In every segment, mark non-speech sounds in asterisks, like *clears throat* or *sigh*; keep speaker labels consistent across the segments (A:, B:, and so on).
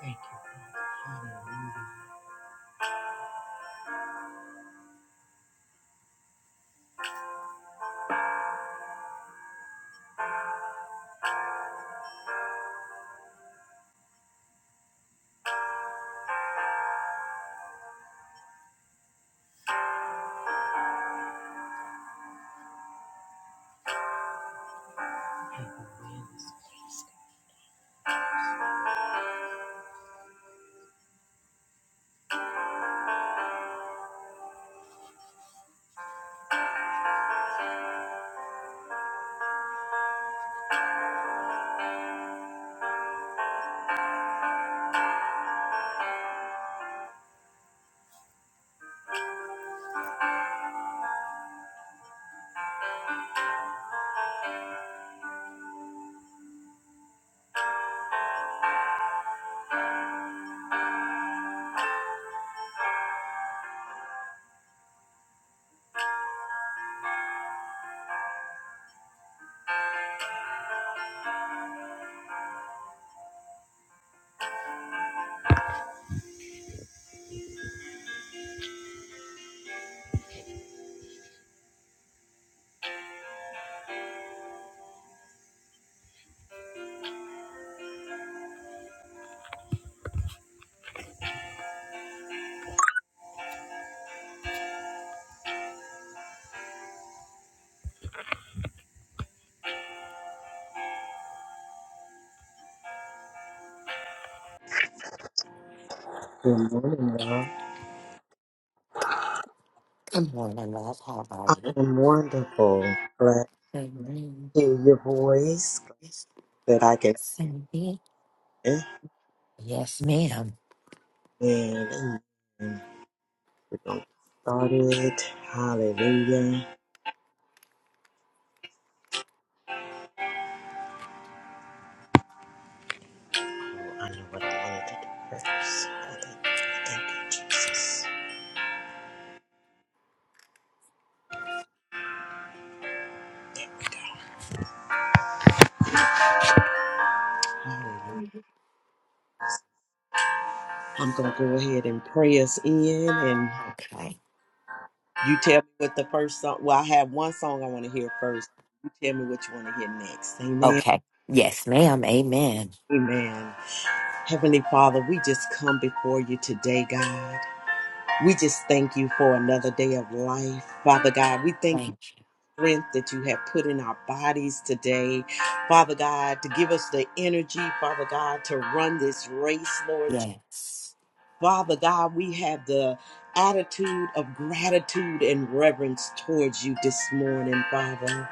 A: Thank you, Father. Hallelujah. Have your way in this place. Good morning, y'all.
B: Good morning, love. How are
A: I
B: you?
A: am wonderful. Glad
B: Good morning.
A: to hear your voice. Glad
B: Miss
A: that I can
B: Cindy.
A: hear.
B: Yes, ma'am.
A: And amen. We're going to get started. Hallelujah. Oh, I know what I wanted to do first. I think- Thank you, Jesus. Hallelujah. I'm going to go ahead and pray us in and
B: Okay.
A: you tell me what the first song. Well, I have one song I want to hear first. You tell me what you want to hear next. Amen.
B: Okay. Yes, ma'am. Amen.
A: Amen. Heavenly Father, we just come before you today, God. We just thank you for another day of life. Father God, we thank you
B: Thank you.
A: for the strength that you have put in our bodies today. Father God, to give us the energy, Father God, to run this race, Lord.
B: Yes.
A: Father God, we have the attitude of gratitude and reverence towards you this morning, Father.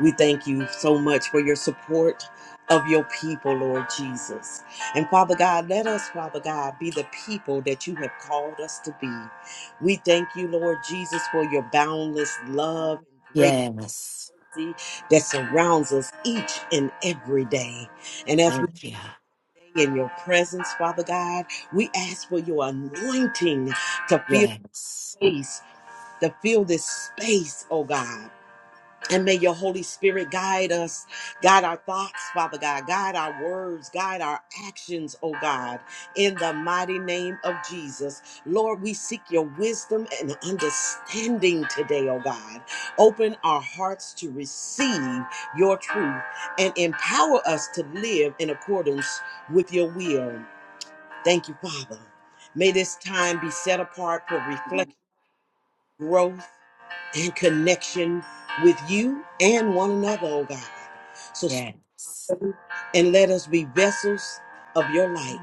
A: We thank you so much for your support of your people, Lord Jesus. And Father God, let us, Father God, be the people that you have called us to be. We thank you, Lord Jesus, for your boundless love and great
B: Yes.
A: mercy that surrounds us each and every day. And as we
B: Thank you.
A: stay in your presence, Father God, we ask for your anointing to fill
B: Yes.
A: space, to fill this space, oh God. And may your Holy Spirit guide us, guide our thoughts, Father God, guide our words, guide our actions, oh God, in the mighty name of Jesus. Lord, we seek your wisdom and understanding today, oh God. Open our hearts to receive your truth and empower us to live in accordance with your will. Thank you, Father. May this time be set apart for reflection, growth, and connection with you and one another, oh God. So strengthen
B: Yes.
A: and let us be vessels of your light.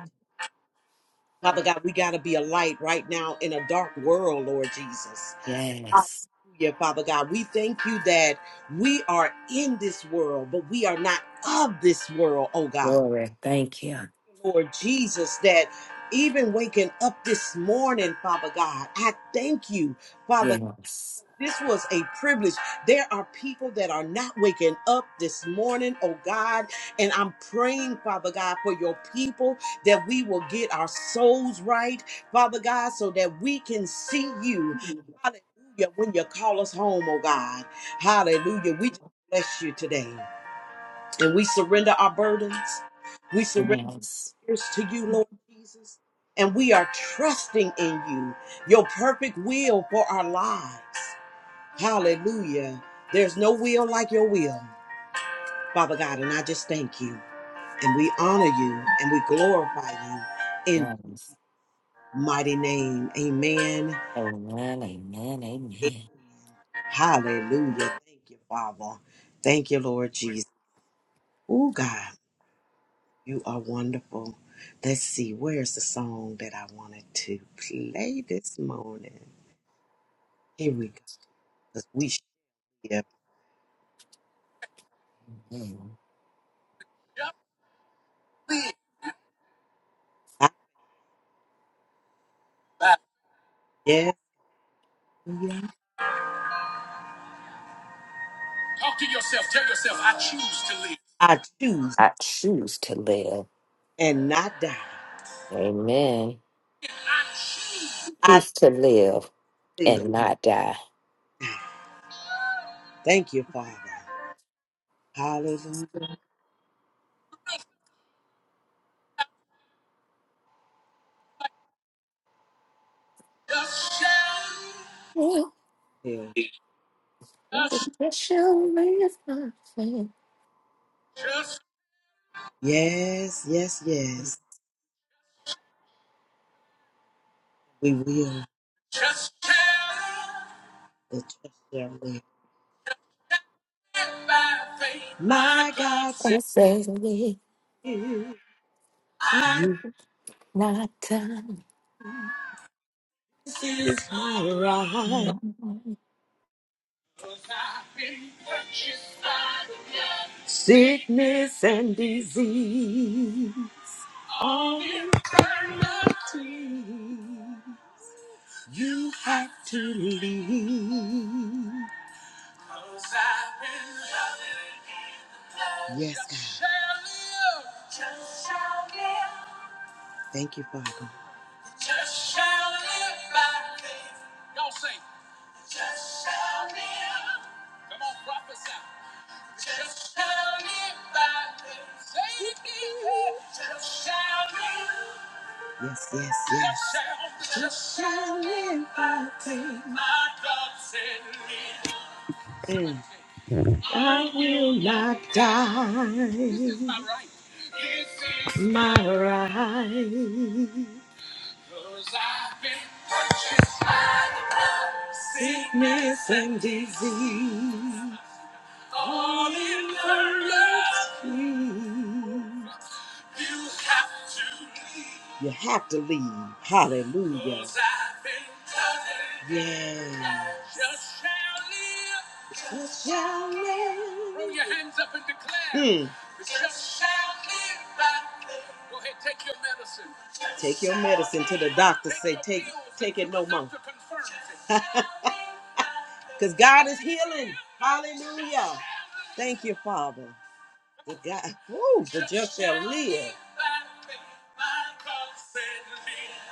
A: Father God, we got to be a light right now in a dark world, Lord Jesus.
B: Yes.
A: Hallelujah, Father God. We thank you that we are in this world, but we are not of this world, oh God.
B: Glory. Thank you.
A: Lord Jesus, that even waking up this morning, Father God, I thank you, Father.
B: Yes.
A: This was a privilege. There are people that are not waking up this morning, oh God. And I'm praying, Father God, for your people that we will get our souls right, Father God, so that we can see you. Hallelujah. When you call us home, oh God. Hallelujah. We just bless you today. And we surrender our burdens. We surrender
B: Yes.
A: ours to you, Lord Jesus. And we are trusting in you, your perfect will for our lives. Hallelujah. There's no will like your will, Father God. And I just thank you. And we honor you and we glorify you in
B: Yes.
A: mighty name. Amen.
B: Amen. Amen.
A: Amen.
B: Amen.
A: Hallelujah. Thank you, Father. Thank you, Lord Jesus. Oh, God, you are wonderful. Let's see, where's the song that I wanted to play this morning? Here we go. Because we should.
B: Amen.
A: Yes. Talk to yourself. Tell yourself, I choose to live. I choose
B: I choose to live.
A: and not die.
B: Amen.
A: I choose. I
B: Choose to live
A: live.
B: and not die.
A: Thank you, Father. Hallelujah. Just shall.
B: Well,
A: Yeah. Just,
B: I shall live my friend.
A: just. Yes, yes, yes. We will. Just shall. The just shall live. And By faith. My God says,
B: I say live,
A: I-
B: not die.
A: this is my right. Sickness and disease. All eternity. You have to leave. i I've been loving in the blood. Yes, God. Just shall live. Just shall live. Thank you, Father. Just shall live by faith. Y'all say, just shall live. Come on, prophesy. Just tell me by the Just tell me. Yes, yes, yes. Just shall live by faith. My God sent me. Mm. I will not die. This is my right. This is my right. 'Cause I've been purchased by the blood. Sickness and disease all in her love. You have to leave. You have to leave. Hallelujah. 'Cause I've been covered. Yeah. Just shall live. Just shall live. Throw your hands up and declare. Hmm. Just shall live by faith. Go ahead, take your medicine. Take your medicine to the doctor. Say, take, take it no more. *laughs* Because God is healing. Hallelujah. Thank you, Father. The God, oh, the just shall live.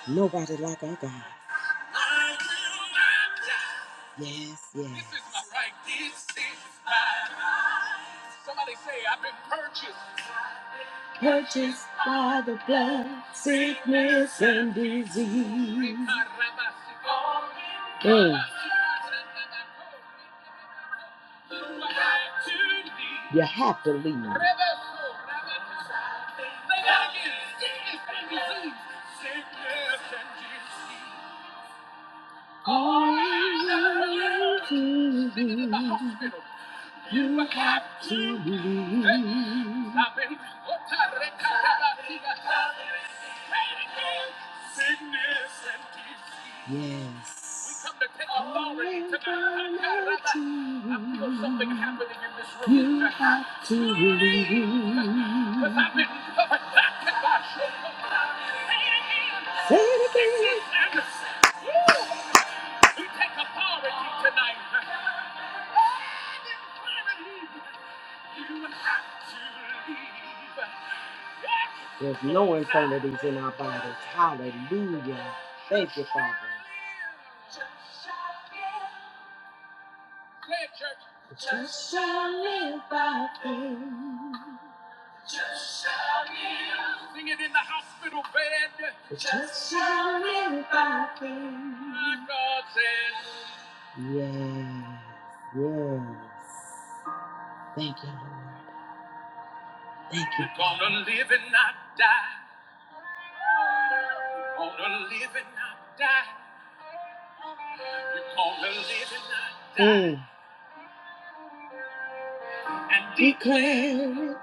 A: Nobody like our God. Yes, yes. This is my right. This is my right. Somebody say, I've been purchased purchased by the blood, sickness and disease. Mm. You have to leave. All you you have to believe. Yes. We come to take authority tonight. I feel something happening in this room. You have to believe. Because I've been covered. Say it again. Say it again. We take authority tonight. There's no infirmities in our bodies. Hallelujah. Thank you, Father. Say it, church. Just shall live by faith. Just shall live. Sing it in the hospital bed. Just shall live by faith. My God says. Yes. Yes. Thank you, Lord. Thank you. You're gonna live and not die. You're Gonna live and not die. You're gonna live and not die. Mm. And Declare it,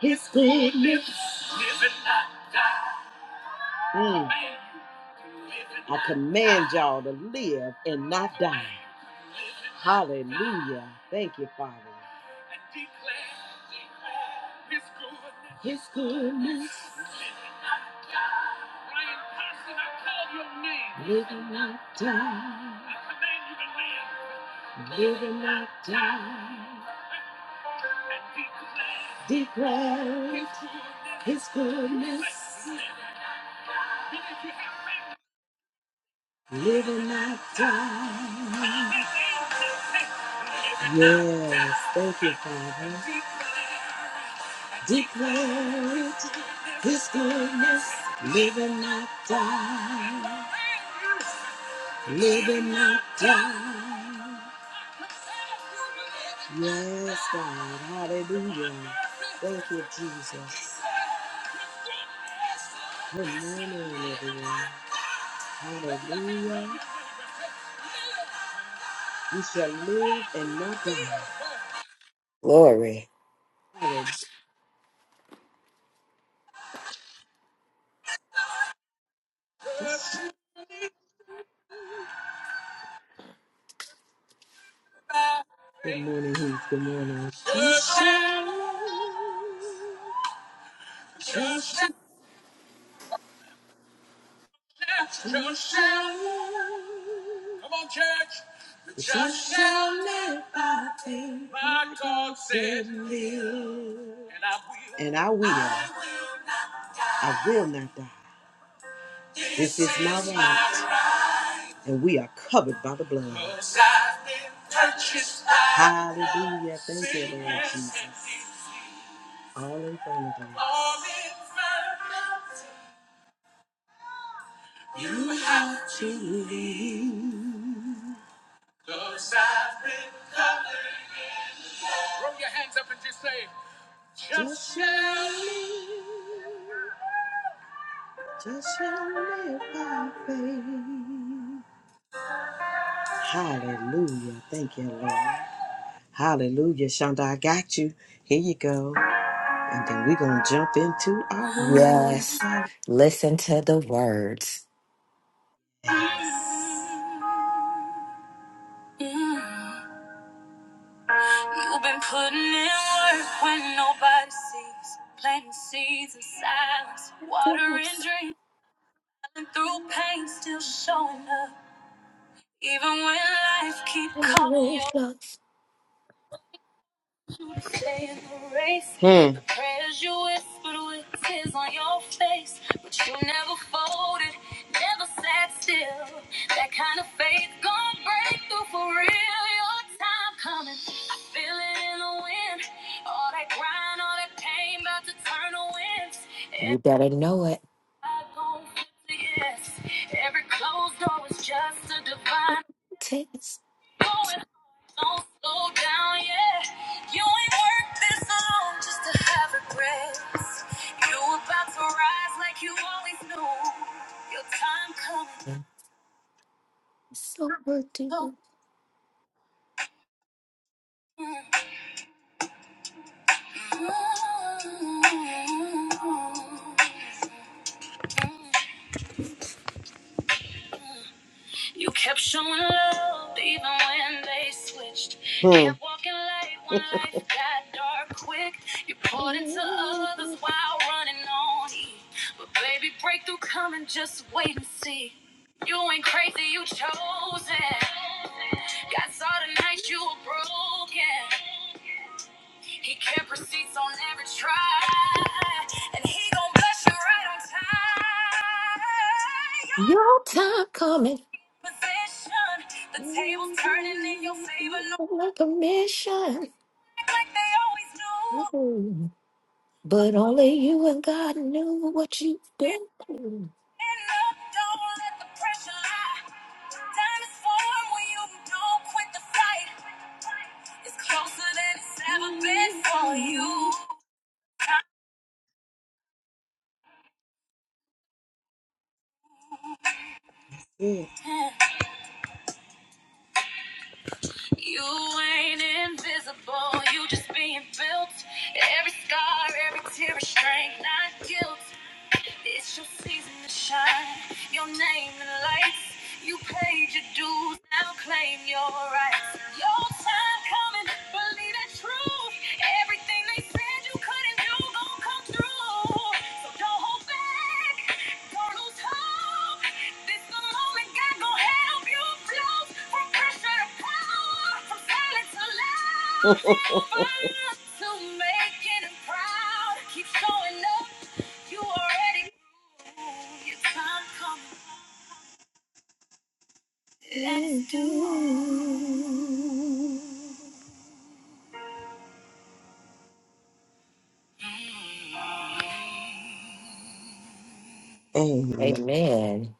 A: His goodness. live and not die. Mm. I command y'all to live and not die. Hallelujah. Thank you, Father. And declare, declare His goodness. His goodness. Living Paxton, I call your name. not die. I you to live. not die. declare. his goodness. Living not die. Yes, thank you, Father. Declare His goodness, live and not die. Live and not die. Yes, God. Hallelujah. Thank you, Jesus. Good morning, everyone. Hallelujah. We shall live and not die.
B: Glory.
A: Hallelujah. Good morning, Heath. Good morning. We shall live. Just shout, just shout. Come on, church. Just shout let my faith. My God said, and I will. And I will. I will not die. This is my right, and we are covered by the blood. 'Cause I've been purchased by Hallelujah. Thank you, Lord Jesus. All in front of you. All in front of you. Throw your hands up and just say, just, just shout. Just shout let my faith. Hallelujah. Thank you, Lord. Hallelujah. Shonda, I got you. Here you go. And then we're going to jump into our world.
B: Yes. Listen to the words.
A: You've been putting in work when nobody sees. Planting seeds in silence, watering dreams. through pain, still showing up. Even when life keep calling
B: You
A: you. Hmm. The prayers you whispered with tears on your face, but you never folded, never sat still. That kind of faith gon' break through for real. Your time coming, I feel it in the wind. All that grind, all that pain, about to turn to winds. Every
B: better know it.
A: eye gon' flip to yes. Every closed door is just a divine.
B: Test.
A: Going hard, don't slow down, yeah. You ain't worth this alone just to have regrets. You about to rise like you always knew. Your time coming,
B: It's
A: so.
B: overdue.
A: mm, mm, mm, mm, mm. mm, mm. You kept showing love even when they switched. Hmm. Kept walking light when life got dark quick. You poured into others while running on E. But baby, breakthrough coming, just wait and see. You ain't crazy, you chosen. God saw the night you were broken. He kept receipts on every try. And he gon' bless you right on time
B: Your time coming
A: position. The table's turning in your favor. No,
B: like a mission.
A: like they always do. But
B: But only you and God knew what you've
A: when
B: been through.
A: up, don't let the pressure lie. Diamonds form when you don't quit the fight. It's closer than it's ever been for you. Mm. You ain't invisible, you just being built. Every scar, every tear is strength, not guilt. It's your season to shine, your name in lights. You paid your dues, now claim your rights. Your time coming, believe the truth. Everything they said you couldn't do, gon' come through. So don't hold back. *laughs* Don't to making him proud. Keep showing up. You already grew. Your time coming.
B: Amen.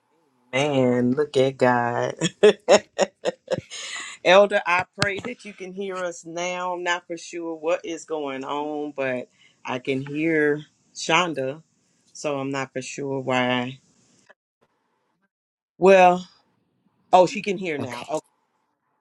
A: Amen. Look at God. *laughs* Elder, I pray that you can hear us now. Not for sure what is going on, but I can hear Shonda, so I'm not for sure why. Well, oh, she can hear now.
B: Okay.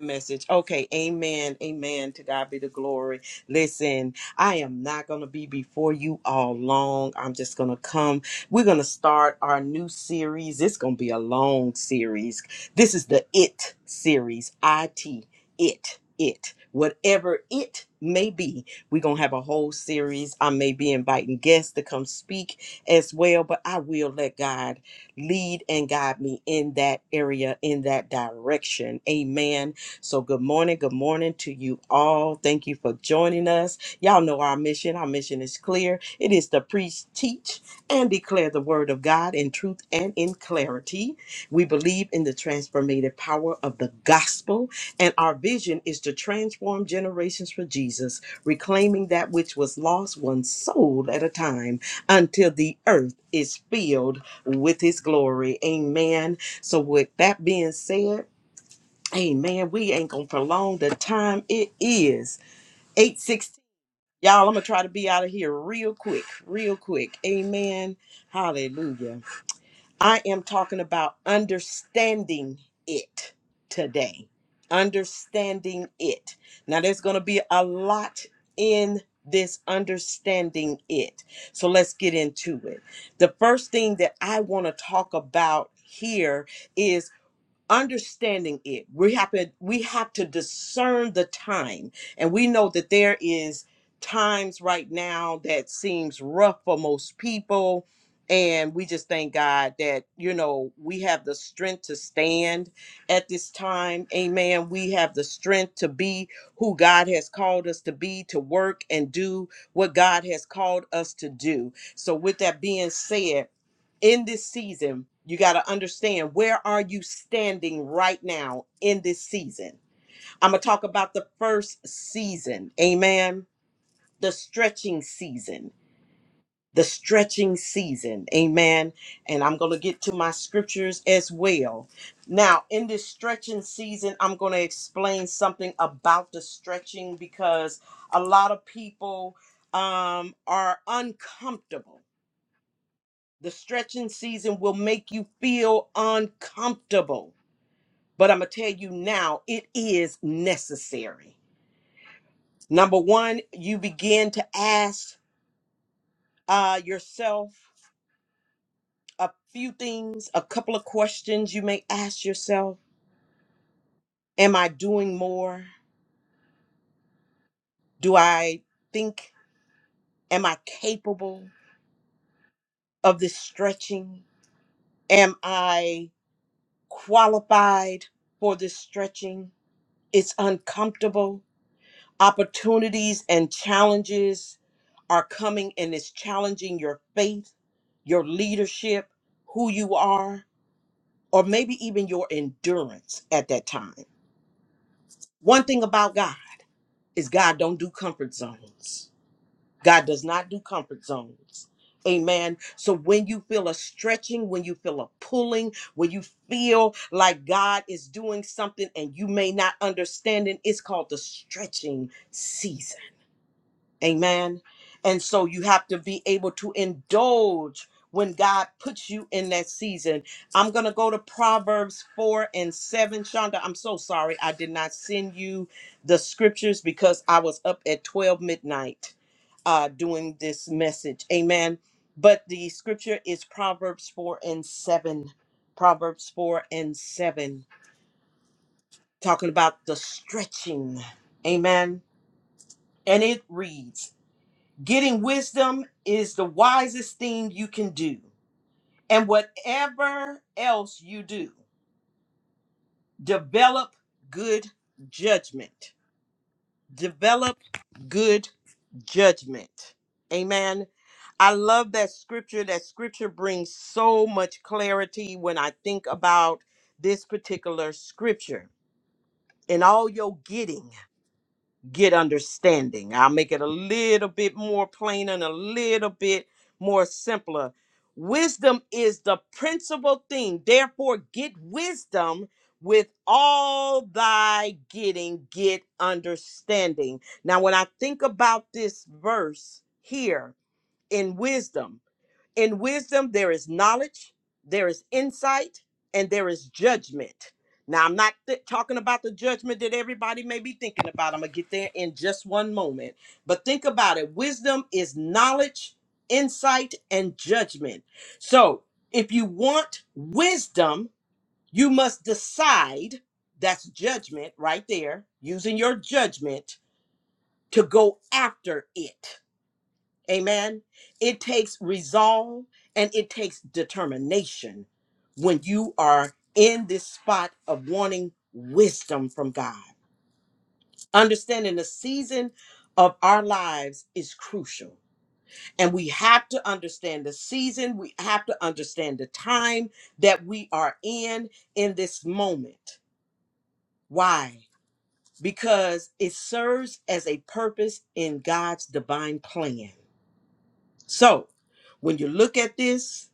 A: message. Okay, amen, amen. To God be the glory. Listen, I am not going to be before you all long. I'm just going to come. We're going to start our new series. It's going to be a long series. This is the IT series, IT, it, it. Whatever it may be, we're going to have a whole series. I may be inviting guests to come speak as well, but I will let God lead and guide me in that area, in that direction. Amen so, good morning, good morning to you all. Thank you for joining us. Y'all know our mission. Our mission is clear it is to preach, teach, and declare the word of God in truth and in clarity. We believe in the transformative power of the gospel, and our vision is to transform generations for Jesus, reclaiming that which was lost one soul at a time until the earth is filled with his glory. Amen. So, with that being said, Amen. We ain't gonna prolong the time. It is 816. Y'all, I'm gonna try to be out of here real quick, real quick. Amen. Hallelujah. I am talking about understanding it today. Understanding it. Now there's gonna be a lot in this understanding it. So let's get into it. The first thing that I want to talk about here is understanding it we have to we have to discern the time and we know that there is times right now that seems rough for most people and we just thank god that you know we have the strength to stand at this time amen we have the strength to be who god has called us to be to work and do what god has called us to do so with that being said in this season, you got to understand where are you standing right now in this season. I'm going to talk about the first season. Amen. The stretching season. The stretching season. Amen. And I'm going to get to my scriptures as well. Now, in this stretching season, I'm going to explain something about the stretching because a lot of people um, are uncomfortable the stretching season will make you feel uncomfortable, but I'm going to tell you now, it is necessary. Number one, you begin to ask uh, yourself a few things, a couple of questions you may ask yourself. Am I doing more? Do I think, am I capable of this stretching? Am I qualified for this stretching? It's uncomfortable Opportunities and challenges are coming and it's challenging your faith, your leadership, who you are, or maybe even your endurance at that time. One thing about God is God don't do comfort zones. God does not do comfort zones. Amen. So when you feel a stretching, when you feel a pulling, when you feel like God is doing something and you may not understand it, it's called the stretching Amen. And so you have to be able to indulge when God puts you in that season. I'm going to go to Proverbs 4 and 7. Shonda, I'm so sorry I did not send you the scriptures because I was up at 12 midnight uh, doing this message. Amen. But the scripture is Proverbs 4 and 7. Proverbs 4 and 7, talking about the stretching. Amen. And it reads, Getting wisdom is the wisest thing you can do. And whatever else you do, develop good judgment. Develop good judgment. Amen. I love that scripture. That scripture brings so much clarity when I think about this particular scripture. In all your getting. get understanding. I'll make it a little bit more plain and a little bit more simpler. Wisdom is the principal thing. Therefore, get wisdom with all thy getting, get understanding. Now, when I think about this verse here in wisdom, in wisdom, there is knowledge, there is insight, and there is judgment. Now, I'm not th- talking about the judgment that everybody may be thinking about. I'm going to get there in just one moment. But think about it wisdom is knowledge, insight, and judgment. So, if you want wisdom, you must decide that's judgment right there, using your judgment to go after it Amen. It takes resolve and it takes determination when you are in this spot of wanting wisdom from God. Understanding the season of our lives is crucial. And we have to understand the season, we have to understand the time that we are in in this moment. Why? Because it serves as a purpose in God's divine plan. So, when you look at this,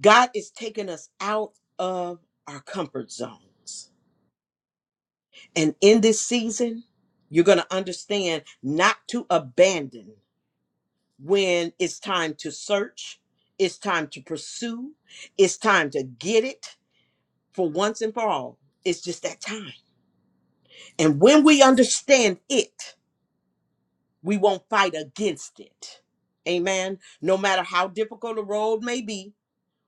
A: God is taking us out of our comfort zones. And in this season, you're going to understand not to abandon when it's time to search, it's time to pursue, it's time to get it for once and for all. It's just that time. And when we understand it, we won't fight against it. Amen. No matter how difficult the road may be,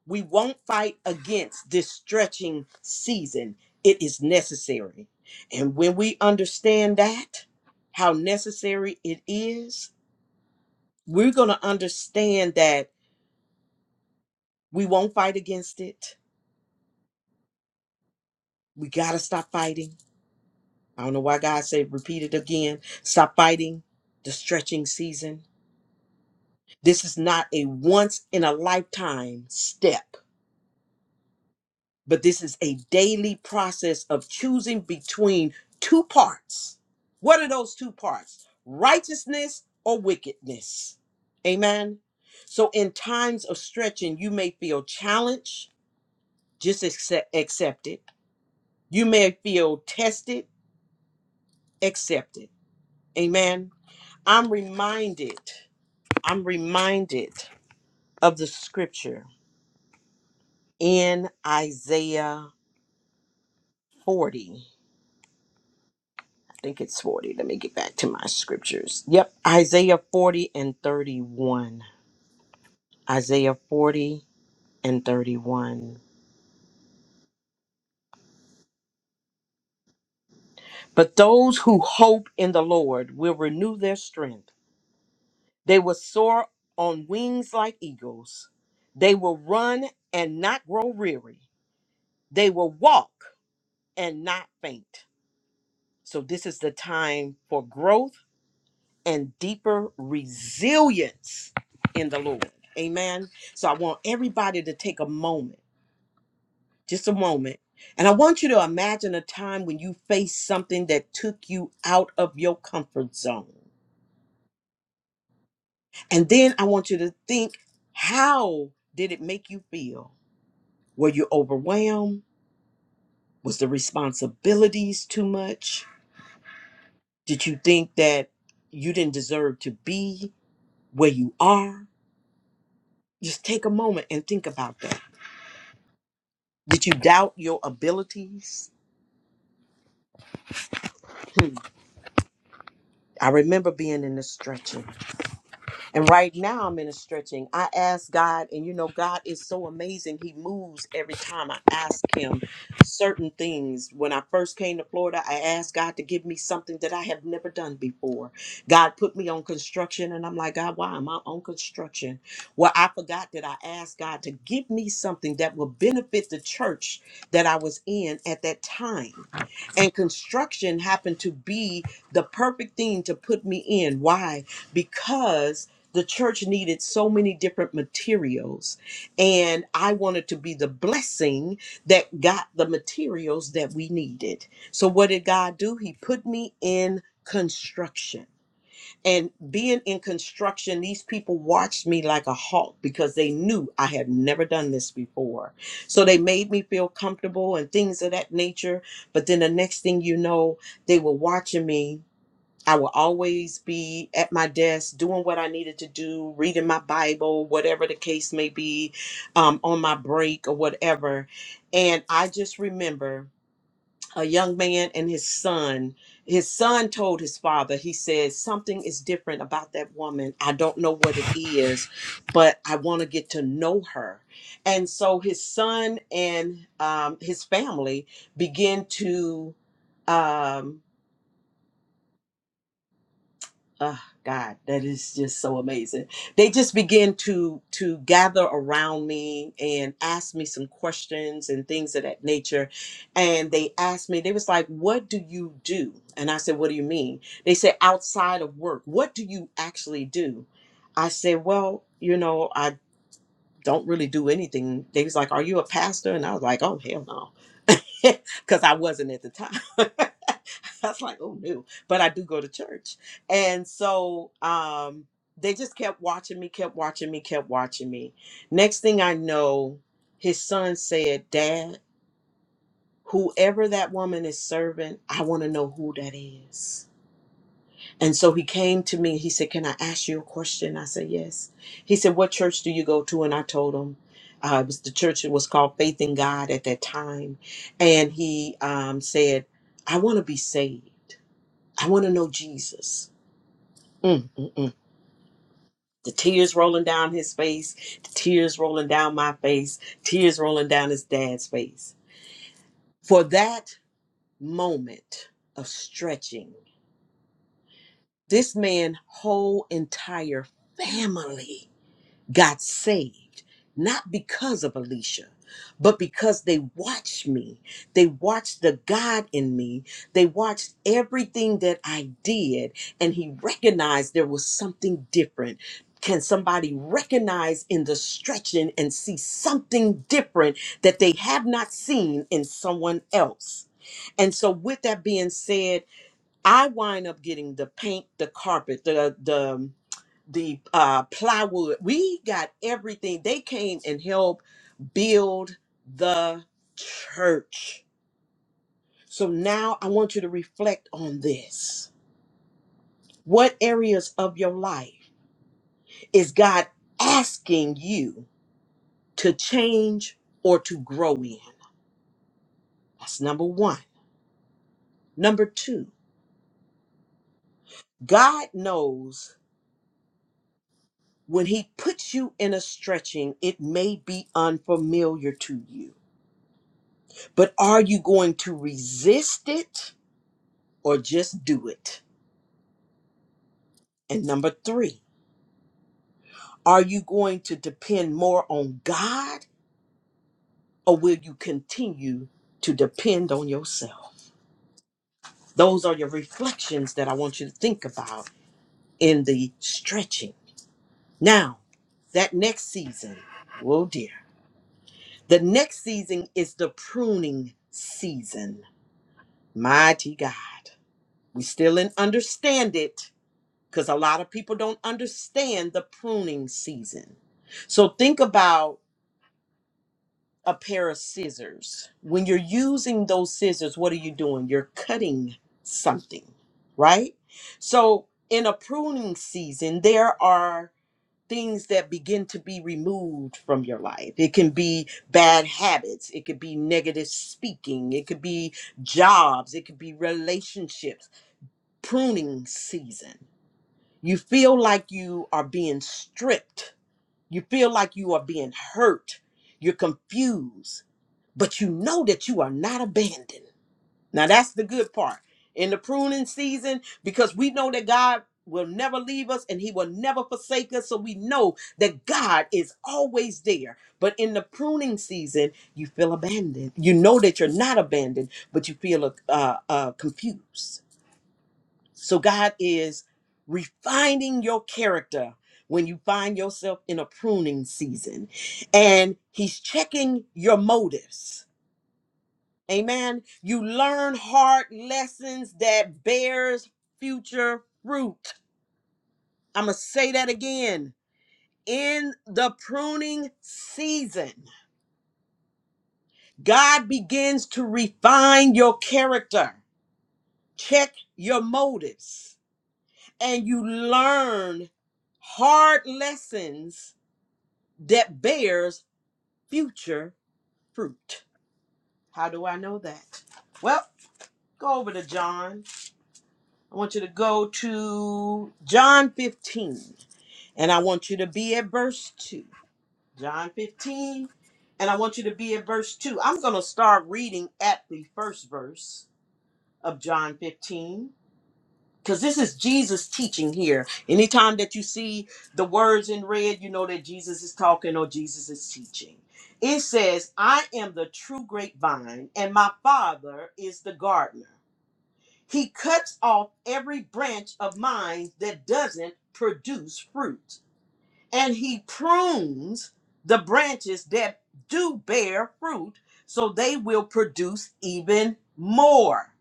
A: We won't fight against this stretching season. It is necessary. And when we understand that, how necessary it is, we're going to understand that we won't fight against it. We got to stop fighting. I don't know why God said, repeat it again. Stop fighting the stretching season. This is not a once in a lifetime step. but this is a daily process of choosing between two parts. What are those two parts? Righteousness or wickedness? Amen. So, in times of stretching, you may feel challenged, just accept, accept it. You may feel tested, accept it. Amen. I'm reminded, I'm reminded of the scripture in Isaiah 40. think it's 40. Let me get back to my scriptures. Yep, Isaiah 40 and 31. Isaiah 40 and 31. But those who hope in the Lord will renew their strength. They will soar on wings like eagles. They will run and not grow weary. They will walk and not faint. So, this is the time for growth and deeper resilience in the Lord. Amen. So I want everybody to take a moment, just a moment. And I want you to imagine a time when you faced something that took you out of your comfort zone. And then I want you to think how did it make you feel? Were you overwhelmed? Was the responsibilities too much? Did you think that you didn't deserve to be where you are? Just take a moment and think about that. Did you doubt your abilities? Hmm. I remember being in the stretching. And right now I'm in a stretching. I ask God, and you know, God is so amazing. He moves every time I ask Him certain things. When I first came to Florida, I asked God to give me something that I have never done before. God put me on construction, and I'm like, God, why am I on construction? Well, I forgot that I asked God to give me something that will benefit the church that I was in at that time. And construction happened to be the perfect thing to put me in. Why? Because the church needed so many different materials and i wanted to be the blessing that got the materials that we needed so what did god do he put me in construction and being in construction these people watched me like a hawk because they knew i had never done this before so they made me feel comfortable and things of that nature but then the next thing you know they were watching me I will always be at my desk doing what I needed to do, reading my Bible, whatever the case may be, um, on my break or whatever. And I just remember a young man and his son. His son told his father, he said, Something is different about that woman. I don't know what it is, but I want to get to know her. And so his son and um, his family began to. Um, oh god that is just so amazing they just begin to to gather around me and ask me some questions and things of that nature and they asked me they was like what do you do and i said what do you mean they said outside of work what do you actually do i said well you know don't really do anything. They was like, "Are you a pastor?" And I was like, "Oh hell no," *laughs* because I wasn't at the time. *laughs* I was like, "Oh no," but I do go to church, and so um, they just kept watching me, kept watching me, kept watching me. Next thing I know, his son said, "Dad, whoever that woman is serving, I want to know who that is." And so he came to me. He said, Can I ask you a question? I said, Yes. He said, What church do you go to? And I told him, uh, it was the church that was called Faith in God at that time. And he um, said, I want to be saved. I want to know Jesus. Mm, mm, mm. The tears rolling down his face, the tears rolling down my face, tears rolling down his dad's face. For that moment of stretching, this man whole entire family got saved, not because of Alicia, but because they watched me. They watched the God in me. They watched everything that I did, and He recognized there was something different. Can somebody recognize in the stretching and see something different that they have not seen in someone else? And so, with that being said, I wind up getting the paint, the carpet, the the the uh, plywood. We got everything. They came and helped build the church. So now I want you to reflect on this. What areas of your life is God asking you to change or to grow in? That's number one. Number two, God knows when He puts you in a stretching, it may be unfamiliar to you, but are you going to resist it? or just do it? And number three, are you going to depend more on God or will you continue to depend on yourself? Those are your reflections that I want you to think about in the stretching. Now, that next season, oh dear, the next season is the pruning season. Mighty God. We still didn't understand it because a lot of people don't understand the pruning season. So think about a pair of scissors. When you're using those scissors, what are you doing? You're cutting something, right? So, in a pruning season, there are things that begin to be removed from your life. It can be bad habits, it could be negative speaking, it could be jobs, it could be relationships. Pruning season. You feel like you are being stripped. You feel like you are being hurt. You're confused but you know that you are not abandoned. Now that's the good part. In the pruning season, because we know that God will never leave us and he will never forsake us. So we know that God is always there. But in the pruning season, you feel abandoned. You know that you're not abandoned, but you feel uh, uh, confused. So God is refining your character when you find yourself in a pruning season. And he's checking your motives Amen. You learn hard lessons that bears future fruit. I'm going to say that again. In the pruning season, God begins to refine your character, check your motives, and you learn hard lessons that bears future fruit. How do I know that? Well, go over to John I want you to go to John 15 and I want you to be at verse 2. John 15 and I want you to be at verse 2. I'm going to start reading at the first verse of John 15 because this is Jesus teaching here. Anytime that you see the words in red, you know that Jesus is talking or Jesus is teaching. It says, I am the true grapevine, and my father is the gardener. He cuts off every branch of mine that doesn't produce fruit. And he prunes the branches that do bear fruit so they will produce even more.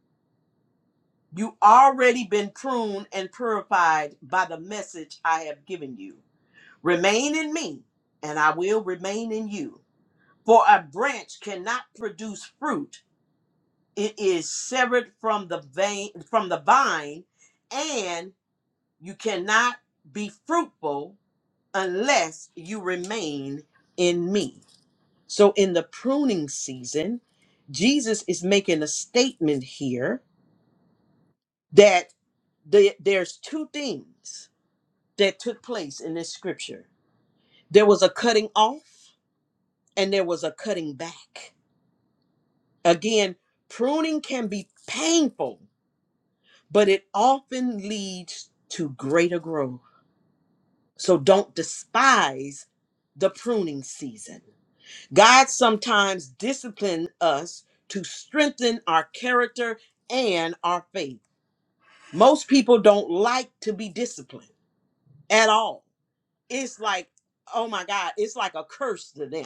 A: You already been pruned and purified by the message I have given you. Remain in me, and I will remain in you. For a branch cannot produce fruit; it is severed from the vein, from the vine, and You cannot be fruitful unless you remain in me. So, in the pruning season, Jesus is making a statement here that the- there's two things that took place in this scripture there was a cutting off, and there was a cutting back. Again, pruning can be painful, but it often leads to greater growth. So, don't despise the pruning season God sometimes disciplines us to strengthen our character and our faith. Most people don't like to be disciplined at all. It's like, oh my God, it's like a curse to them,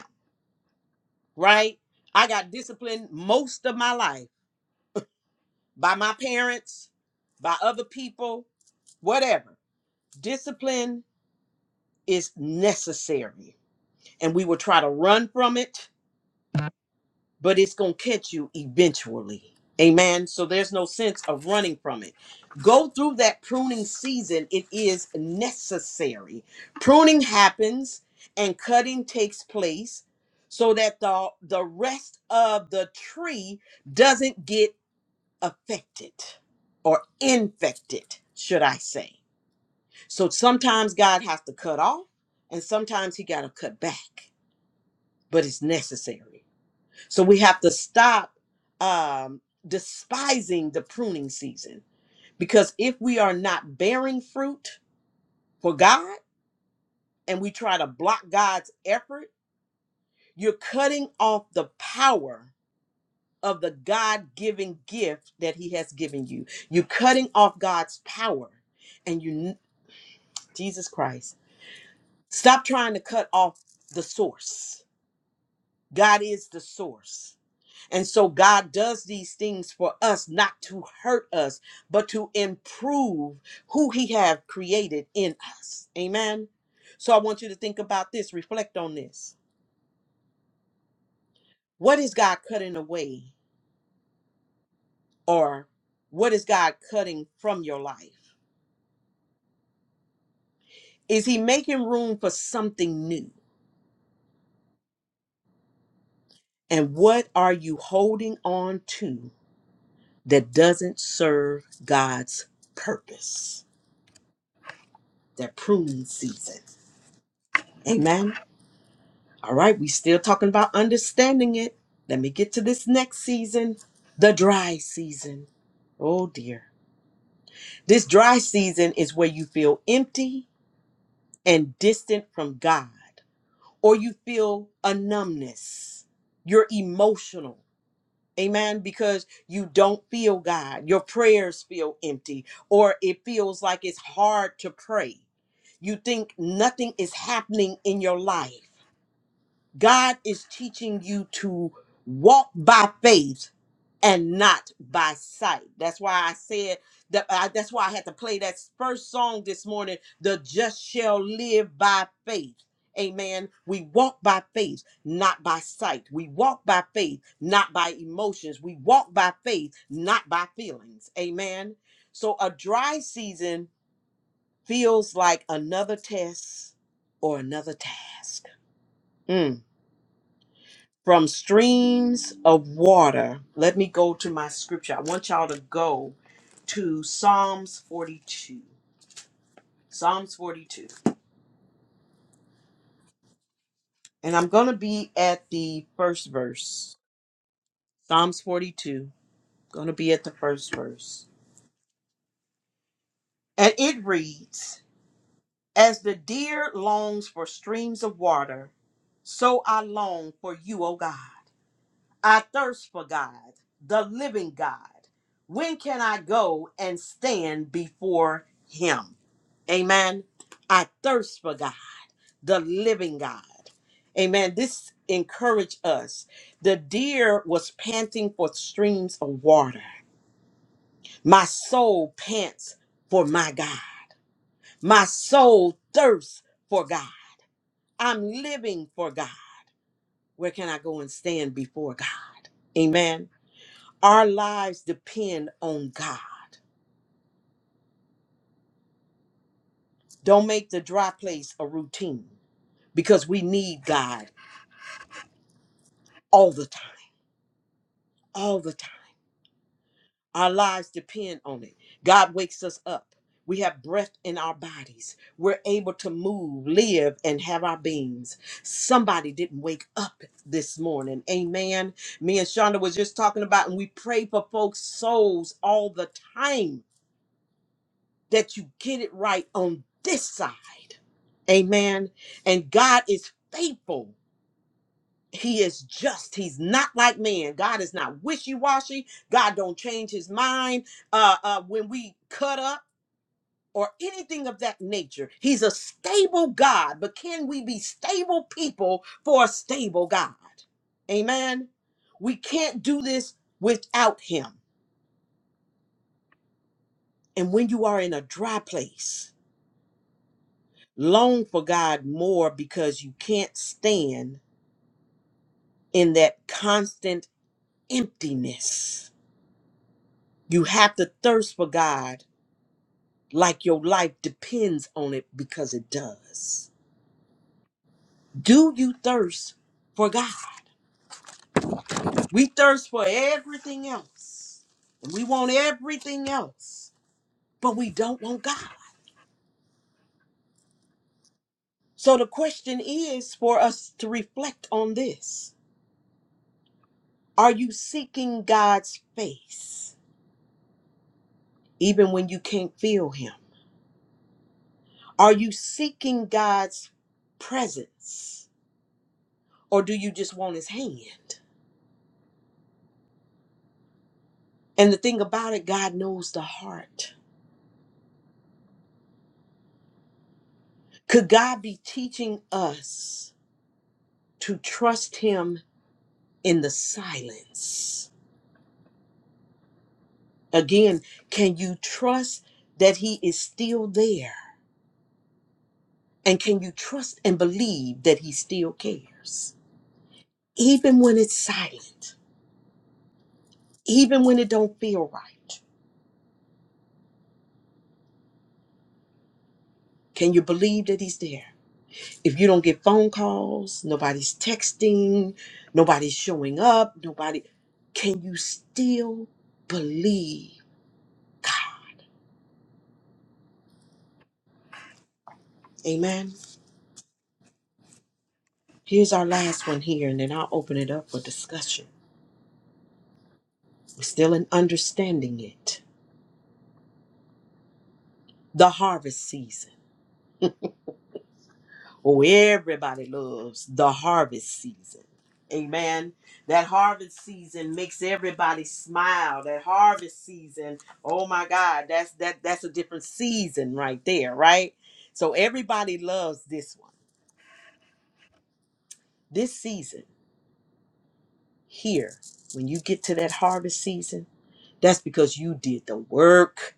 A: right? I got disciplined most of my life by my parents, by other people, whatever. Discipline is necessary, and we will try to run from it but it's going to catch you eventually. Amen. So there's no sense of running from it. Go through that pruning season, it is necessary. Pruning happens and cutting takes place so that the, the rest of the tree doesn't get affected or infected, should I say. So sometimes God has to cut off and sometimes he got to cut back, but it's necessary. So we have to stop um, despising the pruning season because if we are not bearing fruit for God and we try to block God's effort, you're cutting off the power of the God given gift that He has given you. You're cutting off God's power and you, Jesus Christ, stop trying to cut off the source. God is the source. And so God does these things for us, not to hurt us, but to improve who he have created in us. Amen. So I want you to think about this, reflect on this. What is God cutting away or what is God cutting from your life? Is he making room for something new? And what are you holding on to that doesn't serve God's purpose? That pruning season. Amen. All right, we still talking about understanding it. Let me get to this next season, the dry season. Oh dear. This dry season is where you feel empty and distant from God, or you feel a numbness. You're emotional. Amen. Because you don't feel God. Your prayers feel empty, or it feels like it's hard to pray. You think nothing is happening in your life. God is teaching you to walk by faith and not by sight. That's why I said that. I, that's why I had to play that first song this morning. The just shall live by faith. Amen. We walk by faith, not by sight. We walk by faith, not by emotions. We walk by faith, not by feelings. Amen. So a dry season feels like another test or another task. Mm. From streams of water, let me go to my scripture. I want y'all to go to Psalms 42. Psalms 42. And I'm going to be at the first verse. Psalms 42. Going to be at the first verse. And it reads As the deer longs for streams of water, so I long for you, O God. I thirst for God, the living God. When can I go and stand before him? Amen. I thirst for God, the living God. Amen. This encouraged us. The deer was panting for streams of water. My soul pants for my God. My soul thirsts for God. I'm living for God. Where can I go and stand before God? Amen. Our lives depend on God. Don't make the dry place a routine because we need God all the time, all the time. Our lives depend on it. God wakes us up. We have breath in our bodies. We're able to move, live, and have our beings. Somebody didn't wake up this morning. Amen. Me and Shonda was just talking about, and we pray for folks' souls all the time that you get it right on this side. Amen. And God is faithful. He is just. He's not like man. God is not wishy-washy. God don't change his mind uh, uh, when we cut up or anything of that nature. He's a stable God, but can we be stable people for a stable God? Amen. We can't do this without him. And when you are in a dry place, long for God more because you can't stand in that constant emptiness. You have to thirst for God like your life depends on it because it does. Do you thirst for God? We thirst for everything else. And we want everything else, but we don't want God. So the question is for us to reflect on this. Are you seeking God's face even when you can't feel him? Are you seeking God's presence Or do you just want his hand? And the thing about it, God knows the heart. Could God be teaching us to trust him in the silence? Again, can you trust that he is still there? And can you trust and believe that he still cares? Even when it's silent, even when it don't feel right, can you believe that he's there? if you don't get phone calls, nobody's texting, nobody's showing up, nobody, can you still believe? Amen. Here's our last one here, and then I'll open it up for discussion. We're still in understanding it. The harvest season. Oh, everybody loves the harvest season. Amen. That harvest season makes everybody smile. That harvest season, oh my God, that's that that's a different season right there, right? So everybody loves this one. This season here, when you get to that harvest season, that's because you did the work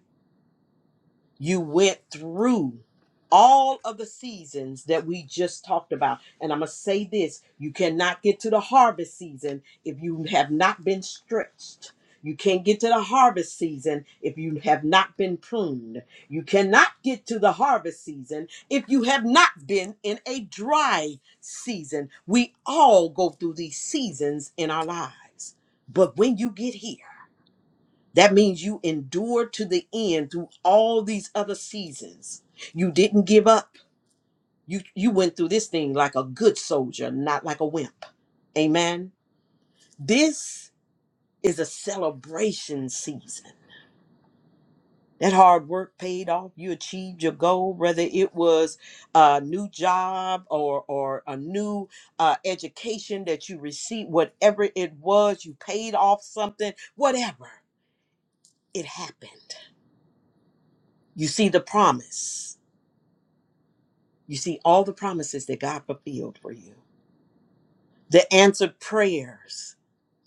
A: You went through all of the seasons that we just talked about. And I'm going to say this you cannot get to the harvest season if you have not been stretched. You can't get to the harvest season if you have not been pruned. You cannot get to the harvest season if you have not been in a dry season. We all go through these seasons in our lives. But when you get here, that means you endured to the end through all these other seasons. You didn't give up. You you went through this thing like a good soldier, not like a wimp. Amen. This is a celebration season. That hard work paid off. You achieved your goal, whether it was a new job or or a new uh, education that you received, whatever it was, you paid off something, whatever it happened. You see the promise You see, all the promises that God fulfilled for you, the answered prayers,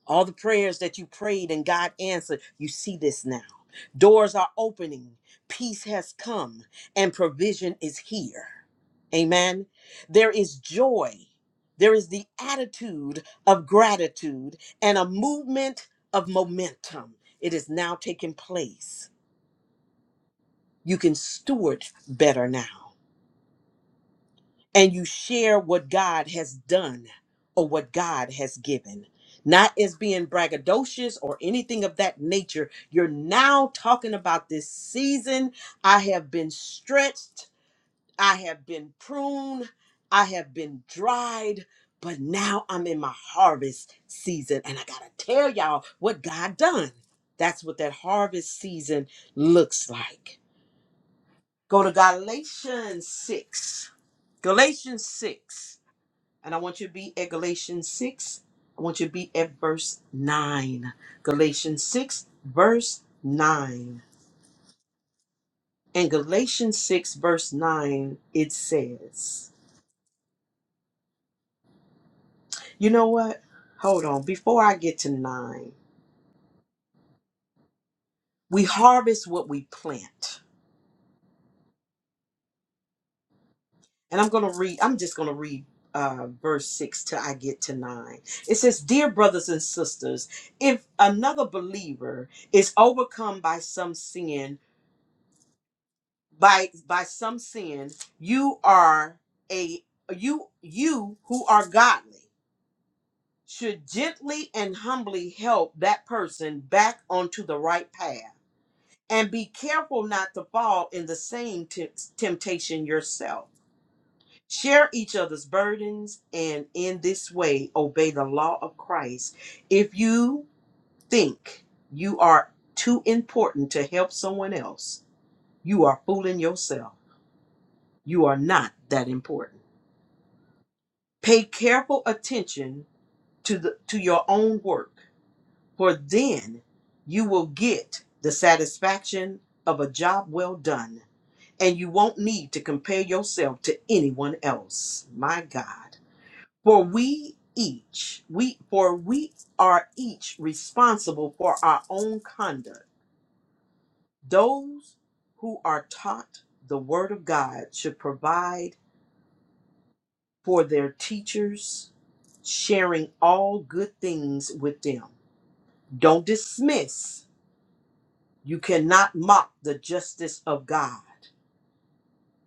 A: all the prayers that you prayed and God answered, you see this now. Doors are opening, peace has come, and provision is here. Amen. There is joy, there is the attitude of gratitude, and a movement of momentum. It is now taking place. You can steward better now. and you share what God has done or what God has given. Not as being braggadocious or anything of that nature. You're now talking about this season. I have been stretched, I have been pruned, I have been dried, but now I'm in my harvest season. And I gotta tell y'all what God done. That's what that harvest season looks like. Go to Galatians 6. Galatians 6 and I want you to be at Galatians 6. I want you to be at verse 9. Galatians 6, verse 9. In Galatians 6, verse 9, it says, You know what? Hold on. Before I get to 9, we harvest what we plant. And I'm going to read, I'm just going to read. Uh, verse 6 till I get to 9. It says, Dear brothers and sisters, if another believer is overcome by some sin, by by some sin you are a you you who are godly should gently and humbly help that person back onto the right path and be careful not to fall in the same temp- temptation yourself share each other's burdens and in this way obey the law of Christ if you think you are too important to help someone else you are fooling yourself you are not that important Pay careful attention to the to your own work, for then you will get the satisfaction of a job well done, and you won't need to compare yourself to anyone else. My God. For we each, we for we are each responsible for our own conduct. Those who are taught the word of God should provide for their teachers, sharing all good things with them. Don't dismiss. You cannot mock the justice of God.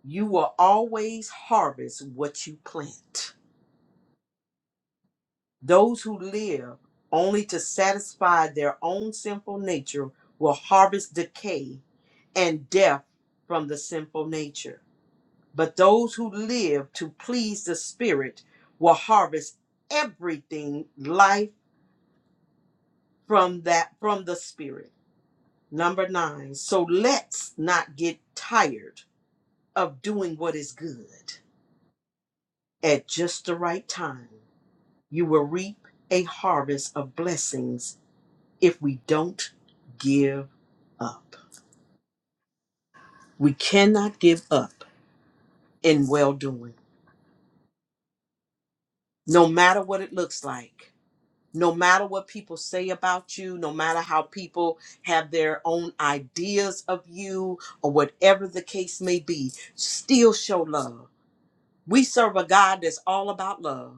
A: You will always harvest what you plant. Those who live only to satisfy their own sinful nature will harvest decay and death from the sinful nature. But those who live to please the Spirit will harvest everything life from that from the spirit number 9 so let's not get tired of doing what is good at just the right time you will reap a harvest of blessings if we don't give up we cannot give up in well doing no matter what it looks like no matter what people say about you, no matter how people have their own ideas of you, or whatever the case may be, still show love. We serve a God that's all about love.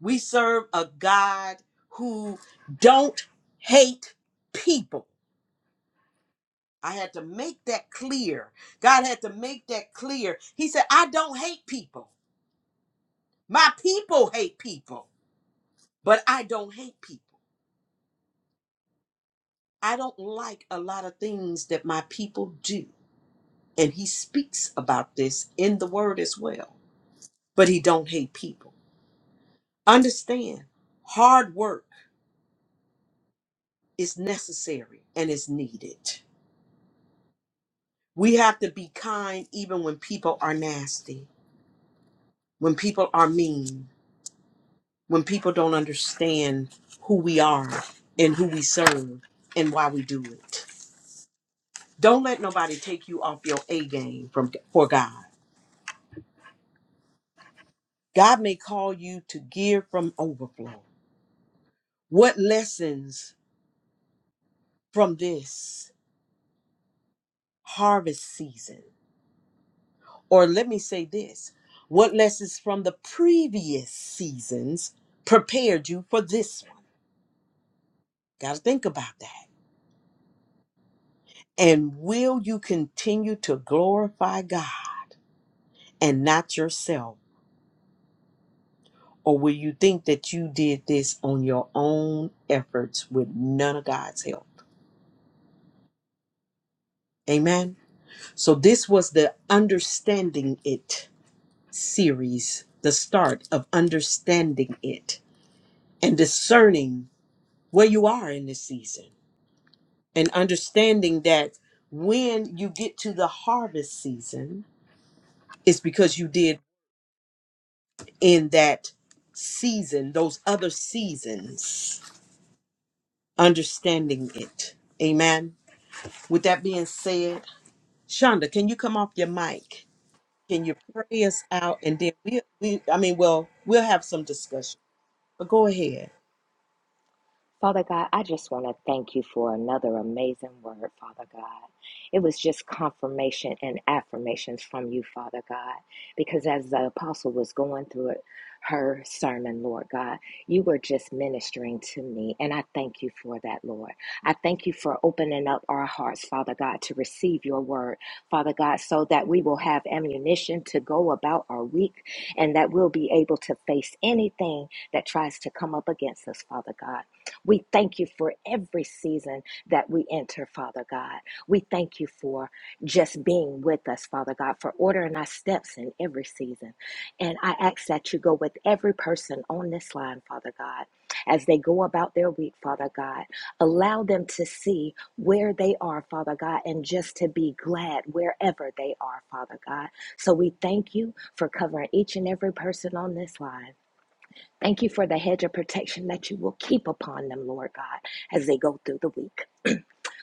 A: We serve a God who don't hate people. I had to make that clear. God had to make that clear. He said, I don't hate people. My people hate people, but I don't hate people. I don't like a lot of things that my people do. and he speaks about this in the word as well but he don't hate people understand hard work is necessary and is needed we have to be kind even when people are nasty when people are mean when people don't understand who we are and who we serve and why we do it don't let nobody take you off your a game from for god god may call you to give from overflow what lessons from this harvest season. Or let me say this what lessons from the previous seasons prepared you for this one? Got to think about that. And will you continue to glorify God and not yourself? Or will you think that you did this on your own efforts with none of God's help? Amen. So, this was the Understanding It series, the start of Understanding It and discerning where you are in this season and understanding that when you get to the harvest season it's because you did in that season those other seasons understanding it amen with that being said shonda can you come off your mic can you pray us out and then we, we i mean well we'll have some discussion but go ahead
B: Father God, I just want to thank you for another amazing word, Father God. It was just confirmation and affirmations from you, Father God, because as the apostle was going through it, her sermon, Lord God, you were just ministering to me, and I thank you for that, Lord. I thank you for opening up our hearts, Father God, to receive your word, Father God, so that we will have ammunition to go about our week and that we'll be able to face anything that tries to come up against us, Father God. We thank you for every season that we enter, Father God. We thank you for just being with us, Father God, for ordering our steps in every season. And I ask that you go with every person on this line, Father God, as they go about their week, Father God. Allow them to see where they are, Father God, and just to be glad wherever they are, Father God. So we thank you for covering each and every person on this line. Thank you for the hedge of protection that you will keep upon them, Lord God, as they go through the week.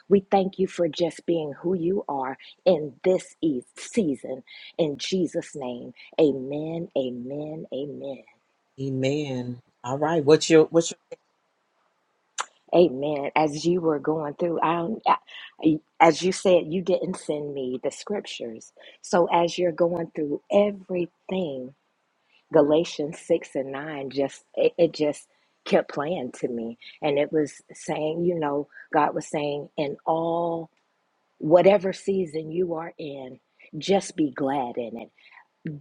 B: We thank you for just being who you are in this e- season. In Jesus' name, amen, amen, amen.
A: man all right what's your what's
B: Amen. As you were going through, I, don't- I- as you said, you didn't send me the scriptures. So as you're going through everything, Galatians 6 and 9 just it, it just kept playing to me and it was saying, you know, God was saying in all whatever season you are in, just be glad in it.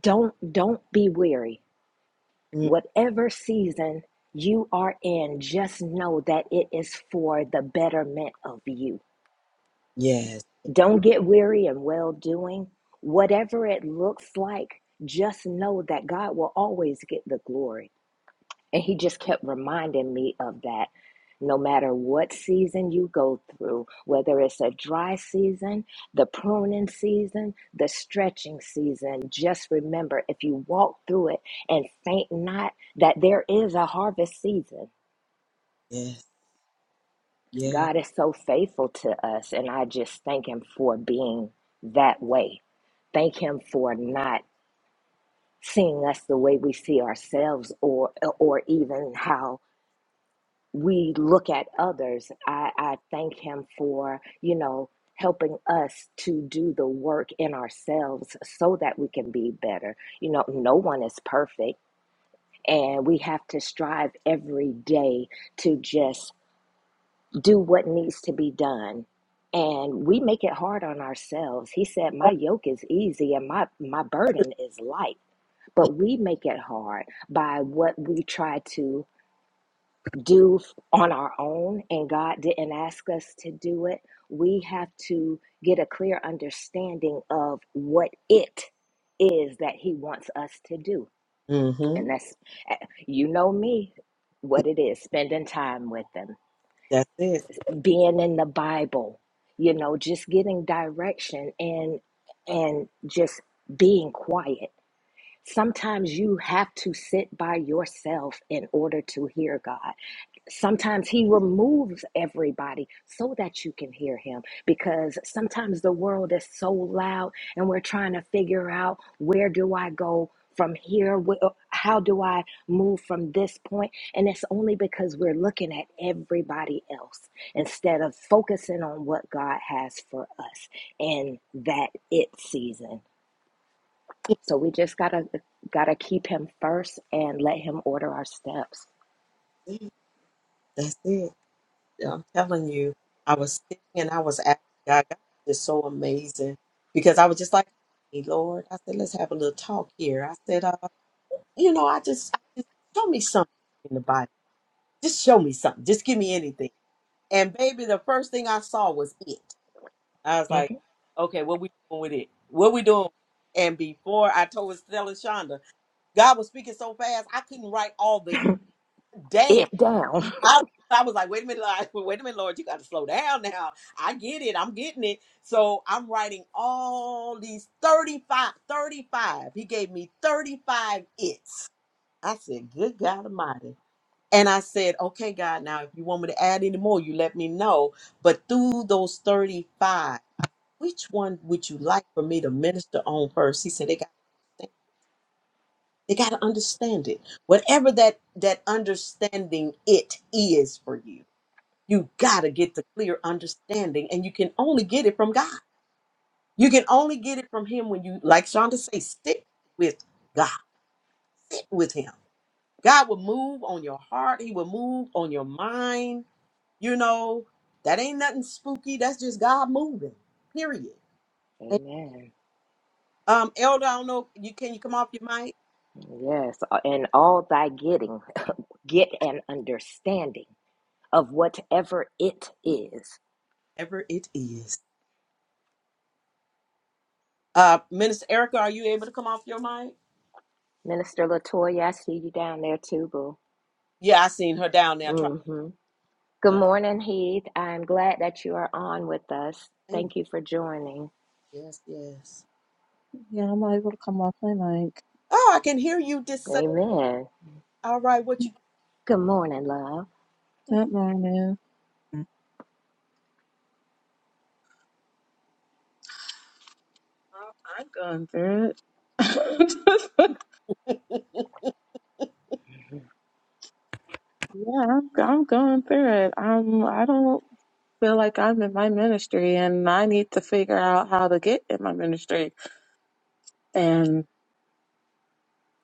B: Don't don't be weary.
A: Mm.
B: Whatever season you are in, just know that it is for the betterment of you.
A: Yes,
B: Don't get weary in well doing. Whatever it looks like, just know that God will always get the glory And he just kept reminding me of that. No matter what season you go through, whether it's a dry season, the pruning season, the stretching season, just remember if you walk through it and faint not, that there is a harvest season.
A: yes, yes.
B: God is so faithful to us, and I just thank Him for being that way thank him for not seeing us the way we see ourselves or or even how we look at others. I, I thank him for, you know, helping us to do the work in ourselves so that we can be better. You know, no one is perfect, and we have to strive every day to just do what needs to be done. And we make it hard on ourselves. He said, My yoke is easy and my, my burden is light. But we make it hard by what we try to do on our own and God didn't ask us to do it, we have to get a clear understanding of what it is that He wants us to do.
A: Mm-hmm.
B: And that's, you know me, what it is spending time with Him,
A: That's it.
B: being in the Bible, you know, just getting direction and, and just being quiet. Sometimes you have to sit by yourself in order to hear God Sometimes he removes everybody so that you can hear him because sometimes the world is so loud and we're trying to figure out where do I go from here? Wh- uh, How do I move from this point? And it's only because we're looking at everybody else instead of focusing on what God has for us in that it season. So we just gotta uh, gotta keep him first and let him order our steps.
A: See, That's it. Yeah, I'm telling you, I was sitting and I was asking God, God is so amazing because I was just like, hey, Lord, I said, let's have a little talk here. I said, uh, you know, I just, I just show me something in the Bible. Just show me something. Just give me anything. And baby, the first thing I saw was it. I was like,
B: Mhm.
A: okay, what we doing with it? What we doing? And before I told Stella Shonda, God was speaking so fast I couldn't write all the damn.
B: It down.
A: I I was like, wait a minute, Lord, *laughs* wait a minute, Lord, you got to slow down now. I get it, I'm getting it. So I'm writing all these 35, 35. He gave me 35 its. I said, good God Almighty. And I said, okay, God, now if you want me to add any more, you let me know. But through those 35, which one would you like for me to minister on first? He said, They got to understand. They got to understand it. Whatever that, that understanding it is for you, you got to get the clear understanding, and you can only get it from God. You can only get it from Him when you, like Shonda say, stick with God, stick with Him. God will move on your heart. He will move on your mind. You know, that ain't nothing spooky. That's just God moving, period.
B: *laughs* Amen.
A: Um, Elder, I don't know. You can you come off your mic?
B: Yes, uh, and all thy getting, *laughs* get an understanding of whatever it is.
A: Whatever it is. Uh, Minister Erica, are you able to come off your mic?
B: Minister Latoya, I see you down there too, boo.
A: Yeah, I seen her down there. I tried,
B: Mm-hmm. Good
A: but
B: morning, Heath. I'm glad that you are on with us.
A: Amen.
B: Thank you for joining.
A: yes, yes.
C: Yeah, I'm not able to come off my mic.
A: Oh, I can hear you. This Sunday.
B: Amen.
A: all right. What you?
B: Good morning, love.
C: Good morning. Oh, I'm going through it. *laughs* yeah, I'm, I'm going through it. Um, I don't feel like I'm in my ministry, and I need to figure out how to get in my ministry. And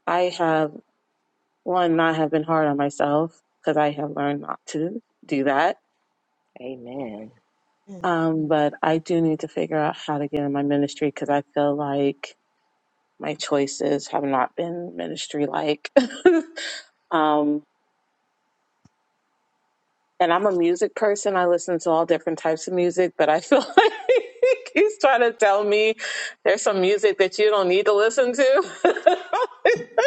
C: I have one, I have been hard on myself because I have learned not to do that.
B: Amen.
A: Mm.
C: Um, but I do need to figure out how to get in my ministry because I feel like my choices have not been ministry like. *laughs* Um, and I'm a music person. I listen to all different types of music, but I feel *laughs* like he's trying to tell me there's some music that you don't need to listen to. *laughs*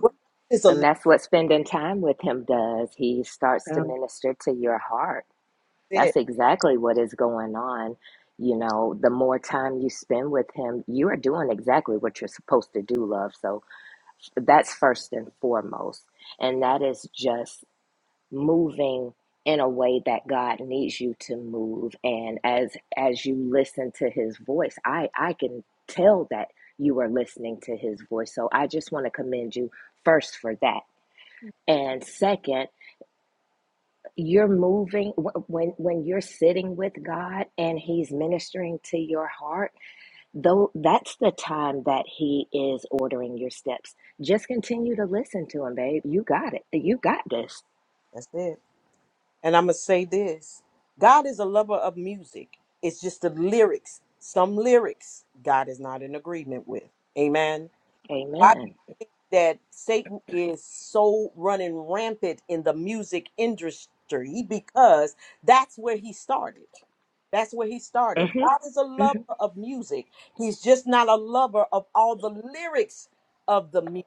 A: What God is a
B: And
A: little
B: that's what spending time with him does. He starts to
C: Yeah.
B: minister to your heart
A: bit.
B: That's exactly what is going on. You know, the more time you spend with him, you are doing exactly what you're supposed to do, love. So that's first and foremost. And that is just moving in a way that God needs you to move. And as as you listen to his voice, I I can tell that you are listening to his voice. So I just want to commend you first for that. And second, you're moving when when you're sitting with God and he's ministering to your heart though that's the time that he is ordering your steps just continue to listen to him babe you got it you got this
A: That's it. And I'm going to say this God is a lover of music. It's just the lyrics. Some lyrics God is not in agreement with. Amen. Why do
B: amen
A: you think that Satan is so running rampant in the music industry? Because that's where he started. That's where he started.
B: Mm-hmm.
A: God is a lover of music. He's just not a lover of all the lyrics of the music.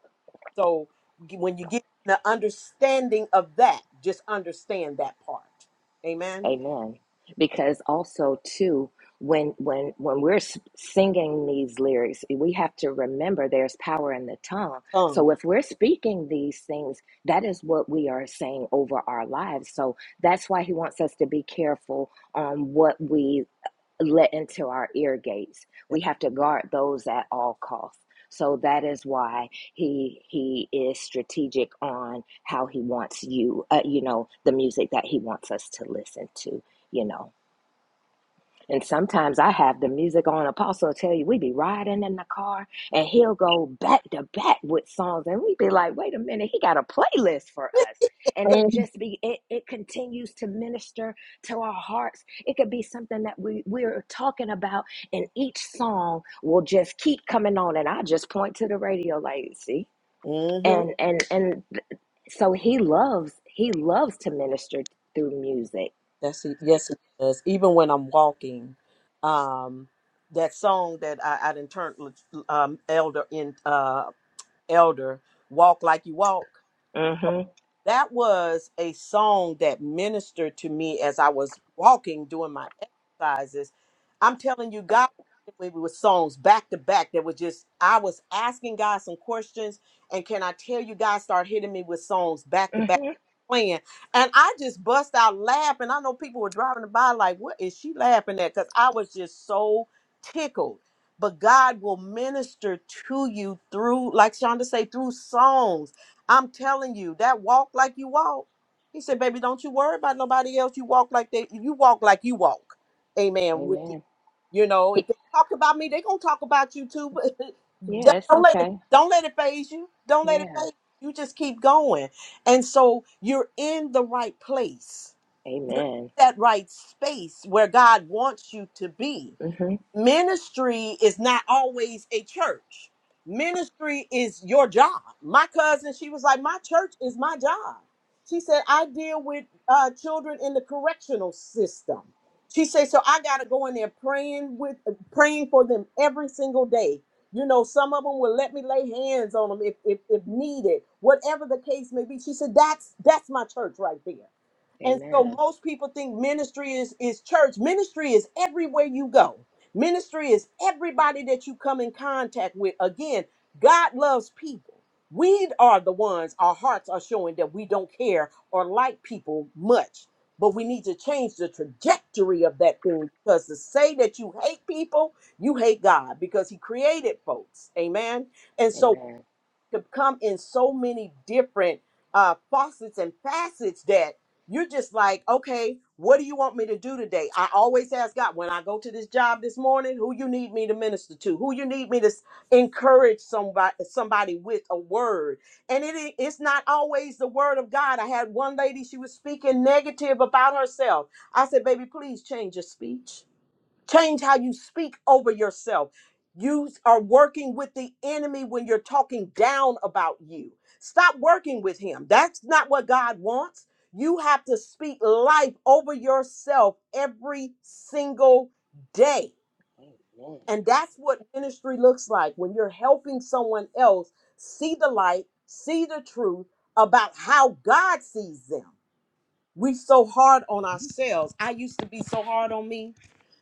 A: So g- when you get the understanding of that, just understand that part. Amen.
B: Amen. Because also too, when when when we're s- singing these lyrics, we have to remember there's power in the tongue.
A: Tongue.
B: So if we're speaking these things, that is what we are saying over our lives. So that's why he wants us to be careful on what we let into our ear gates. We have to guard those at all costs. So that is why he he is strategic on how he wants you, uh, you know, the music that he wants us to listen to, you know. And sometimes I have the music on. Apostle will tell you we be riding in the car, and he'll go back to back with songs, and we be like, "Wait a minute, he got a playlist for us." And it
C: Um,
B: just be it, it continues to minister to our hearts. It could be something that we we're talking about, and each song will just keep coming on, and I just point to the radio, like, "See,"
A: Mm-hmm.
B: and and and th- so he loves he loves to minister through music.
A: That's it. Yes, it does. Even when I'm walking, um, that song that I, I didn't turn um, elder in uh, elder walk like you walk.
B: Mm-hmm.
A: That was a song that ministered to me as I was walking doing my exercises. I'm telling you, God *laughs* it was songs back to back that were just I was asking God some questions, and can I tell you, God started hitting me with songs back to back
B: Mm-hmm.
A: playing, and I just bust out laughing. I know people were driving by like, "What is she laughing at?" Because I was just so tickled. But God will minister to you through, like Shonda say, through songs I'm telling you, that walk like you walk. He said, baby, don't you worry about nobody else. You walk like they you walk like you walk. Amen. With me.
B: Amen.
A: You know, if they talk about me, they gonna talk about you too. *laughs* But
B: Yeah,
A: just
B: it's
A: don't let it
B: okay.
A: don't let it phase you. Don't let it
B: Yeah.
A: phase you. You just keep going. And so you're in the right place,
B: Amen.
A: that right space where God wants you to be
B: hmm
A: ministry is not always a church. Ministry is your job. My cousin, she was like, My church is my job. She said, I deal with uh, children in the correctional system. She said, So I got to go in there praying with, uh, praying for them every single day. You know, some of them will let me lay hands on them if, if, if needed, whatever the case may be. She said, That's, that's my church right there. And so
B: Amen.
A: most people think ministry is is church. Ministry is everywhere you go. Ministry is everybody that you come in contact with. Again, God loves people. We are the ones our hearts are showing that we don't care or like people much. But we need to change the trajectory of that thing because to say that you hate people, you hate God because He created folks. Amen. And so
B: Amen.
A: could come in so many different uh faucets and facets that you're just like, okay, what do you want me to do today? I always ask God when I go to this job this morning, who you need me to minister to, who you need me to s- encourage somebody somebody with a word. And it i- it's not always the word of God. I had one lady, she was speaking negative about herself. I said, baby, please change your speech Change how you speak over yourself. You are working with the enemy when you're talking down about you. Stop working with him. That's not what God wants. You have to speak life over yourself every single day. And that's what ministry looks like when you're helping someone else see the light, see the truth about how God sees them. We so hard on ourselves. I used to be so hard on me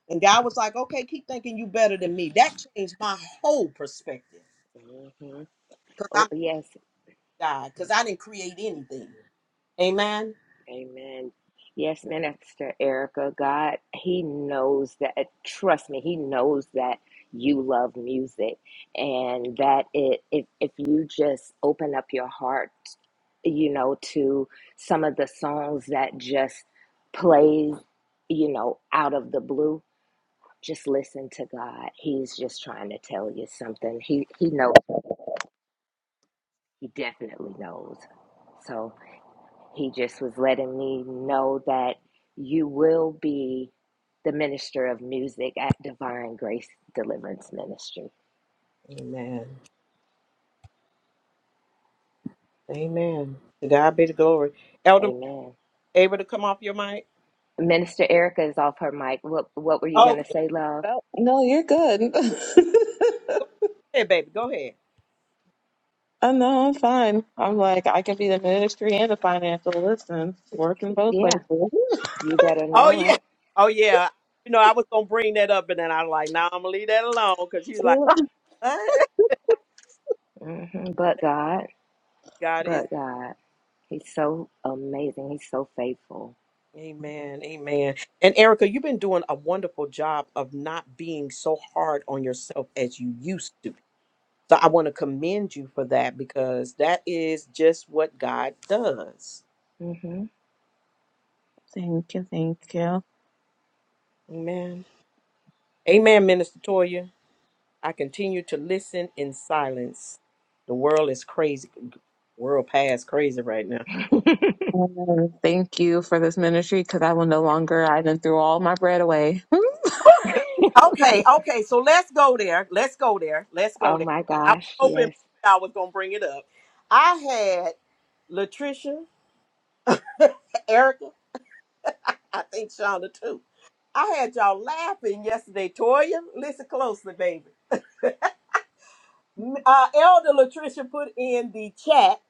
A: and God was like, okay, keep thinking you better than me. That changed my whole perspective.
B: Mm-hmm.
A: Because
B: Oh,
A: I'm
B: yes.
A: God, because I didn't create anything. Amen.
B: Amen. Yes, Minister Erica, God, He knows that. Trust me, He knows that you love music and that it, if, if you just open up your heart, you know, to some of the songs that just plays, you know, out of the blue, Just listen to God. He's just trying to tell you something. He he knows. He definitely knows. So he just was letting me know that you will be the minister of music at Divine Grace Deliverance Ministry.
A: Amen. Amen. To God be the glory. Elder,
B: Amen.
A: able to come off your mic?
B: Minister Erica is off her mic. What what were you
A: Okay.
B: gonna say, love?
C: no, no, you're good.
A: Go ahead, baby. Go ahead.
C: *laughs* I know I'm fine. I'm like I can be the ministry and the financial. Listen, working both
B: Yeah,
C: places.
B: you better
A: Oh
B: know
A: yeah.
B: it.
A: Oh yeah. You know, I was gonna bring that up, and then I was like, "Nah, I'm gonna leave that alone." Because she was like,
C: *laughs*
A: "What?"
B: hmm But God,
A: *laughs* God is,
B: but God, He's so amazing. He's so faithful.
C: Mm.
A: Amen, Amen. And Erica, you've been doing a wonderful job of not being so hard on yourself as you used to. So I want to commend you for that because that is just what God does.
B: hmm
C: Thank you, thank you.
A: Amen. Amen, Minister Toya. I continue to listen in silence. The world is crazy. World past crazy right now.
C: And thank you for this ministry because I will no longer, I done threw all my bread away. *laughs*
A: Okay, okay. So let's go there. Let's go there. Let's go
B: Oh
A: there.
B: my
A: I was
B: gosh,
A: hoping
B: yes.
A: I was gonna bring it up. I had Latricia, *laughs* Erica, I think Shonda too. I had y'all laughing yesterday. Toya, listen closely, baby. uh, Elder Latricia put in the chat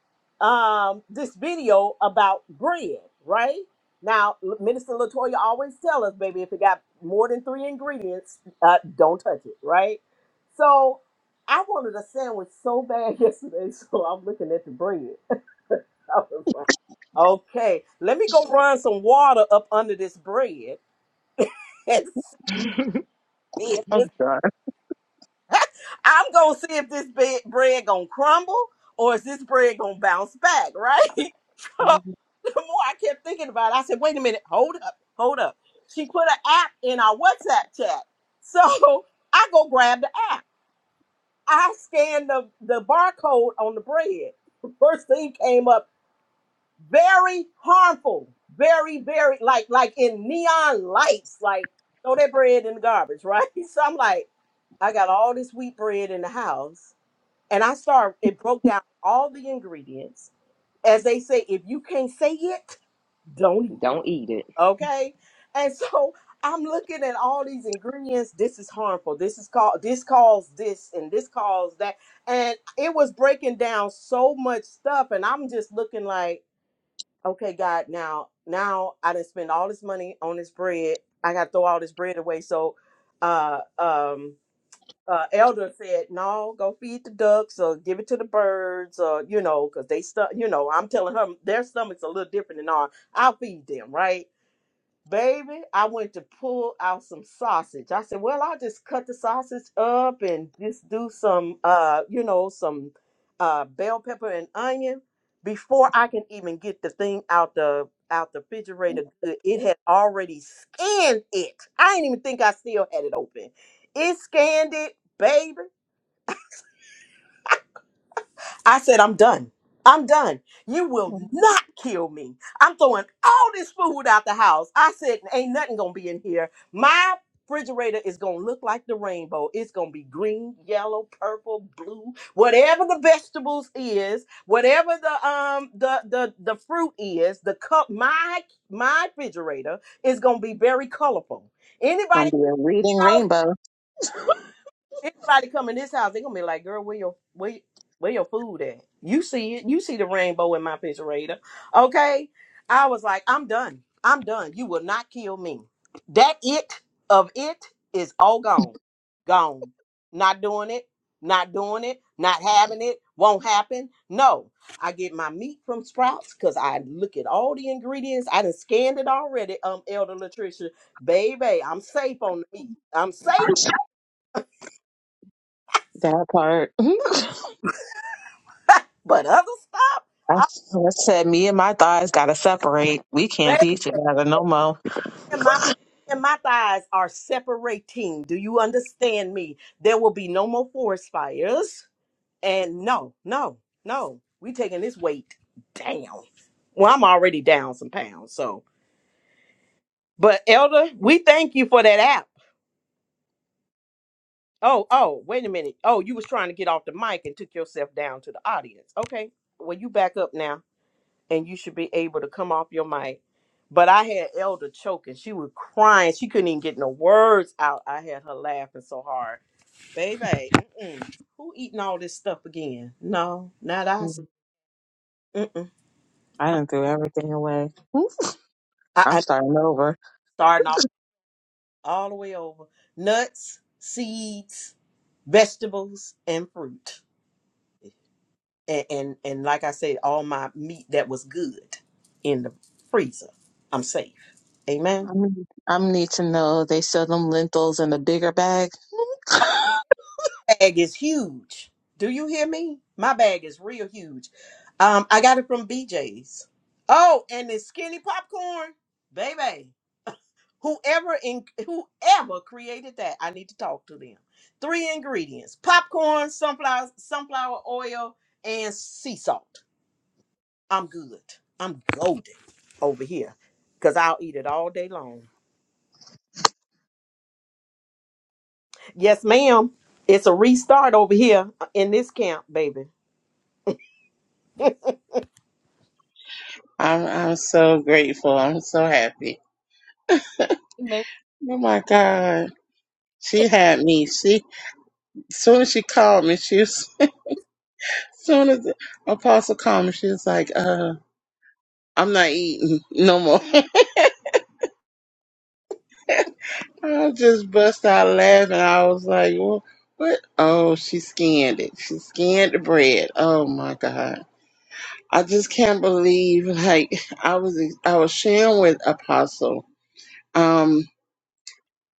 A: um, this video about bread, right? Now, L- Minister Latoya always tell us, baby, if it got more than three ingredients, uh, don't touch it, right? So I wanted a sandwich so bad *laughs* yesterday, so I'm looking at the bread. *laughs* I was like, okay, let me go run some water up under this bread *laughs* and
B: *laughs*
A: see
C: oh, God.
A: *laughs* I'm gonna see if this bed, bread gonna crumble or is this bread gonna bounce back, right? *laughs* 'Cause the more I kept thinking about it, I said, wait a minute, hold up, hold up. She put an app in our WhatsApp chat. *laughs* So I go grab the app. I scanned the, the barcode on the bread. *laughs* The First thing came up, very harmful, very, very like like in neon lights, like throw that bread in the garbage, right? *laughs* So I'm like, I got all this wheat bread in the house and I started, it broke down all the ingredients. As they say, if you can't say it, don't eat
B: Don't eat it.
A: it. Okay. And *laughs* so I'm looking at all these ingredients. This is harmful. This is called, this caused this and this caused that. And it was breaking down so much stuff. And I'm just looking like, okay, God, now, now I didn't spend all this money on this bread. I got to throw all this bread away. So, uh, um, uh, elder said, "No, go feed the ducks or give it to the birds or you know, 'cause they stuff. You know, I'm telling her their stomachs a little different than ours. I'll feed them, right? Baby, I went to pull out some sausage. I said, "Well, I'll just cut the sausage up and just do some, uh, you know, some uh, bell pepper and onion." Before I can even get the thing out the out the refrigerator, good, it had already scanned it. I didn't even think I still had it open. It scanned it, baby. I said, I'm done. I'm done. You will not kill me. I'm throwing all this food out the house. I said, ain't nothing gonna be in here. My refrigerator is gonna look like the rainbow. It's gonna be green, yellow, purple, blue, whatever the vegetables is, whatever the um the the the fruit is, the cup my my refrigerator is gonna be very colorful. Anybody
C: Gonna be a reading rainbow.
A: Anybody come in this house, they gonna be like, "Girl, where your where where your food at? You see it? You see the rainbow in my picture, Raider? Okay." I was like, "I'm done. I'm done. You will not kill me. That it of it is all gone, gone. Not doing it. Not doing it. Not having it. Won't happen. No. I get my meat from Sprouts because I look at all the ingredients. I done scanned it already. Um, Elder Latricia, baby, I'm safe on the meat. I'm safe
C: That part. *laughs* I
A: But other stuff, I
C: said, me and my thighs gotta separate. We can't be together no more.
A: and my and my thighs are separating. Do you understand me? There will be no more forest fires. And no, no, no. We taking this weight down. Well, I'm already down some pounds. So, but Elder, we thank you for that app. Oh, oh, wait a minute. Oh, you was trying to get off the mic and took yourself down to the audience. Okay. Well, you back up now. and you should be able to come off your mic. But I had Elder choking. She was crying. She couldn't even get no words out. I had her laughing so hard. Baby, mm-mm. who eating all this stuff again? No, not I.
C: Mm,
A: Mm-mm.
C: I done threw everything away. *laughs*
A: I,
C: I'm
A: I
C: starting over.
A: starting all, all the way over. Nuts, seeds, vegetables, and fruit. And, and and like I said, all my meat that was good in the freezer. I'm safe. Amen.
C: I need, I need to know they sell them lentils in a bigger bag. *laughs*
A: bag is huge. Do you hear me? My bag is real huge. Um, I got it from BJ's. Oh, and the skinny popcorn, baby. Whoever in whoever created that, I need to talk to them. Three ingredients: popcorn, sunflower sunflower oil, and sea salt. I'm good. I'm golden over here because I'll eat it all day long. Yes, ma'am. It's a restart over here uh, in this camp, baby.
D: I'm I'm so grateful. I'm so happy. Oh my God. She had me. She soon as she called me, she was *laughs* soon as the apostle called me, she was like, uh, I'm not eating no more. *laughs* I just bust out laughing. I was like, well, what? Oh, she scanned it. She scanned the bread. Oh my God. I just can't believe like *laughs* I was I was sharing with Apostle. Um,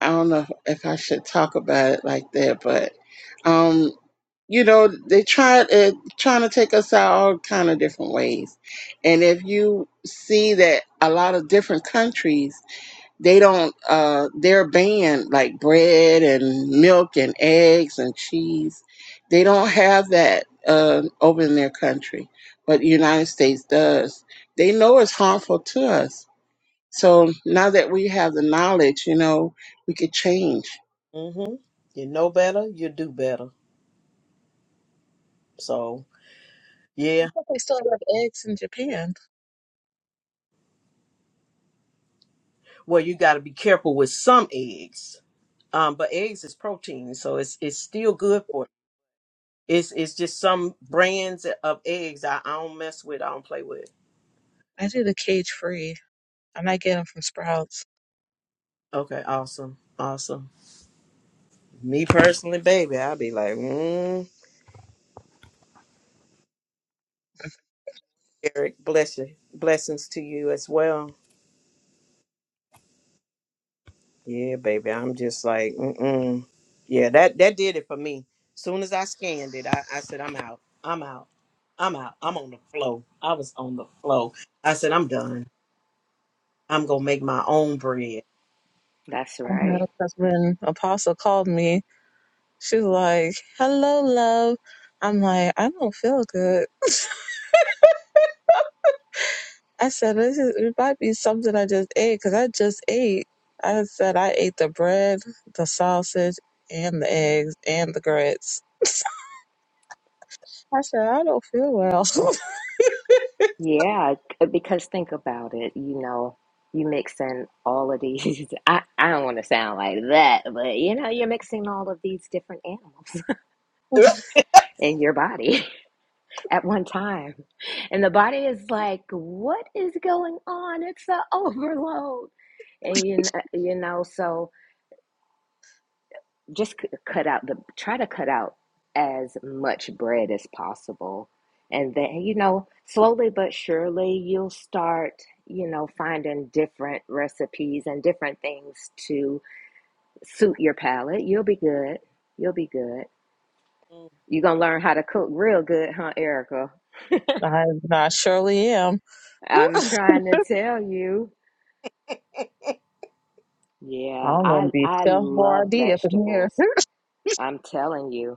D: I don't know if I should talk about it like that, but um, you know they try uh, trying to take us out all kind of different ways and if you see that a lot of different countries they don't uh they're banned like bread and milk and eggs and cheese they don't have that uh, over in their country but the united states does they know it's harmful to us so now that we have the knowledge you know we could change
A: hmm You know better, you do better. So
C: I
A: yeah,
C: thought they still have eggs in Japan.
A: well, you got to be careful with some eggs. Um, but eggs is protein, so it's it's still good for you. It's it's just some brands of eggs I, I don't mess with. I don't play with.
C: I do the cage free. and I might get them from Sprouts.
A: Okay, awesome, awesome. Me personally, baby, I'll be like, mm, Eric, bless you, blessings to you as well. Yeah, baby. I'm just like, mm-mm. Yeah, that that did it for me. Soon as I scanned it, I, I said, I'm out. I'm out. I'm out. I'm on the flow. I was on the flow. I said, I'm done. I'm gonna make my own bread.
B: That's
C: I
B: right.
C: know because when Apostle called me, she was like, "Hello, love." I'm like, I don't feel good. *laughs* I said, this is, it might be something I just ate because I just ate. I said I ate the bread, the sausage, and the eggs and the grits. *laughs* I said I don't feel well.
B: Yeah, c- because think about it. You know, you mix in all of these. *laughs* I, I don't want to sound like that, but you know, you're mixing all of these different animals *laughs* in your body *laughs* at one time. And the body is like, what is going on? It's an *laughs* overload. And you, kn- you know, so. just c- cut out the try to cut out as much bread as possible and then you know slowly but surely you'll start you know finding different recipes and different things to suit your palate you'll be good you'll be good you're gonna learn how to cook real good huh erica
C: *laughs* I, I surely am.
B: i'm trying to tell you yeah
C: I'm
B: i
C: gonna be
B: i
C: Chef
B: love
C: Boyardee up in here.
B: vegetables i'm telling you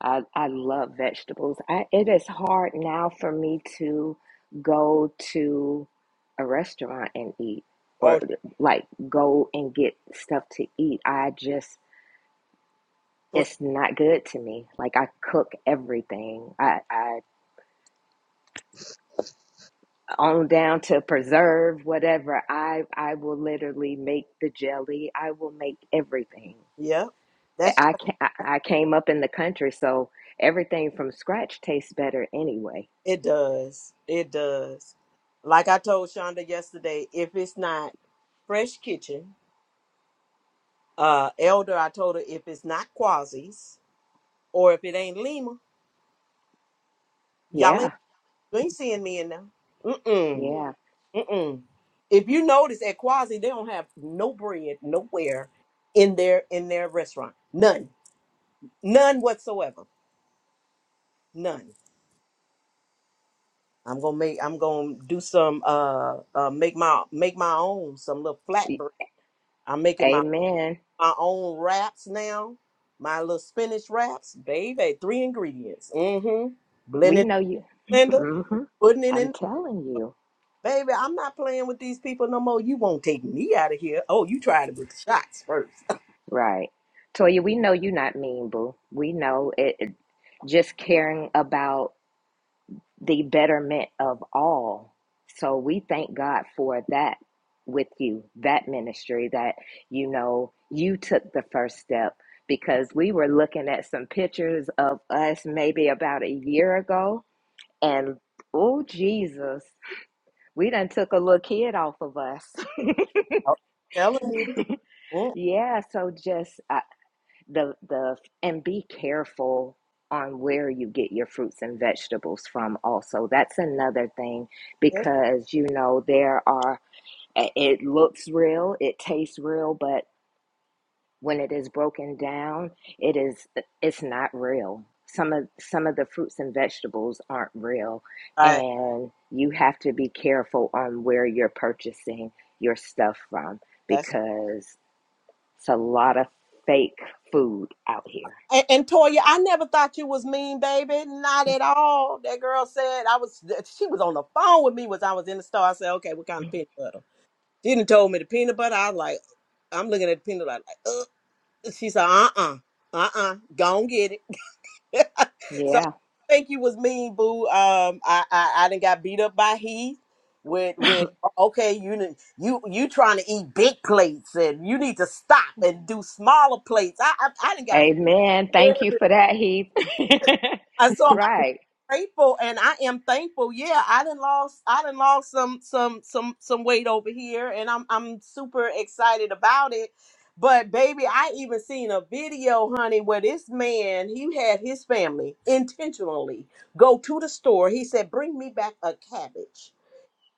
B: I, I love vegetables. I, it is hard now for me to go to a restaurant and eat
A: *laughs*
B: or
A: oh
B: like go and get stuff to eat. I just,
A: *laughs*
B: it's not good to me. Like I cook everything. I, I on down to preserve, whatever. I, I will literally make the jelly. I will make everything.
A: Yep. That's
B: I,
A: right.
B: can, I I came up in the country, so everything from scratch tastes better anyway.
A: it does. It does. Like I told Shonda yesterday, if it's not Fresh Kitchen, uh Elder, I told her if it's not Quasi's or if it ain't Lima, y'all ain't
B: Yeah,
A: you ain't seeing me in there. Mm-mm.
B: yeah.
A: Mm-mm. If you notice at Quasi, they don't have no bread nowhere in their in their restaurant. None. None whatsoever. None. I'm gonna make I'm gonna do some uh uh make my make my own some little flatbread. I'm making my
B: Amen.
A: my own wraps now. My little spinach wraps, baby. Three ingredients. Mm-hmm.
B: We
A: Blending
B: know you.
A: blender,
B: hmm
A: putting it
B: I'm
A: in.
B: telling you.
A: Baby, I'm not playing with these people no more. You won't take me out of here. Oh, you tried it with the shots first. *laughs*
B: Right. Toya, we know you not mean, boo. We know it, it- just caring about the betterment of all. So we thank God for that with you, that ministry that, you know, you took the first step because we were looking at some pictures of us maybe about a year ago and oh Jesus, we done took a little kid off of us. *laughs*
A: I'm telling you. Mm,
B: Yeah, so just uh, the the and be careful on where you get your fruits and vegetables from also. That's another thing
A: that's
B: because you know there are i- it looks real, it tastes real, but when it is broken down, it is it's not real. Some of some of the fruits and vegetables aren't real
A: right.
B: and you have to be careful on where you're purchasing your stuff from
A: That's
B: because it's a lot of fake food out here.
A: and, and Toya, I never thought you was mean, baby. Not at all. That girl said I was. She was on the phone with me was I was in the store. I said, okay, what kind of peanut butter? She Didn't told me the peanut butter. I was like, I'm looking at the peanut butter. Like, uh. she said, uh, uh-uh, uh, uh, uh, go and get it. *laughs* so I
B: Yeah.
A: think you was mean, boo. Um, I I, I done got beat up by Heath with with okay, you done- you you trying to eat big plates and you need to stop and do smaller plates. I I, I didn't got.
B: Amen.
A: beat
B: Thank you for that, Heath. *laughs*
A: up
B: right.
A: grateful and I am thankful. Yeah, I done lost I done lost some some some some weight over here and I'm I'm super excited about it. But baby, I even seen a video, honey, where this man, he had his family intentionally go to the store. He said, "Bring me back a cabbage."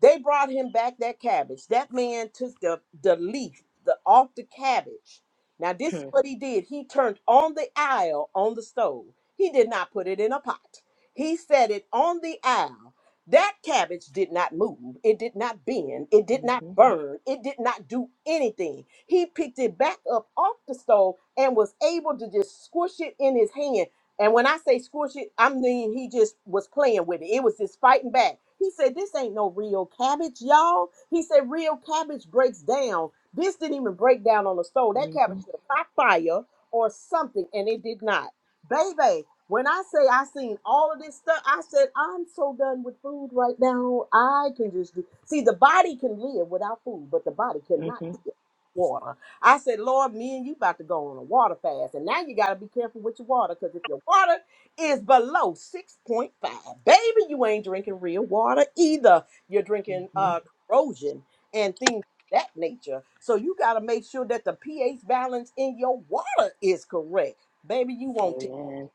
A: They brought him back that cabbage. That man took the, the leaf the, off the cabbage. Now, this is
B: Hmm.
A: what he did. He turned on the aisle on the stove. He did not put it in a pot. He set it on the aisle. That cabbage did not move. It did not bend. It did not
B: Mm-hmm,
A: burn. It did not do anything. He picked it back up off the stove and was able to just squish it in his hand and when I say squish it, I mean he just was playing with it. It was just fighting back. He said, This ain't no real cabbage, y'all. He said, Real cabbage breaks down. This didn't even break down on the stove. That
B: mm-hmm,
A: cabbage should have caught fire or something, and it did not. Baby, when I say I seen all of this stuff, I said, I'm so done with food right now. I can just do. See, the body can live without food, but the body cannot
B: mm-hmm,
A: water. I said, Lord, me and you about to go on a water fast. And now you got to be careful with your water because if your water is below 6.5, baby, you ain't drinking real water either. You're drinking
B: hmm
A: uh, corrosion and things of that nature. So you got to make sure that the pH balance in your water is correct. Baby, you won't take,
B: Amen.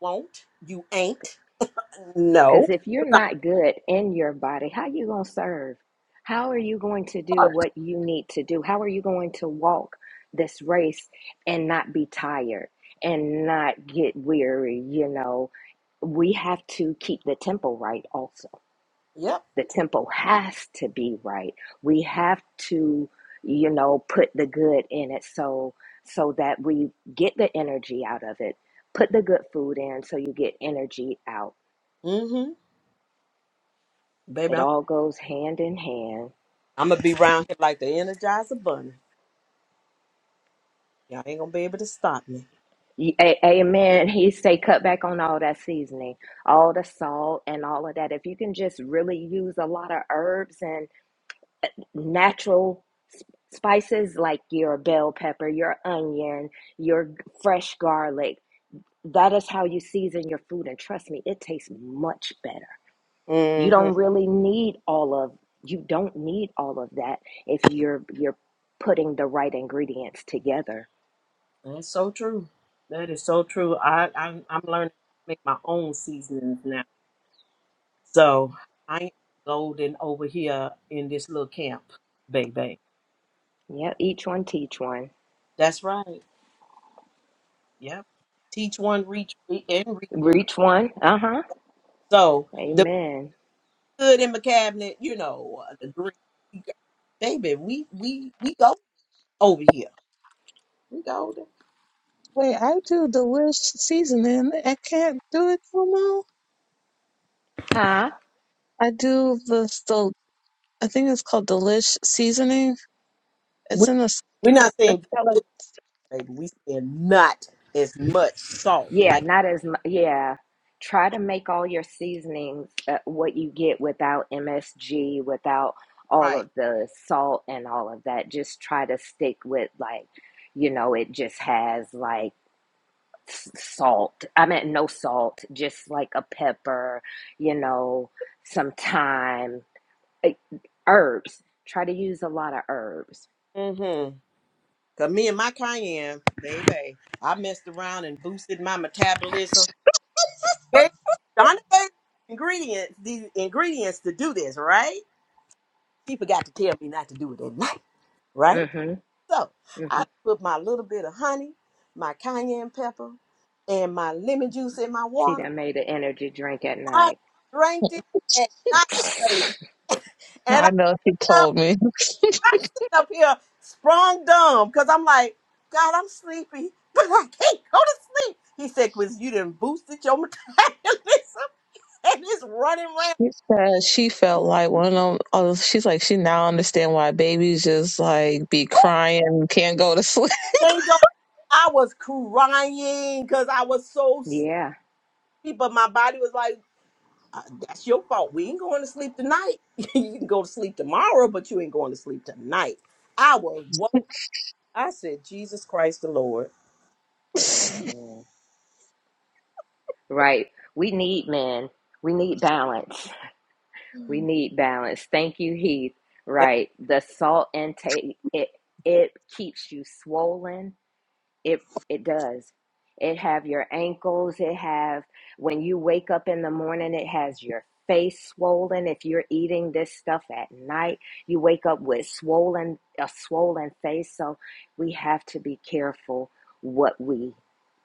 A: won't, you ain't. No.
B: Because if you're not good in your body, how you going to serve? How are you going to do what you need to do? How are you going to walk this race and not be tired and not get weary? You know, we have to keep the tempo right also
A: Yep.
B: the tempo has to be right we have to you know put the good in it so so that we get the energy out of it put the good food in so you get energy out
A: Mm-hmm. Baby,
B: it
A: I'm,
B: all goes hand in hand
A: I'm going to be around here like the Energizer Bunny. Y'all ain't going to be able to stop me.
B: Ye- a- amen he say cut back on all that seasoning all the salt and all of that if you can just really use a lot of herbs and natural s- spices like your bell pepper your onion your fresh garlic That is how you season your food. And trust me, it tastes much better. You
A: Mm-hmm.
B: don't really need all of you don't need all of that if you're you're putting the right ingredients together.
A: That's so true. That is so true. I, I'm I'm learning to make my own seasonings now. So I am golden over here in this little camp, baby.
B: Yeah, each one teach one.
A: That's right. Yep. Teach one, reach and reach.
B: Reach one. Uh-huh.
A: So the
B: Amen.
A: good in my cabinet, you know, uh, the green, baby. We we we go over here. We golden.
C: Wait, I do the wish seasoning. I can't do it no more.
B: Huh?
C: I do the del- I think it's called delish seasoning. It's
A: We
C: in a. s-
A: we're not
C: It's
A: saying
C: got like,
A: good, baby. We saying not as much salt.
B: Yeah,
A: Like
B: not as mu- yeah. Try to make all your seasonings uh, what you get without MSG, without all
A: right.
B: of the salt and all of that. Just try to stick with like you know, it just has like salt. I meant no salt, just like a pepper, you know, some thyme, eh, herbs. Try to use a lot of herbs.
A: Mm-hmm. Cause me and my cayenne, baby, I messed around and boosted my metabolism. Hey, Donna gave me ingredients, the ingredients to do this, right? She forgot to tell me not to do it at night, right?
B: hmm
A: So
B: hmm
A: I put my little bit of honey, my cayenne pepper, and my lemon juice in my
B: She
A: water.
B: done made an energy drink at
A: I
B: night.
A: drank it at night, baby. and
C: I know she
A: I
C: told me. *laughs*
A: *laughs* I'm sitting up here sprung dumb because I'm like, God, I'm sleepy, *laughs* but I can't go to sleep. He said, because you didn't boosted your *laughs* metabolism and it's running rampant.
C: She said she felt like one of them. Oh, she's like she now understand why babies just like be crying, can't go to sleep.
A: Can't go. I was crying because I was so sleepy,
B: Yeah.
A: but my body was like, uh, that's your fault. We ain't going to sleep tonight. *laughs* you can go to sleep tomorrow, but you ain't going to sleep tonight. I was woke. I said, Jesus Christ the Lord.
C: *laughs*
B: Amen. Right. We need men. We need balance. We need balance. Thank you, Heath.
A: That,
B: Right. The salt intake, it, it keeps you swollen It it does. It have your ankles, it have when you wake up in the morning, it has your face swollen if you're eating this stuff at night. You wake up with swollen a swollen face, so we have to be careful what we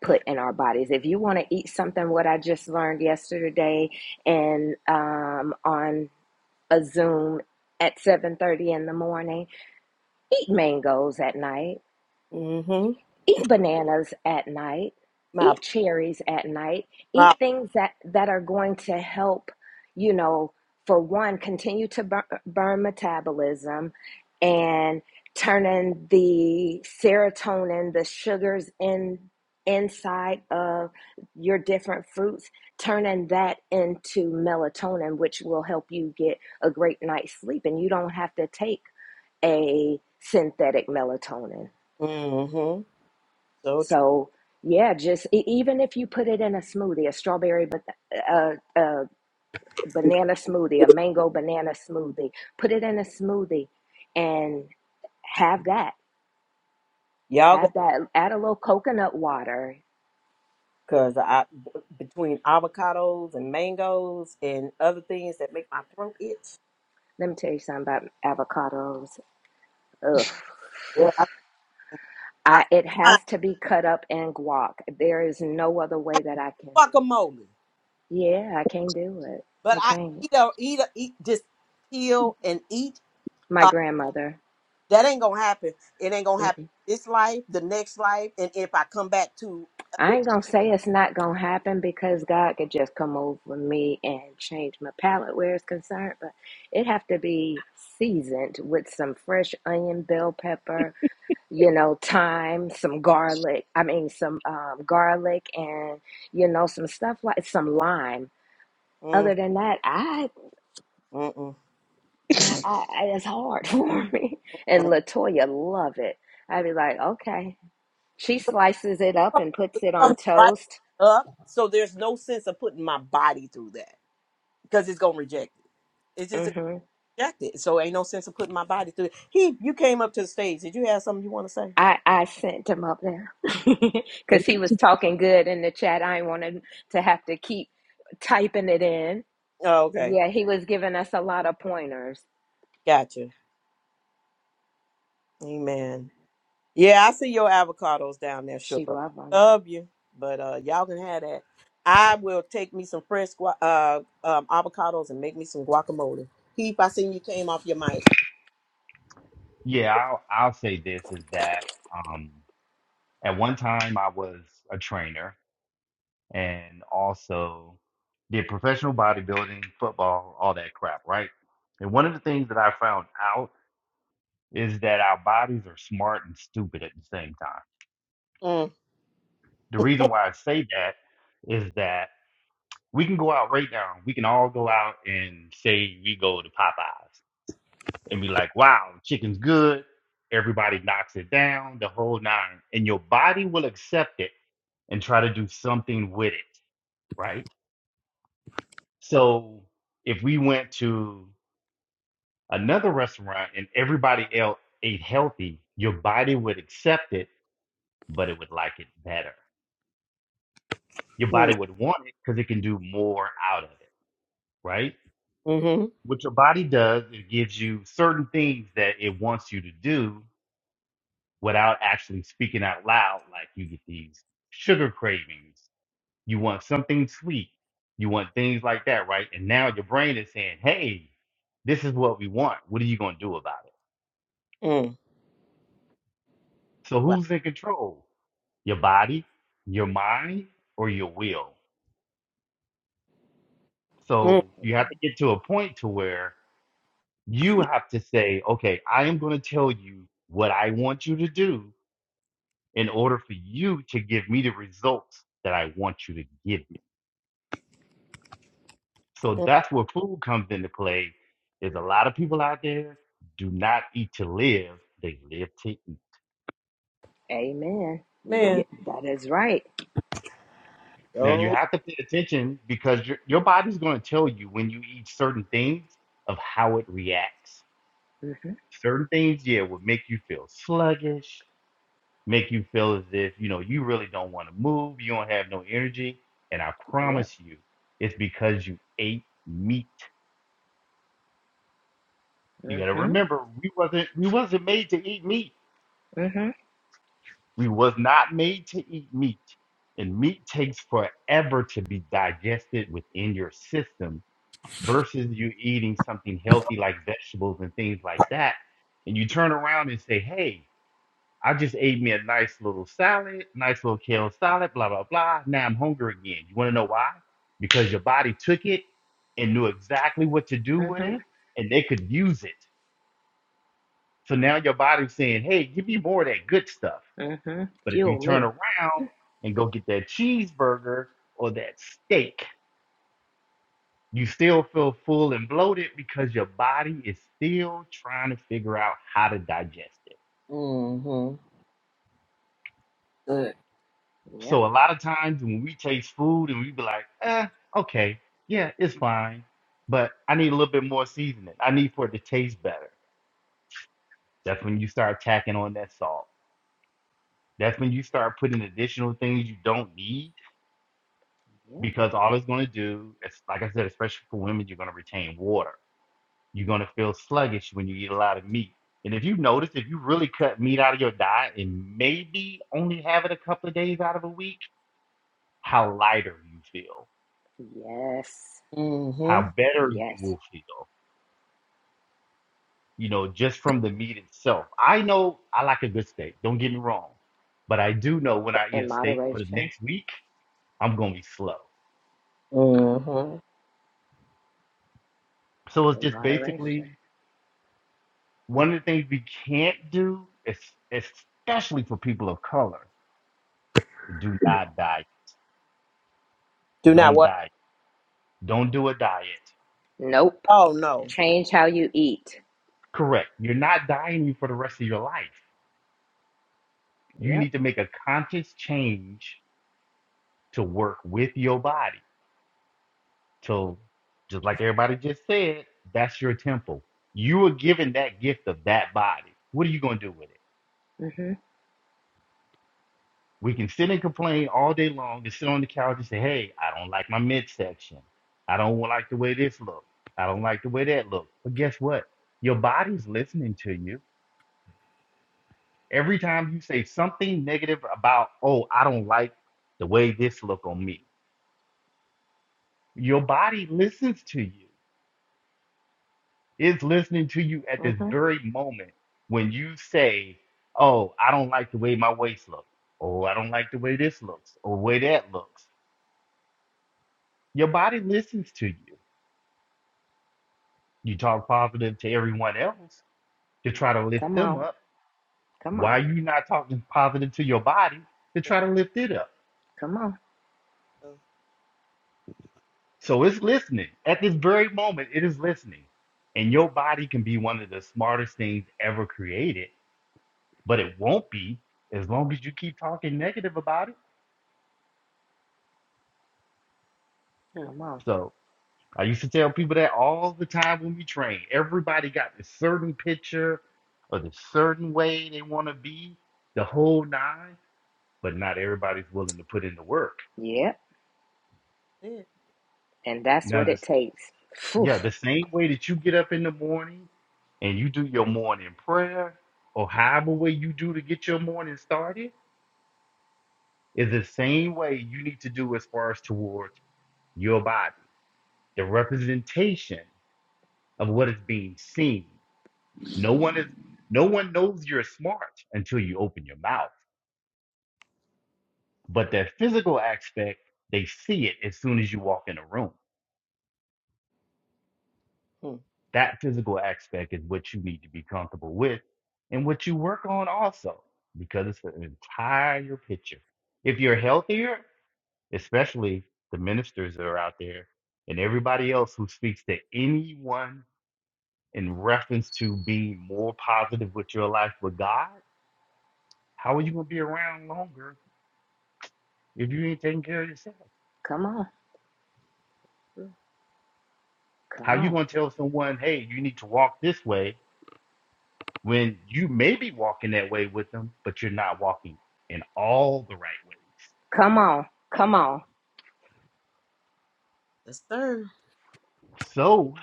B: put in our bodies. If you want to eat something what I just learned yesterday and um on a Zoom at 7:30 in the morning, eat mangoes at night
A: hmm
B: eat bananas at night,
A: My,
B: eat cherries at night,
A: my
B: eat things that, that are going to help, you know, for one, continue to burn, burn metabolism and turning the serotonin, the sugars in inside of your different fruits, turning that into melatonin, which will help you get a great night's sleep. And you don't have to take a synthetic melatonin.
A: Mm-hmm. So true.
B: So yeah, just e- even if you put it in a smoothie, a strawberry but a, a banana smoothie, a mango banana smoothie, put it in a smoothie and have that.
A: Y'all go
B: Have that. Add a little coconut water.
A: because I b- between avocados and mangoes and other things that make my throat itch.
B: Let me tell you something about avocados. Ugh.
A: Yeah. I, I,
B: I, it
A: I
B: has to be cut up in guac. There is no other way that I can.
A: guacamole,
B: Yeah, I can't do it.
A: but
B: I
A: I
B: can't.
A: eat or eat, eat just peel and eat.
B: My
A: Uh,
B: grandmother.
A: that ain't gonna happen. It ain't gonna happen this life, the next life, and if I come back to
B: I ain't gonna say it's not gonna happen because God could just come over me and change my palate where it's concerned, but it have to be seasoned with some fresh onion, bell pepper, you know, thyme, some garlic. I mean, some um, garlic and you know, some stuff like some lime.
A: mm,
B: Other than that, I,
A: mm-mm.
B: I, I it's hard *laughs* for me. And Latoya love it. I'd be like, okay. She slices it up and puts it on
A: Come right
B: toast.
A: up, so there's no sense of putting my body through that because it's gonna reject it.
B: hmm
A: rejected. So ain't no sense of putting my body through it. He, you came up to the stage. Did you have something you want to say?
B: I, I sent him up there *laughs* because he was talking good in the chat. I wanted to have to keep typing it in.
A: Oh, okay.
B: Yeah, he was giving us a lot of pointers.
A: Gotcha. Amen. Yeah, I see your avocados down there,
B: She
A: sugar.
B: loved him.
A: Love you. But uh y'all can have that. I will take me some fresh gua- uh um, avocados and make me some guacamole. Heath, I seen you came off your mic.
E: Yeah, I'll, I'll say this is that um, at one time I was a trainer and also did professional bodybuilding, football, all that crap, right? And one of the things that I found out is that our bodies are smart and stupid at the same time.
A: Mm,
E: The reason why I say that is that we can go out right now, we can all go out and say we go to Popeyes and be like, wow, chicken's good everybody knocks it down, the whole nine, and your body will accept it and try to do something with it, right? So if we went to another restaurant and everybody else ate healthy, your body would accept it, but it would like it better. Your
A: mm,
E: body would want it because it can do more out of it, right?
A: mm-hmm.
E: What your body does, it gives you certain things that it wants you to do without actually speaking out loud, like you get these sugar cravings You want something sweet. You want things like that, right? And now your brain is saying, hey, this is what we want. What are you going to do about it?
A: Mm.
E: So
A: Wow.
E: who's in control? Your body, your mind, or your will?
A: Mm-hmm.
E: So you have to get to a point to where you have to say, okay, I am going to tell you what I want you to do in order for you to give me the results that I want you to give me. So that's where food comes into play. There's a lot of people out there do not eat to live; they live to eat.
B: Amen.
A: Man.
B: Yeah, that is right.
E: Now you have to pay attention because your your body's going to tell you when you eat certain things of how it reacts.
B: Mm-hmm.
E: Certain things, yeah, will make you feel sluggish, make you feel as if you know you really don't want to move, you don't have no energy. And I
B: Yep.
E: promise you, it's because you ate meat. You got to
B: Mm-hmm.
E: remember, we wasn't we wasn't made to eat meat
B: Mm-hmm.
E: We was not made to eat meat, and meat takes forever to be digested within your system versus you eating something healthy like vegetables and things like that. And you turn around and say, Hey, I just ate me a nice little salad, nice little kale salad, blah, blah, blah. Now I'm hungry again. You want to know why? Because your body took it and knew exactly what to do with
B: Mm-hmm.
E: it, and they could use it. So now your body's saying, Hey, give me more of that good stuff.
B: Mm-hmm.
E: But if you
B: Fuel
E: turn
B: me.
E: around and go get that cheeseburger or that steak, you still feel full and bloated because your body is still trying to figure out how to digest it.
A: Mm-hmm. Good.
B: Yep.
E: So a lot of times when we taste food and we be like, eh, okay, yeah, it's fine, but I need a little bit more seasoning. I need for it to taste better. That's when you start tacking on that salt. That's when you start putting additional things you don't need
B: Yep.
E: because all it's going to do is, like I said, especially for women, you're going to retain water You're going to feel sluggish when you eat a lot of meat. And if you notice, if you really cut meat out of your diet and maybe only have it a couple of days out of a week, how lighter you feel,
B: Yes.
A: Mm-hmm.
E: how better you
B: Yes.
E: will feel, you know, just from the meat itself. I know I like a good steak, don't get me wrong, but I do know when
B: But
E: I eat a
B: in
E: steak for the
B: moderation.
E: next week, I'm going to be slow.
A: Mm-hmm.
E: So it's
B: In
E: just basically
B: moderation.
E: one of the things we can't do, es- especially for people of color, do not diet.
A: Do not
E: Don't
A: what?
E: diet Don't do a diet.
B: Nope.
A: Oh no.
B: Change how you eat.
E: Correct. You're not dieting for the rest of your life. You
B: Yep.
E: need to make a conscious change to work with your body. So, just like everybody just said, that's your temple. You were given that gift of that body. What are you going to do with it?
B: Mm-hmm.
E: We can sit and complain all day long and sit on the couch and say, hey, I don't like my midsection. I don't like the way this looks. I don't like the way that looks. But guess what? Your body's listening to you Every time you say something negative about, oh, I don't like the way this look on me, your body listens to you. It's listening to you at this
B: Mm-hmm.
E: very moment when you say, oh, I don't like the way my waist looks. Oh, I don't like the way this looks or way that looks. Your body listens to you. You talk positive to everyone else to try to lift
B: Come
E: them
B: on.
E: up.
B: Come on.
E: Why are you not talking positive to your body to try to lift it up?
B: Come on,
E: So it's listening. At this very moment, it is listening. And your body can be one of the smartest things ever created, but it won't be as long as you keep talking negative about it.
A: Hmm.
B: come on.
E: So I used to tell people that all the time when we train. Everybody got this certain picture or this certain way they want to be, the whole nine, but not everybody's willing to put in the work.
B: Yep,
A: Yeah. it.
B: and that's
E: Now
B: what
E: the
B: it takes. Phew.
E: Yeah, the same way that you get up in the morning and you do your morning prayer or however way you do to get your morning started is the same way you need to do as far as towards your body. The representation of what is being seen. No one is no one knows you're smart until you open your mouth. But that physical aspect, they see it as soon as you walk in a room.
A: Hmm.
E: That physical aspect is what you need to be comfortable with and what you work on also, because it's the entire picture. If you're healthier, especially the ministers that are out there and everybody else who speaks to anyone in reference to being more positive with your life with God, how are you going to be around longer if you ain't taking care of yourself?
B: Come on,
E: How
B: come
E: are you
B: on,
E: going to tell someone, hey, you need to walk this way when you may be walking that way with them, but you're not walking in all the right ways.
B: come on, come on.
A: Yes, sir.
E: So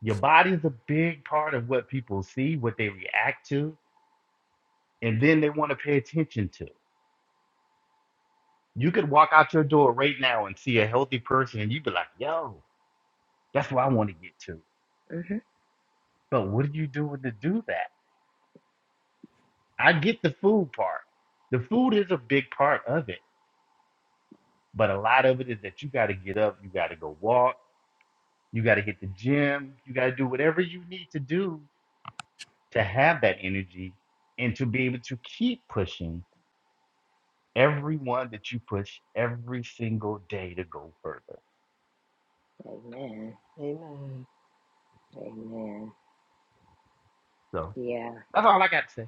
E: your body's a big part of what people see, what they react to, and then they want to pay attention to. You could walk out your door right now and see a healthy person and you'd be like, yo, that's what I want to get to.
B: hmm
E: But what are you doing to do that? I get the food part. The food is a big part of it, but a lot of it is that you got to get up, you got to go walk You got to hit the gym. You got to do whatever you need to do to have that energy and to be able to keep pushing everyone that you push every single day to go further.
B: Amen,
A: Amen.
B: amen.
E: So
B: Yeah,
E: that's all I got to say.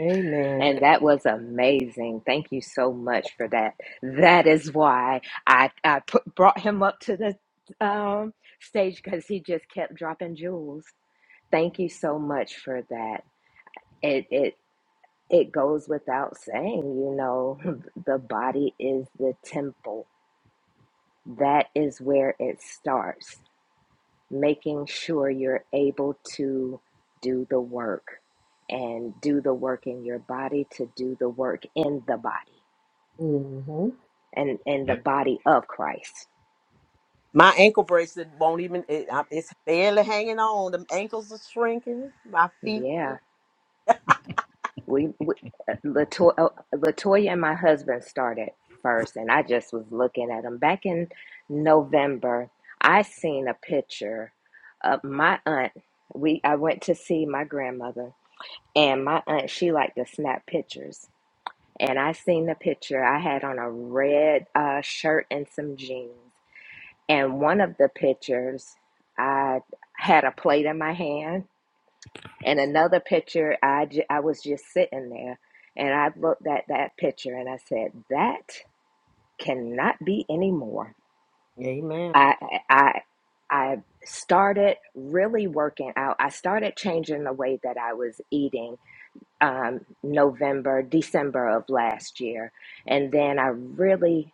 A: Amen.
B: and that was amazing. Thank you so much for that. That is why I I put, brought him up to the um, stage because he just kept dropping jewels. Thank you so much for that. It it it goes without saying, you know, *laughs* the body is the temple that is where it starts making sure you're able to do the work and do the work in your body to do the work in the body
A: hmm
B: and in the
E: Yep.
B: body of christ
A: My ankle bracelet won't even. It, I, it's barely hanging on. The ankles are shrinking. My feet.
B: yeah we, we uh, Lato- uh, latoya and my husband started first and i just was looking at them back in november i seen a picture of my aunt we i went to see my grandmother and my aunt she liked to snap pictures and I seen the picture. I had on a red uh, shirt and some jeans. And one of the pictures, I had a plate in my hand, and another picture, I, j- I was just sitting there. And I looked at that picture and I said, That cannot be anymore.
A: Amen.
B: I, I, I started really working out. I started changing the way that I was eating um, November, December of last year. And then I really,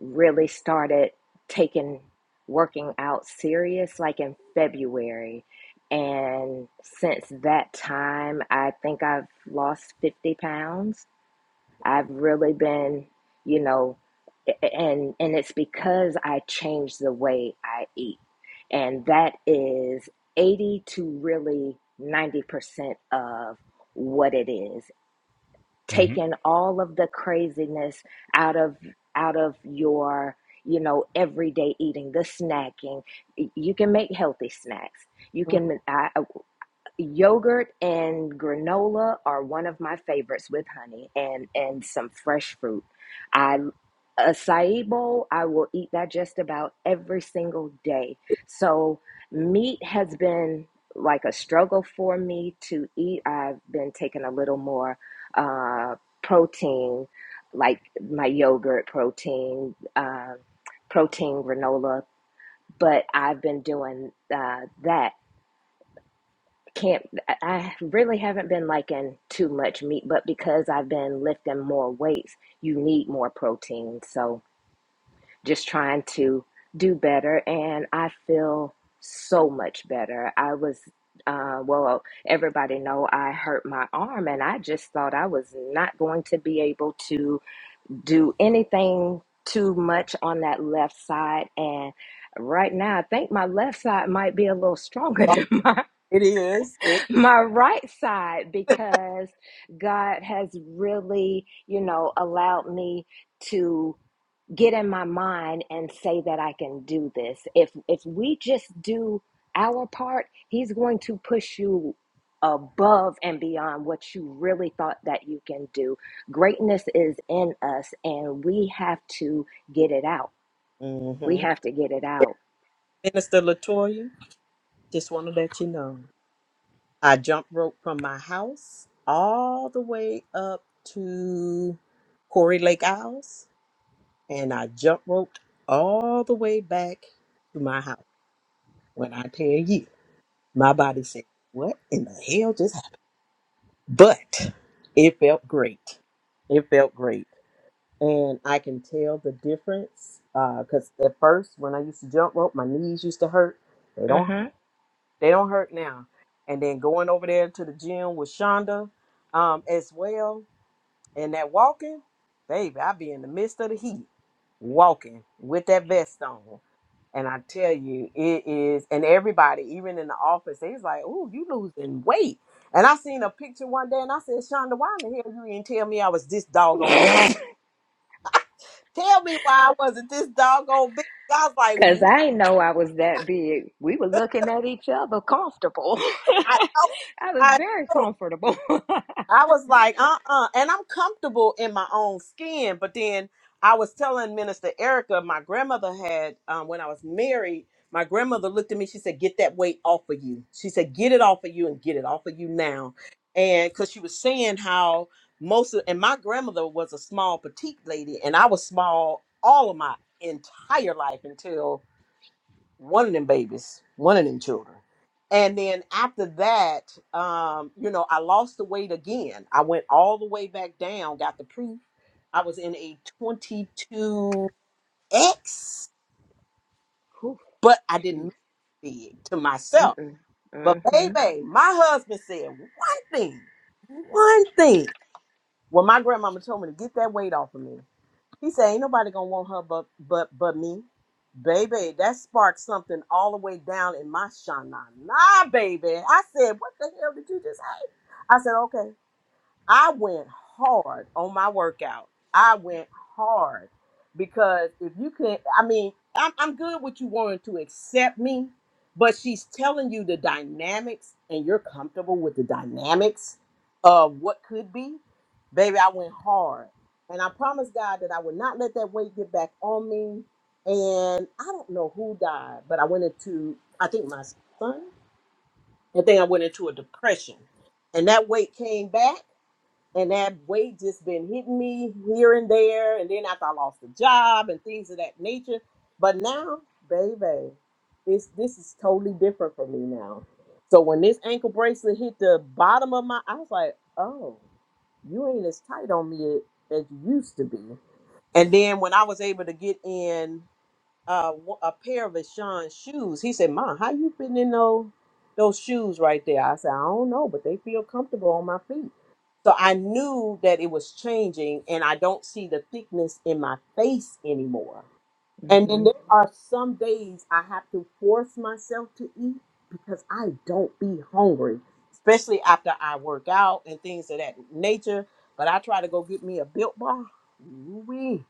B: really started taking working out serious like in February. And since that time, I think I've lost 50 pounds.
A: Right.
B: I've really been, you know, and and it's because I changed the way I eat. And that is 80 to really 90% of what it is
E: hmm
B: taking all of the craziness out of out of your you know everyday eating the snacking you can make healthy snacks you
A: Mm,
B: can I, Yogurt and granola are one of my favorites with honey and and some fresh fruit. I acai bowl, I will eat that just about every single day. So meat has been like a struggle for me to eat. I've been taking a little more uh, protein, like my yogurt protein, uh, protein granola, but I've been doing uh, that can't I really haven't been liking too much meat, but because I've been lifting more weights, you need more protein. So just trying to do better and I feel so much better. I was uh well, everybody know I hurt my arm and I just thought I was not going to be able to do anything too much on that left side and right now I think my left side might be a little stronger *laughs* than mine
A: It is.
B: my right side because God has really, you know, allowed me to get in my mind and say that I can do this. If if we just do our part, he's going to push you above and beyond what you really thought that you can do. Greatness is in us and we have to get it out. We
A: hmm
B: have to get it out.
A: Minister Latoya, just want to let you know I jump rope from my house all the way up to Corey Lake Isles, and I jump roped all the way back to my house. When I tell you, my body said, "What in the hell just happened?" but it felt great. It felt great. And I can tell the difference because at first, when I used to jump rope, my knees used to hurt. They don't.
B: Mhm.
A: They don't hurt now. And then going over there to the gym with Shonda um, as well, and that walking, baby, I be in the midst of the heat walking with that vest on. And I tell you, it is, and everybody, even in the office, they's like, "Oh, you losing weight." And I seen a picture one day, and I said, "Shonda, why in the hell you didn't tell me I was this doggone? Tell me why I wasn't this doggone big." I was like,
B: Cause I didn't know I was that big. We were looking at each other comfortable. *laughs*
A: "I know,
B: I was
A: I
B: very
A: know."
B: comfortable. *laughs*
A: I was like, uh uh And I'm comfortable in my own skin. But then I was telling Minister Erica, my grandmother had, um, when I was married, my grandmother looked at me. She said, Get that weight off of you. She said, Get it off of you and get it off of you now. And because she was saying how most of, and my grandmother was a small, petite lady, and I was small all of my entire life until one of them babies, one of them children. And then after that, um, you know, I lost the weight again. I went all the way back down, got the proof. I was in a 22X,
B: Whew,
A: but I didn't
B: jeez.
A: look big to myself.
B: Mm-mm.
A: But
B: hmm
A: baby, my husband said one thing, one thing. Well, my grandmama told me to get that weight off of me. He said, "Ain't nobody gonna want her but but but me, baby." That sparked something all the way down in my shana. Nah, baby. I said, "What the hell did you just say?" I said, "Okay." I went hard on my workout. I went hard because if you can, I mean, I'm, I'm good with you wanting to accept me, but she's telling you the dynamics and you're comfortable with the dynamics of what could be. Baby, I went hard. And I promised God that I would not let that weight get back on me. And I don't know who died, but I went into, I think my son, I think I went into a depression. And that weight came back and that weight just been hitting me here and there. And then after I lost the job and things of that nature, but now, baby, this this is totally different for me now. So when this ankle bracelet hit the bottom of my, I was like, oh, you ain't as tight on me as you used to be. And then when I was able to get in uh, wa- a pair of Rashawn's shoes. He said, "Ma, how you fitting in those those shoes right there?" I said, "I don't know, but they feel comfortable on my feet." So I knew that it was changing, and I don't see the thickness in my face anymore. And then
B: hmm
A: there are some days I have to force myself to eat because I don't be hungry, especially after I work out and things of that nature. But I try to go get me a built bar. Ooh-wee.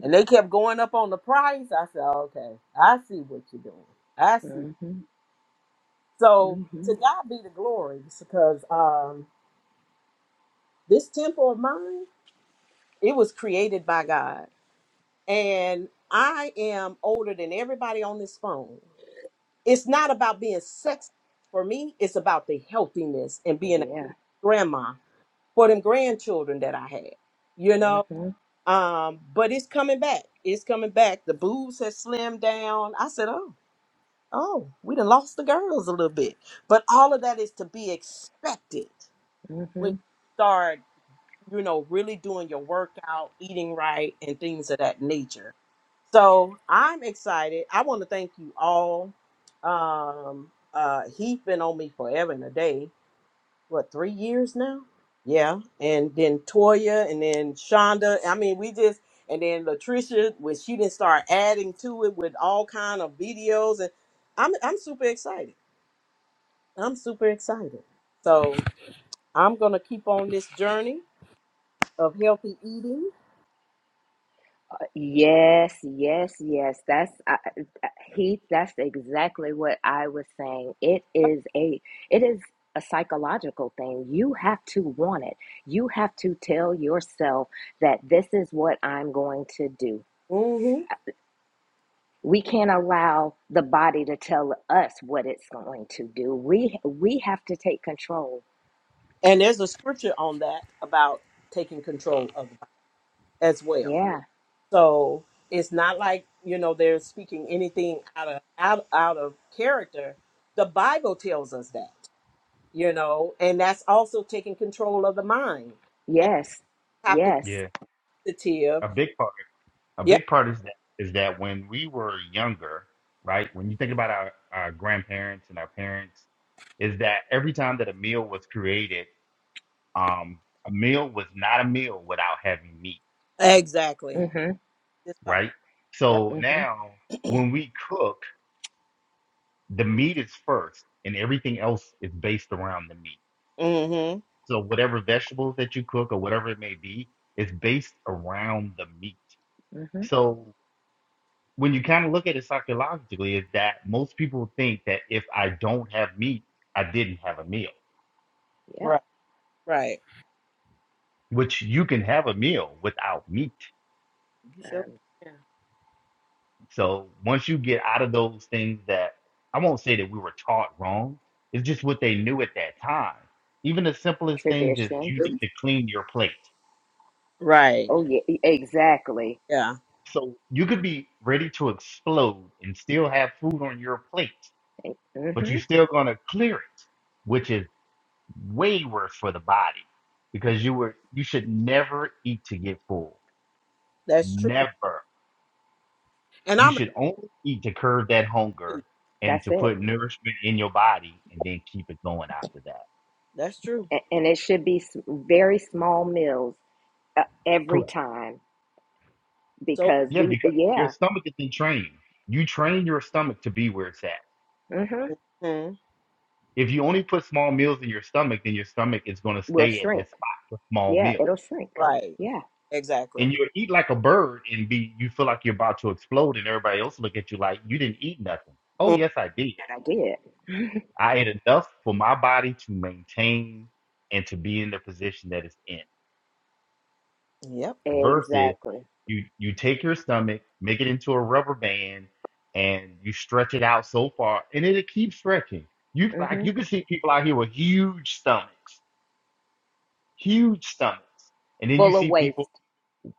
A: And they kept going up on the price. I said, okay, I see what you're doing. I see.
B: hmm
A: So
B: hmm
A: to God be the glory, because um, this temple of mine, it was created by God. And I am older than everybody on this phone. It's not about being sexy for me, it's about the healthiness and being a
B: Yeah.
A: grandma for them grandchildren that I had. you know?
B: hmm
A: Um, but it's coming back. It's coming back. The boobs have slimmed down. I said, oh. Oh, we done lost the girls a little bit. But all of that is to be expected when
B: hmm
A: you start, you know, really doing your workout, eating right, and things of that nature. So I'm excited. I want to thank you all. Um, uh, he's been on me forever and a day what three years now? Yeah, and then Toya, and then Shonda. I mean, we just and then Latricia when she didn't start adding to it with all kind of videos, and I'm I'm super excited. I'm super excited. So I'm gonna keep on this journey of healthy eating.
B: Yes, yes, yes. That's I, I- he. That's exactly what I was saying. It is a. It is a psychological thing. You have to want it. You have to tell yourself that this is what I'm going to do.
A: hmm
B: We can't allow the body to tell us what it's going to do. We we have to take control.
A: And there's a scripture on that about taking control of the as well.
B: Yeah.
A: So it's not like you know they're speaking anything out of out out of character. The Bible tells us that you know, and that's also taking control of the mind and
B: Yes.
A: have to
B: Yes.
E: Yeah.
A: be sensitive.
E: A big part. A
A: Yeah,
E: big part is that is that when we were younger, right? When you think about our, our grandparents and our parents, is that every time that a meal was created, um, a meal was not a meal without having meat
A: exactly.
B: Mhm.
A: Just talk.
E: right?
A: Yeah.
E: So
B: Mhm.
E: now when we cook, the meat is first and everything else is based around the meat.
A: Mm-hmm.
E: So whatever vegetables that you cook or whatever it may be is based around the meat.
B: Mhm.
E: So when you kind of look at it psychologically is that most people think that if I don't have meat, I didn't have a meal,
B: Yep.
A: Right. Right.
E: which you can have a meal without meat.
A: You sure?
B: Um,
A: Yeah.
E: So once you get out of those things that I won't say that we were taught wrong, it's just what they knew at that time. Even the simplest things is
B: tradition.
E: you need to clean your plate.
A: Right.
B: Oh yeah. e- Exactly.
A: Yeah.
E: So you could be ready to explode and still have food on your plate, but you're
B: Mhm.
E: still gonna clear it, which is way worse for the body because you were you should never eat to get full.
A: That's true.
E: Never.
A: And
E: You
A: I'm a
E: should only eat to curb that
A: two.
E: hunger and
B: That's
E: to
B: it.
E: put nourishment in your body and then keep it going after that.
A: That's true.
B: A- And it should be s- very small meals uh, every
E: Correct.
B: time
A: So
B: because
E: Yeah,
B: we
E: because your
B: yeah.
E: stomach has been trained. You train your stomach to be where it's at.
B: Mhm.
A: Mhm.
E: If you only put small meals in your stomach, then your stomach is going to
B: Will
E: stay at
B: shrink.
E: that spot for small
B: Yeah.
E: meals.
B: It'll shrink.
A: right.
B: Yeah.
A: Exactly.
E: And you'll eat like a bird and be, you feel like you're about to explode, and everybody else look at you like, you didn't eat nothing. Oh,
A: Mm.
E: yes, I did.
B: But I did.
E: I ate enough for my body to maintain and to be in the position that it's in.
A: Yep.
E: versus
B: Exactly.
E: you you take your stomach, make it into a rubber band, and you stretch it out so far, and it'll keep stretching. You like you
B: Mhm.
E: can see people out here with huge stomachs, huge stomachs, and then you
B: Full of
E: see people,
B: waste.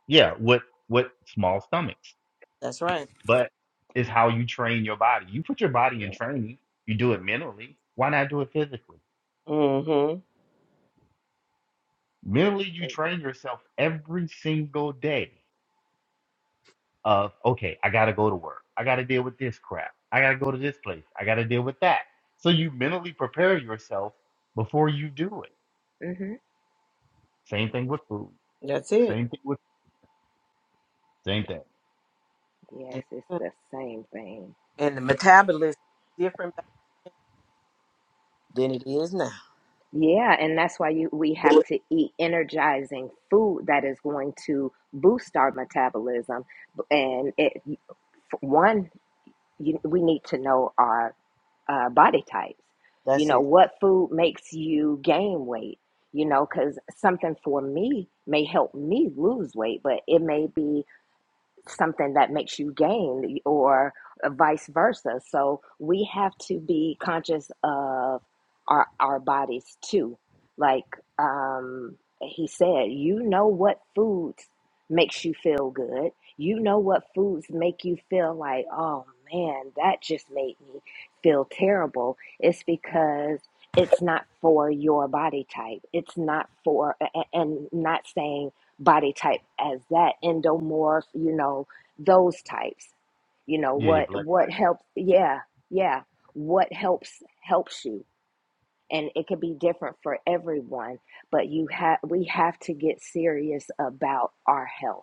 E: yeah, with with small stomachs.
A: That's right.
E: But it's how you train your body. You put your body
B: Yeah.
E: in training. You do it mentally. Why not do it physically?
A: hmm
E: Mentally, you train yourself every single day. of okay, I gotta go to work, I gotta deal with this crap, I gotta go to this place, I gotta deal with that. So you mentally prepare yourself before you do it.
B: Mm-hmm.
E: Same thing with food.
A: That's it.
E: Same thing with same thing.
B: Yes, it's
A: Amen.
B: the same thing.
A: And the metabolism is different back than it is now.
B: Yeah, and that's why you we have to eat energizing food that is going to boost our metabolism. And it, for one, you, we need to know our uh, body types. You
A: That's
B: know,
A: it.
B: what food makes you gain weight? You know, because something for me may help me lose weight, but it may be something that makes you gain or vice versa. So we have to be conscious of our our bodies too. Like um he said, you know what foods makes you feel good. You know what foods make you feel like, oh man, that just made me feel terrible. It's because it's not for your body type. It's not for a- a- and not saying body type as that endomorph you know those types you know
E: Yeah, your
B: what
E: blood. type.
B: what helps yeah yeah what helps helps you and it could be different for everyone but you have we have to get serious about our health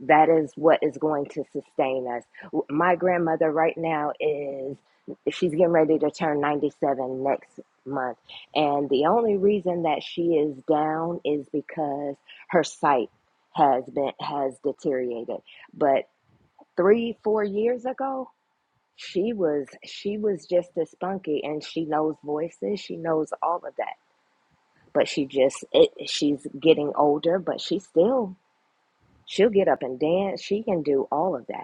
B: that is what is going to sustain us. My grandmother right now is she's getting ready to turn 97 next month. And the only reason that she is down is because her sight has been has deteriorated. But 3 4 years ago, she was she was just as spunky and she knows voices, she knows all of that. But she just it, she's getting older, but she still she'll get up and dance. She can do all of that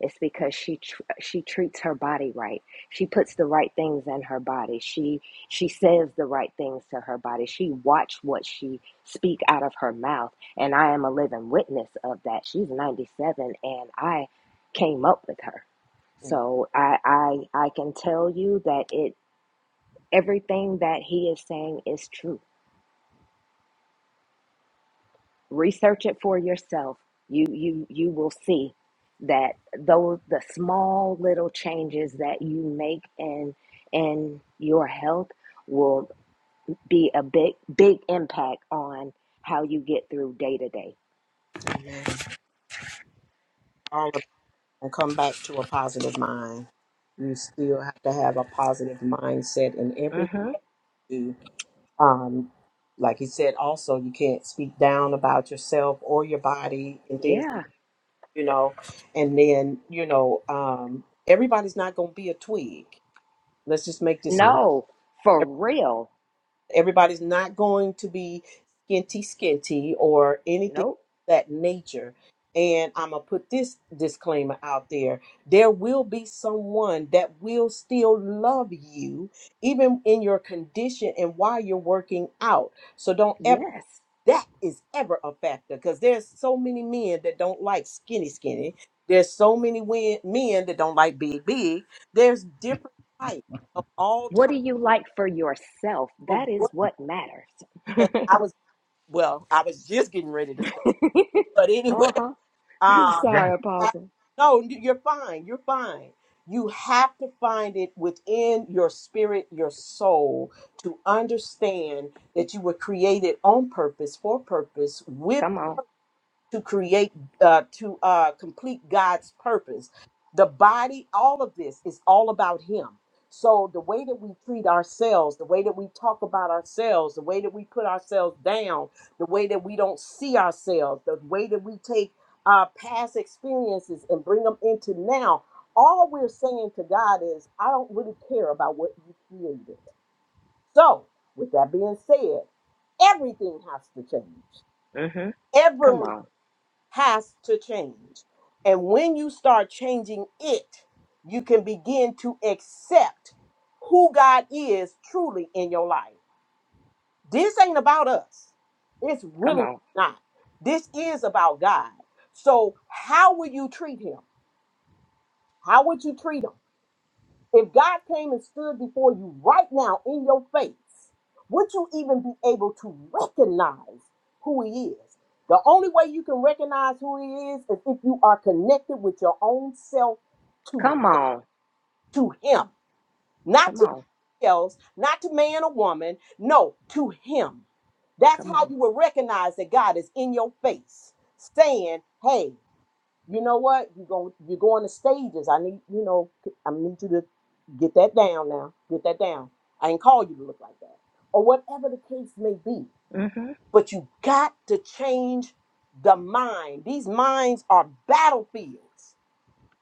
B: it's because she tr- she treats her body right. She puts the right things in her body. She she says the right things to her body. She watch what she speak out of her mouth, and I am a living witness of that. She's 97, and I came up with her,
A: Mm.
B: so I I I can tell you that it everything that he is saying is true. research it for yourself you you you will see that those the small little changes that you make in in your health will be a big big impact on how you get through day to day
A: Amen. All of it will come back to a positive mind. You still have to have a positive mindset in everything.
B: mhm
A: Um, like he said, also you can't speak down about yourself or your body and things,
B: yeah
A: you know. And then you know, um, everybody's not going to be a twig. Let's just make this.
E: True.
B: no for
A: ev-
B: real
A: Everybody's not going to be skinty, skinty, or anything
B: nope
A: of that nature. And I'm gonna put this disclaimer out there: there will be someone that will still love you, even in your condition and while you're working out. So don't ever
B: yes
A: that is ever a factor because there's so many men that don't like skinny skinny there's so many wen- men that don't like big big there's different types of all
B: what do
A: types
B: you like for yourself
A: of
B: that is
A: what
B: what matters
A: and i was well i was just getting ready to say but
B: *laughs*
A: anyway *laughs*
B: uh-huh *laughs*
A: um
E: Yeah.
B: sorry
A: I-
B: apostle
A: no you're fine you're fine you have to find it within your spirit your soul to understand that you were created on purpose for purpose with
B: come on
A: to create uh, to uh, complete god's purpose the body all of this is all about him so the way that we treat ourselves the way that we talk about ourselves the way that we put ourselves down the way that we don't see ourselves the way that we take our past experiences and bring them into now all we're saying to god is i don't really care about what you created so with that being said everything has to change
B: mhm come on
A: has to change. And when you start changing it, you can begin to accept who God is truly in your life. This ain't about us. It's
B: come
A: really
B: on
A: not. This is about God. So, how will you treat him? How would you treat him? If God came and stood before you right now in your face, would you even be able to recognize who He is? The only way you can recognize who He is is if you are connected with your own self to,
B: Come on.
A: to Him, not
B: Come
A: to
B: on.
A: else, not to man or woman, no, to Him. That's
B: Come
A: how
B: on.
A: you will recognize that God is in your face saying, Hey, you know what? You going you're going to stages. I need you know I need you to get that down now. Get that down. I ain't call you to look like that or whatever the case may be.
B: hmm
A: But you got to change the mind. These minds are battlefields,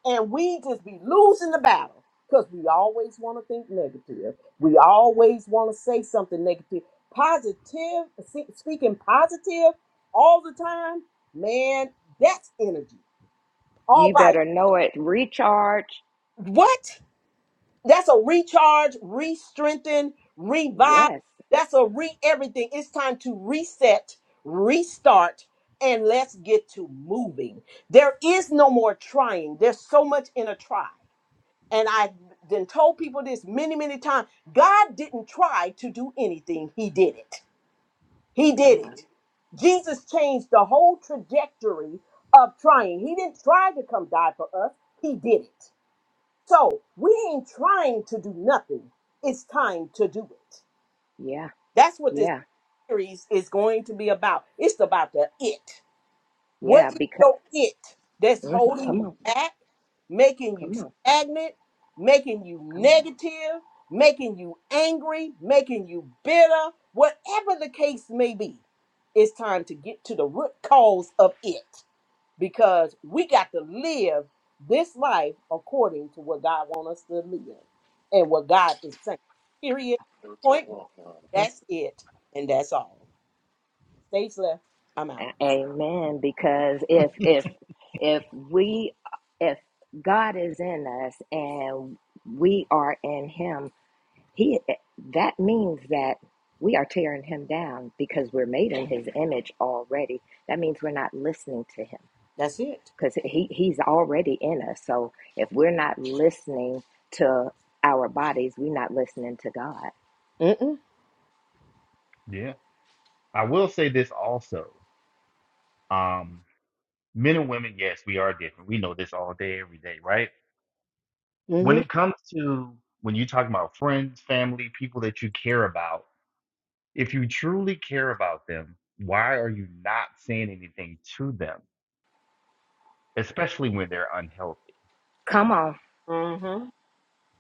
A: and we just be losing the battle because we always want to think negative. We always want to say something negative. Positive, se- speaking positive all the time, man, that's energy all
B: You
A: by
B: better know it. Recharge.
A: What? That's a recharge, re-strengthen, revive.
B: Yes.
A: That's a re everything. It's time to reset, restart, and let's get to moving. There is no more trying. There's so much in a try. And I then told people this many, many times. God didn't try to do anything. He did it. He
B: Come
A: did
B: on.
A: it. Jesus changed the whole trajectory of trying. He didn't try to come die for us. He did it. So we ain't trying to do nothing. It's time to do it.
B: Yeah.
A: That's what this
B: Yeah.
A: series is going to be about. It's about the it. What
B: Yeah.
A: is
B: Because
A: your it that's holding
B: come
A: you
B: on.
A: back, making you
B: Come on.
A: stagnant, making you
B: Come on.
A: negative, making you angry, making you bitter, whatever the case may be? It's time to get to the root cause of it because we got to live this life according to what God wants us to live and what God is saying. Period. Point. blank.
B: Mhm.
A: That's it, and that's all. Stage left. I'm out.
B: A- Amen. Because if if if we if God is in us and we are in him, he that means that we are tearing him down because we're made in his image already. That means we're not listening to him
A: That's it.
B: because he, he's already in us. So if we're not listening to our bodies, we're not listening to God.
A: Mm-mm.
E: Yeah. I will say this also. Um, men and women, yes, we are different. We know this all day, every day, right? When
A: Mm-hmm.
E: it comes to when you talk about friends, family, people that you care about, if you truly care about them, why are you not saying anything to them? especially when they're unhealthy.
B: Come on,
A: Mm-hmm.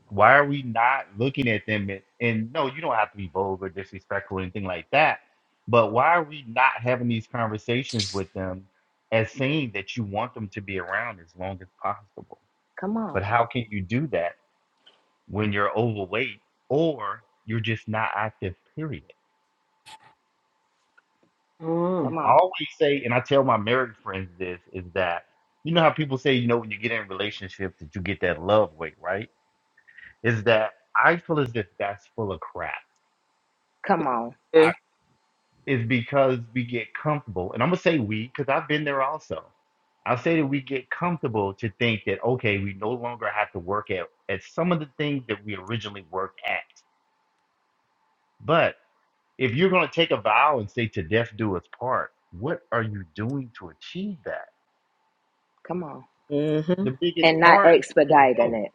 E: Why are we not looking at them? And, and no, you don't have to be vulgar, disrespectful, or anything like that. But why are we not having these conversations with them as saying that you want them to be around as long as possible?
B: come on,
E: But how can you do that when you're overweight or you're just not active, period?
A: Mm.
B: come
E: I
B: on,
E: always say, and I tell my married friends this, is that you know how people say, you know, when you get in relationships that you get that love weight, right? is that I feel as if that's full of crap.
B: come on,
E: I,
A: Yes.
E: it's because we get comfortable, and I'm gonna say we because I've been there also. I say that we get comfortable to think that okay, we no longer have to work at at some of the things that we originally worked at. But if you're gonna take a vow and say to death do us part, what are you doing to achieve that?
B: come on.
A: Mm-hmm.
E: The biggest
B: And not
E: part is your
B: expediting
E: health.
B: it,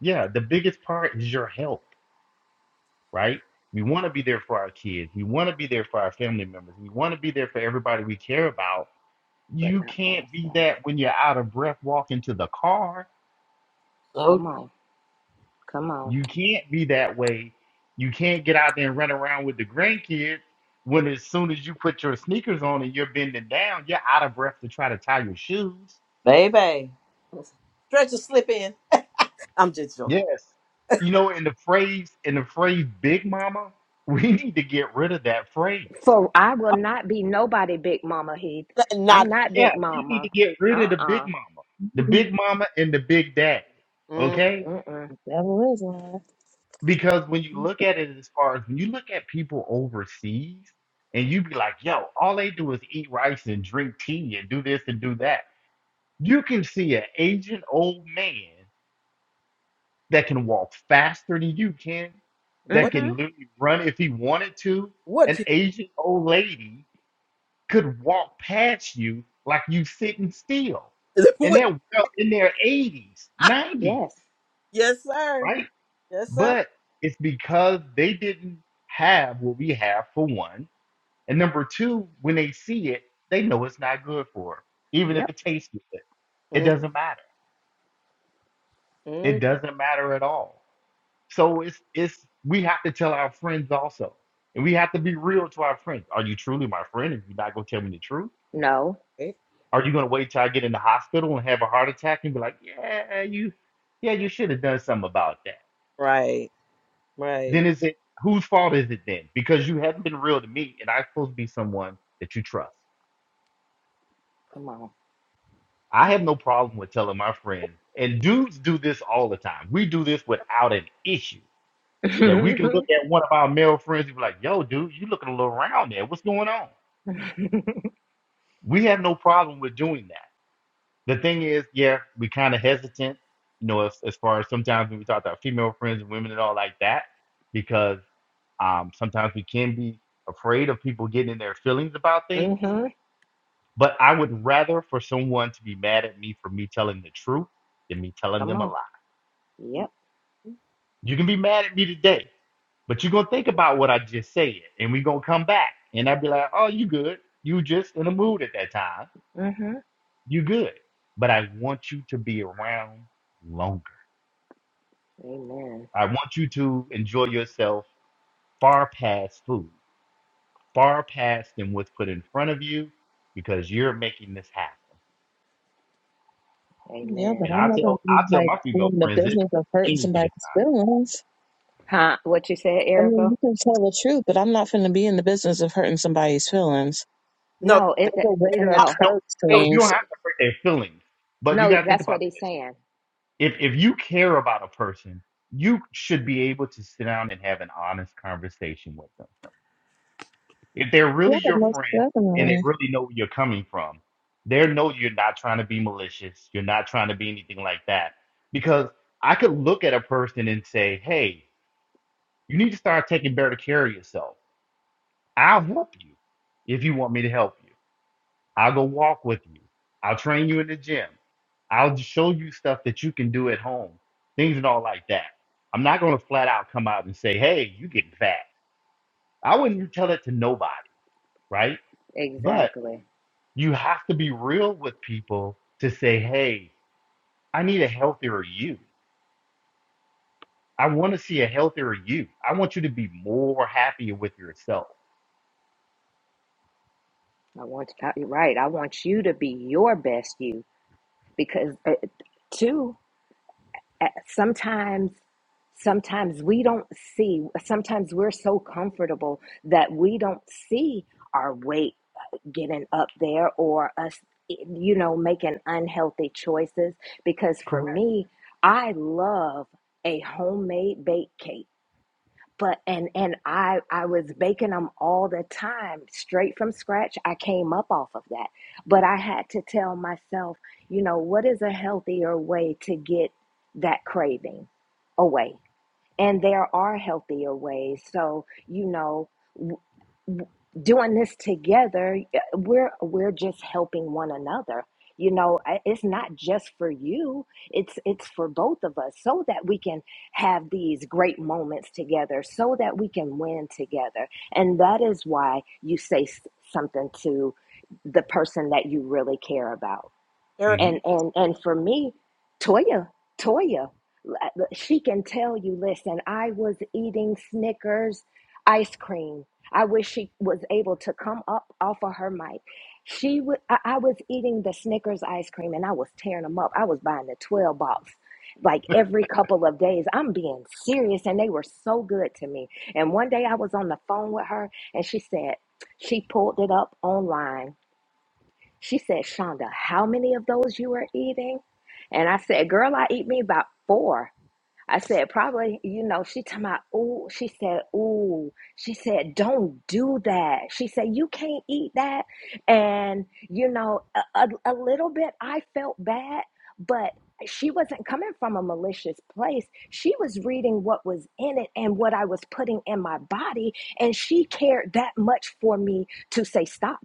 E: Yeah, the biggest part is your health right? We want to be there for our kids. We want to be there for our family members. We want to be there for everybody we care about.
B: but
E: You
B: not for
E: can't be
B: ourselves.
E: that when you're out of breath walking to the car.
A: So,
B: Come on, come on.
E: You can't be that way. You can't get out there and run around with the grandkids when as soon as you put your sneakers on and you're bending down, you're out of breath to try to tie your shoes.
A: baby. Stretch a slip in. I'm just joking.
E: Yes. You know, in the phrase, in the phrase big mama, *laughs* we need to get rid of that phrase.
B: For I will not be nobody big mama Heath. I'm
A: Not
B: not
E: Yeah,
B: big
E: we need to
B: mama.
E: get rid of the big
B: Uh-uh.
E: mama, the big mama and the big daddy.
A: Mm.
E: Okay?
B: Mm-mm.
C: Devil is lying.
E: Because when you look at it as far as when you look at people overseas and you be like, yo, all they do is eat rice and drink tea and do this and do that. You can see an Asian old man that can walk faster than you can, that
A: what
E: can
B: Mm-hmm.
E: literally run if he wanted to, an
A: what you
E: Asian old lady could walk past you like you sitting still.
A: *laughs*
E: And
A: what
E: they're well in their 80s, 90s,
B: Yes.
A: yes sir.
E: right?
A: Yes sir.
E: But it's because they didn't have what we have for one. And number two, when they see it, they know it's not good for them, even if
B: Yep.
E: it tastes good. It doesn't matter.
A: Mm-hmm.
E: It doesn't matter at all. So it's it's we have to tell our friends also. And we have to be real to our friends. Are you truly my friend if you're not gonna tell me the truth?
B: No.
E: Are you going to wait till I get in the hospital and have a heart attack and be like, yeah, you, yeah, you should have done something about that?
A: Right. Right.
E: Then is it whose fault is it then? Because you haven't been real to me, and I'm supposed to be someone that you trust.
B: Come on.
E: I have no problem with telling my friends, and dudes do this all the time. We do this without an issue.
B: *laughs*
E: That we can look
B: mm-hmm.
E: at one of our male friends and be like, yo, dude, you looking a little round there. What's going on? We have no problem with doing that the thing is, yeah, we kind of hesitant, you know, as, as far as sometimes when we talk to our female friends and women and all like that, because um, sometimes we can be afraid of people getting in their feelings about things. But I would rather for someone to be mad at me for me telling the truth than me telling
B: Come
E: them a
B: on.
E: lie.
B: Yep.
E: You can be mad at me today, but you're going to think about what I just said, and we're going to come back. And I'd be like, oh, you good. You just in a mood at that time.
B: Mm-hmm.
E: You good. But I want you to be around longer.
B: Amen.
E: I want you to enjoy yourself far past food, far past than what's put in front of you, because you're making this happen.
C: Yeah, but
E: And
B: Amen.
C: I'm
E: I
C: not gonna
E: tell
C: be
E: I tell
C: like
E: my female
C: in the
E: friends this
C: business of hurting
E: any given
C: somebody's feelings.
B: Huh? What you said,
C: I mean,
B: Erica?
C: you can tell the truth, but I'm not gonna be in the business of hurting somebody's feelings.
A: No,
B: No, it,
C: That's
B: it-
C: a way to
A: oh,
B: no,
E: time. No,
C: approach
E: no,
A: wait,
E: you
C: things.
E: don't have
B: it,
E: to hurt their feelings, but you
B: no.
E: got to think
B: That's
E: about
B: what he's
E: this.
B: saying.
E: If if you care about a person, you should be able to sit down and have an honest conversation with them If they're
C: Yeah,
E: really your
C: most
E: friend and they
C: definitely.
E: really know where you're coming from, they know you're not trying to be malicious. You're not trying to be anything like that. Because I could look at a person and say, hey, you need to start taking better care of yourself. I'll help you if you want me to help you. I'll go walk with you. I'll train you in the gym. I'll show you stuff that you can do at home, things and all like that. I'm not going to flat out come out and say, hey, you getting fat. I wouldn't tell it to nobody, right? But
B: Exactly.
E: you have to be real with people to say, hey, I need a healthier you. I want to see a healthier you. I want you to be more happier with yourself.
B: I want I- you're right. I want you to be your best you because uh, too. uh, Sometimes, sometimes we don't see. Sometimes we're so comfortable that we don't see our weight getting up there or us you know making unhealthy choices because for
E: Correct.
B: me I love a homemade baked cake but and and I I was baking them all the time straight from scratch I came up off of that but I had to tell myself you know what is a healthier way to get that craving away and there are healthier ways. So, you know, w- w- doing this together, y- we're we're just helping one another. You know, I- it's not just for you; it's it's for both of us, so that we can have these great moments together, so that we can win together. And that is why you say s- something to the person that you really care about
A: Erica.
E: hmm
B: and and and for me toya toya l- she can tell you listen i was eating snickers ice cream i wish she was able to come up off of her mic she would I, I was eating the snickers ice cream and i was tearing them up i was buying the 12 box like every couple of days i'm being serious and they were so good to me and one day i was on the phone with her and she said she pulled it up online she said, Shonda, how many of those you are eating? And I said, girl, I eat me about four. I said, probably, you know, she talking about, ooh, she said, ooh, she said, don't do that. She said, you can't eat that. And, you know, a, a, a little bit, I felt bad, but she wasn't coming from a malicious place. She was reading what was in it and what I was putting in my body. And she cared that much for me to say, stop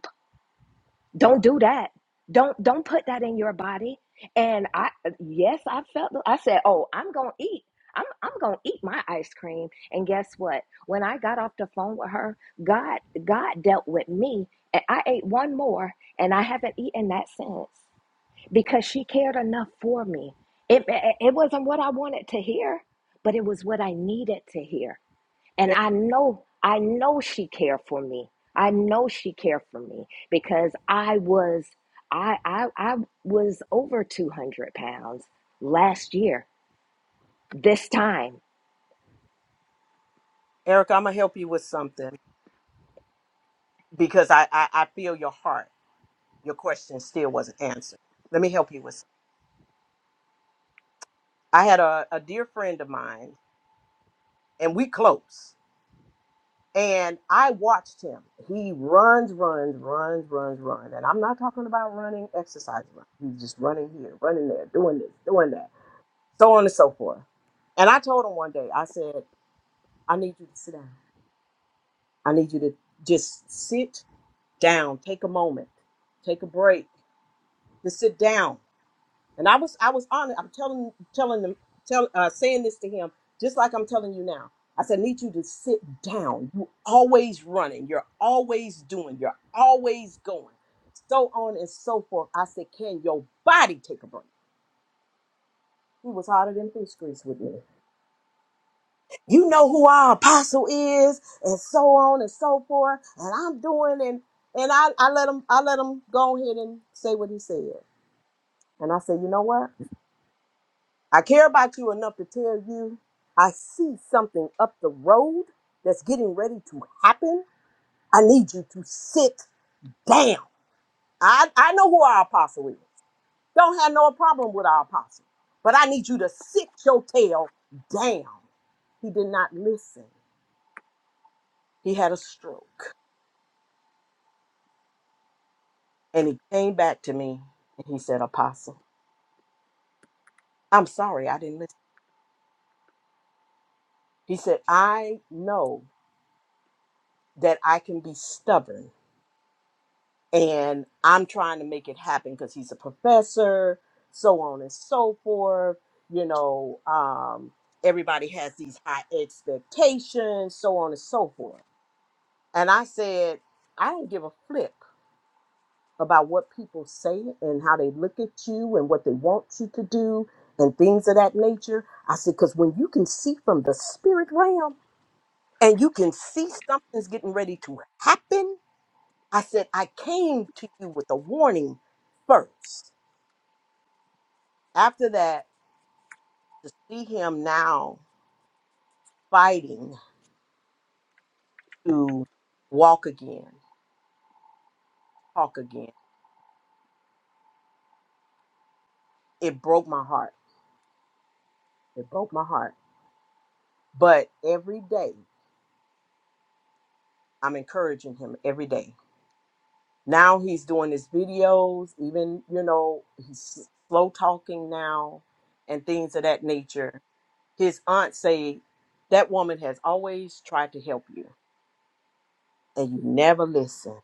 B: don't do that don't don't put that in your body and i yes i felt i said oh i'm gonna eat i'm, I'm gonna eat my ice cream and guess what when i got off the phone with her god god dealt with me and i ate one more and i haven't eaten that since because she cared enough for me it, it it wasn't what i wanted to hear but it was what i needed to hear and
A: E-
B: I know, I know she cared for me. I know she cared for me because I was, I, I, I was over 200 pounds last year. This time,
A: Erica, I'm gonna help you with something because I, I I feel your heart. Your question still wasn't answered. Let me help you with. Something. I had a a dear friend of mine, and we close. And I watched him. He runs, runs, runs, runs, runs. And I'm not talking about running, exercise run. He's just running here, running there, doing this, doing that, so on and so forth. And I told him one day, I said, I need you to sit down. I need you to just sit down, take a moment, take a break, just sit down. And I was I was honest. I'm telling telling them tell uh, saying this to him just like I'm telling you now. I said, I need you to sit down. You always running. You're always doing. You're always going. So on and so forth. I said, can your body take a break? He was hotter than fish grease with me. you know who our apostle is and so on and so forth and i'm doing and and i, I let him i let him go ahead and say what he said and i said you know what i care about you enough to tell you i see something up the road that's getting ready to happen i need you to sit down i i know who our apostle is don't have no problem with our apostle but i need you to sit your tail down he did not listen he had a stroke And he came back to me and he said, Apostle, I'm sorry, I didn't listen. He said, I know that I can be stubborn and I'm trying to make it happen because he's a professor, so on and so forth. You know, um, everybody has these high expectations, so on and so forth. And I said, I don't give a flip about what people say and how they look at you and what they want you to do and things of that nature. I said, because when you can see from the spirit realm and you can see something's getting ready to happen, I said, I came to you with a warning first. After that, to see him now fighting to walk again, talk again, it broke my heart. It broke my heart. But every day, I'm encouraging him every day Now he's doing his videos, even, you know, he's slow talking now and things of that nature. His aunt say that woman has always tried to help you and you never listen.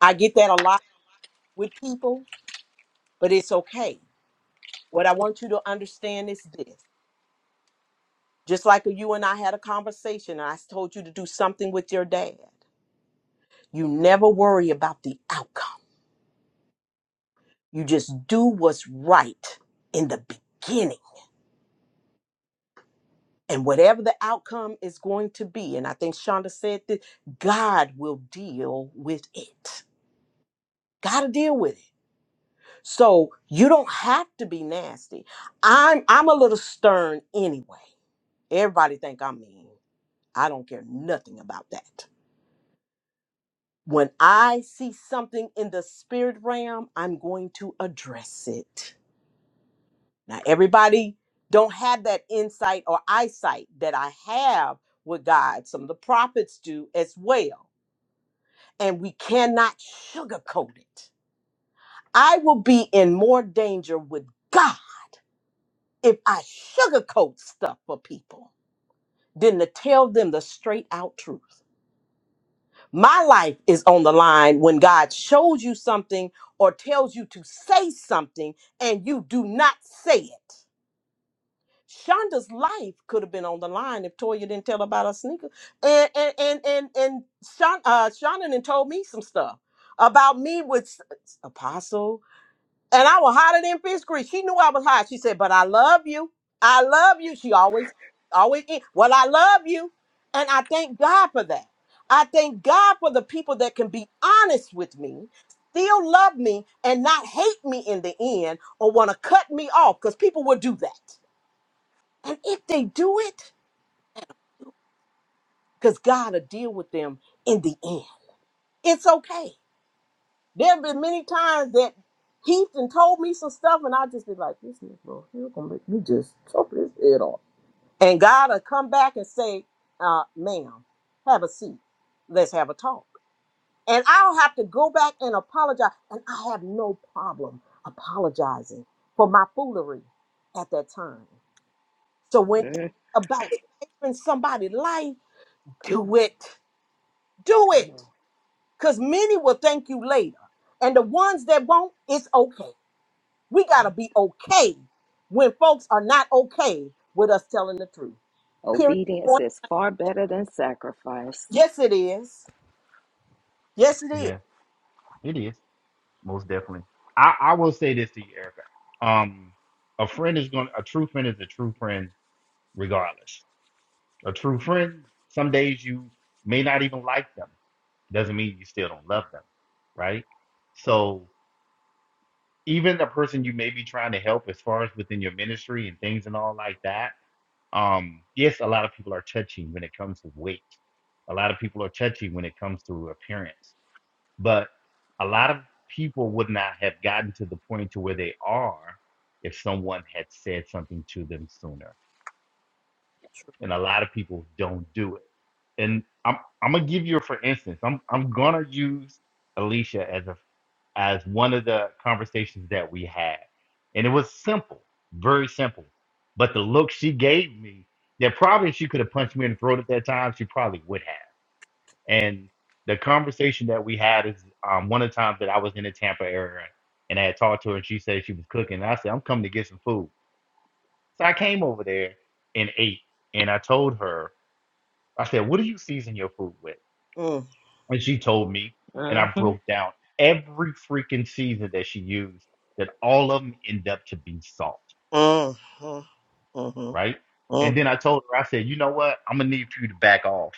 A: I get that a lot with people, but it's okay. What I want you to understand is this. Just like you and I had a conversation and I told you to do something with your dad. You never worry about the outcome. You just do what's right in the beginning And whatever the outcome is going to be, and I think Shonda said that God will deal with it. Gotta deal with it. So you don't have to be nasty. I'm I'm a little stern anyway. Everybody think I'm mean. I don't care nothing about that. When I see something in the spirit realm, I'm going to address it. Now everybody don't have that insight or eyesight that I have with God. Some of the prophets do as well and we cannot sugarcoat it. I will be in more danger with God if I sugarcoat stuff for people than to tell them the straight out truth. My life is on the line when God shows you something or tells you to say something and you do not say it. Shonda's life could have been on the line if Toya didn't tell about her sneaker. And and and and, and Shon, uh, Shonda done told me some stuff about me with s- Apostle. And I was hotter than fish grease. She knew I was hot. She said, "But I love you. I love you." She always, always. e- Well, I love you, and I thank God for that. I thank God for the people that can be honest with me, still love me, and not hate me in the end or want to cut me off. Because people will do that, and if they do it, because God will deal with them in the end. It's okay. There have been many times that Heath and told me some stuff, and I just be like, "This nigga, bro, he gonna make me just chop his head off." And God will come back and say, uh, "Ma'am, have a seat. Let's have a talk." And I'll have to go back and apologize, and I have no problem apologizing for my foolery at that time. So when it's about saving somebody's life,
B: come
A: do
B: on,
A: it, do
B: come
A: it,
B: on.
A: because many will thank you later, and the ones that won't, it's okay We got to be okay when folks are not okay with us telling the truth. Period.
B: Obedience
A: Point.
B: is far better than sacrifice.
A: Yes, it is. Yes, it is.
E: Yeah, it is. Most definitely. I, I will say this to you, Erica. Um, a friend is going to a true friend is a true friend regardless. A true friend, some days you may not even like them. Doesn't mean you still don't love them, right? So even the person you may be trying to help as far as within your ministry and things and all like that um yes a lot of people are touchy when it comes to weight a lot of people are touchy when it comes to appearance but a lot of people would not have gotten to the point to where they are if someone had said something to them sooner and a lot of people don't do it. And I'm I'm gonna give you for instance. I'm I'm gonna use Alicia as a as one of the conversations that we had, and it was simple, very simple. But the look she gave me, that probably if she could have punched me in the throat at that time, she probably would have. And the conversation that we had is um, one of the times that I was in the Tampa area and I had talked to her and she said she was cooking. And I said, I'm coming to get some food. So I came over there and ate. And I told her I said, What do you season your food with?
A: Mm,
E: And she told me, and I
B: Mm-hmm.
E: broke down every freaking season that she used, that all of them end up to be salt,
A: mm, mm, mhm,
E: right?
A: mm,
E: And then I told her, I said, You know what? I'm going to need for you to back off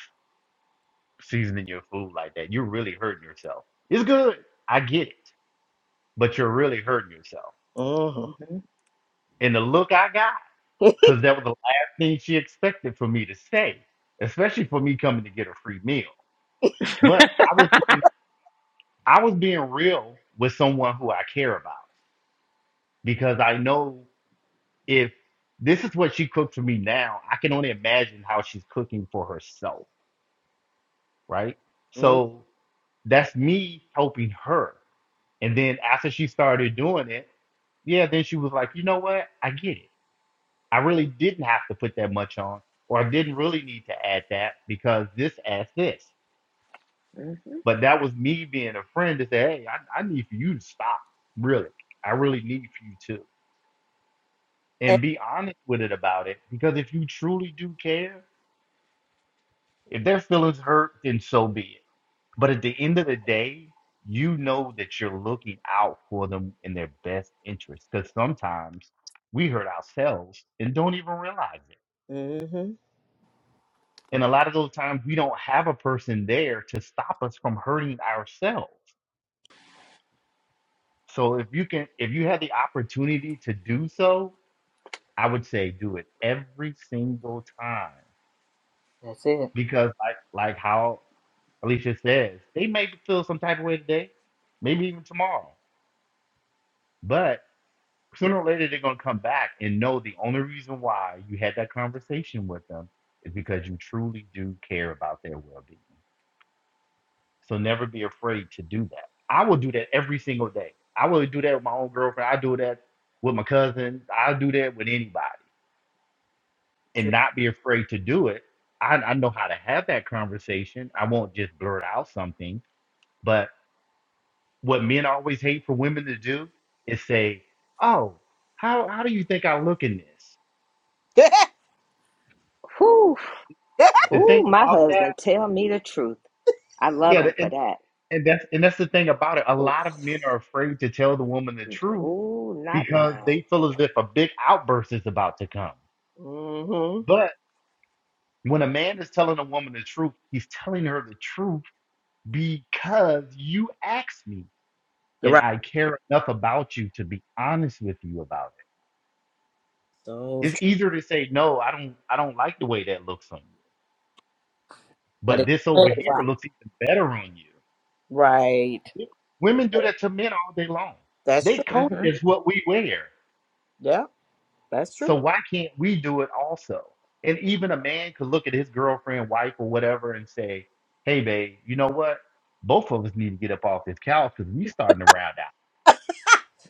E: seasoning your food like that. You're really hurting yourself. It's good. I get it, but you're really hurting yourself.
A: mhm.
B: Mm-hmm,
E: And the look I got,
A: *laughs*
E: because that was the last thing she expected for me to say, especially for me coming to get a free meal. But I was being I was being real with someone who I care about because I know if this is what she cooked for me now, I can only imagine how she's cooking for herself, right?
A: Mm,
E: So that's me helping her. And then after she started doing it, yeah, then she was like, you know what? I get it. I really didn't have to put that much on, or I didn't really need to add that because this adds this.
B: mm-hmm.
E: But that was me being a friend to say, hey, I, I need for you to stop, really. I really need for you to.
A: eh,
E: And be honest with it about it. Because if you truly do care, if their feelings hurt, then so be it. But at the end of the day, you know that you're looking out for them in their best interest. Because sometimes we hurt ourselves and don't even realize it.
A: mhm.
E: And a lot of those times we don't have a person there to stop us from hurting ourselves. So if you can, if you had the opportunity to do so, I would say do it every single time
A: That's it.
E: because like like how Alicia says, they may feel some type of way today, maybe even tomorrow, but sooner or later they're gonna come back and know the only reason why you had that conversation with them is because you truly do care about their well-being. So never be afraid to do that. I will do that every single day. I will do that with my own girlfriend. I do that with my cousin. I do that with anybody and
A: True.
E: not be afraid to do it. I, I know how to have that conversation. I won't just blurt out something. But what men always hate for women to do is say, "Oh, how how do you think I look in this?"
A: *laughs*
B: Whew.
E: The
B: Ooh,
E: thing
B: my
E: about that,
B: husband, tell me the truth. I love
E: yeah,
B: him
E: the,
B: for
E: and,
B: that.
E: and that's and that's the thing about it. A
B: Oof.
E: lot of men are afraid to tell the woman the truth
B: Ooh, not
E: because
B: mine.
E: they feel as if a big outburst is about to come.
A: mm-hmm.
E: But when a man is telling a woman the truth, he's telling her the truth because you asked me. and
A: Right.
E: I care enough about you to be honest with you about it.
A: So,
E: It's
A: true.
E: easier to say no, I don't I don't like the way that looks on you.
A: but
E: But
A: it,
E: this over here
A: right.
E: looks even better on you.
A: Right.
E: Women do that to men all day long.
A: That's
E: They
A: true.
E: coach
B: hmm
E: us what we wear.
A: Yeah, that's
E: So
A: true.
E: why can't we do it also? And even a man could look at his girlfriend, wife, or whatever and say, Hey babe, you know what? Both of us need to get up off this couch because we starting to round out.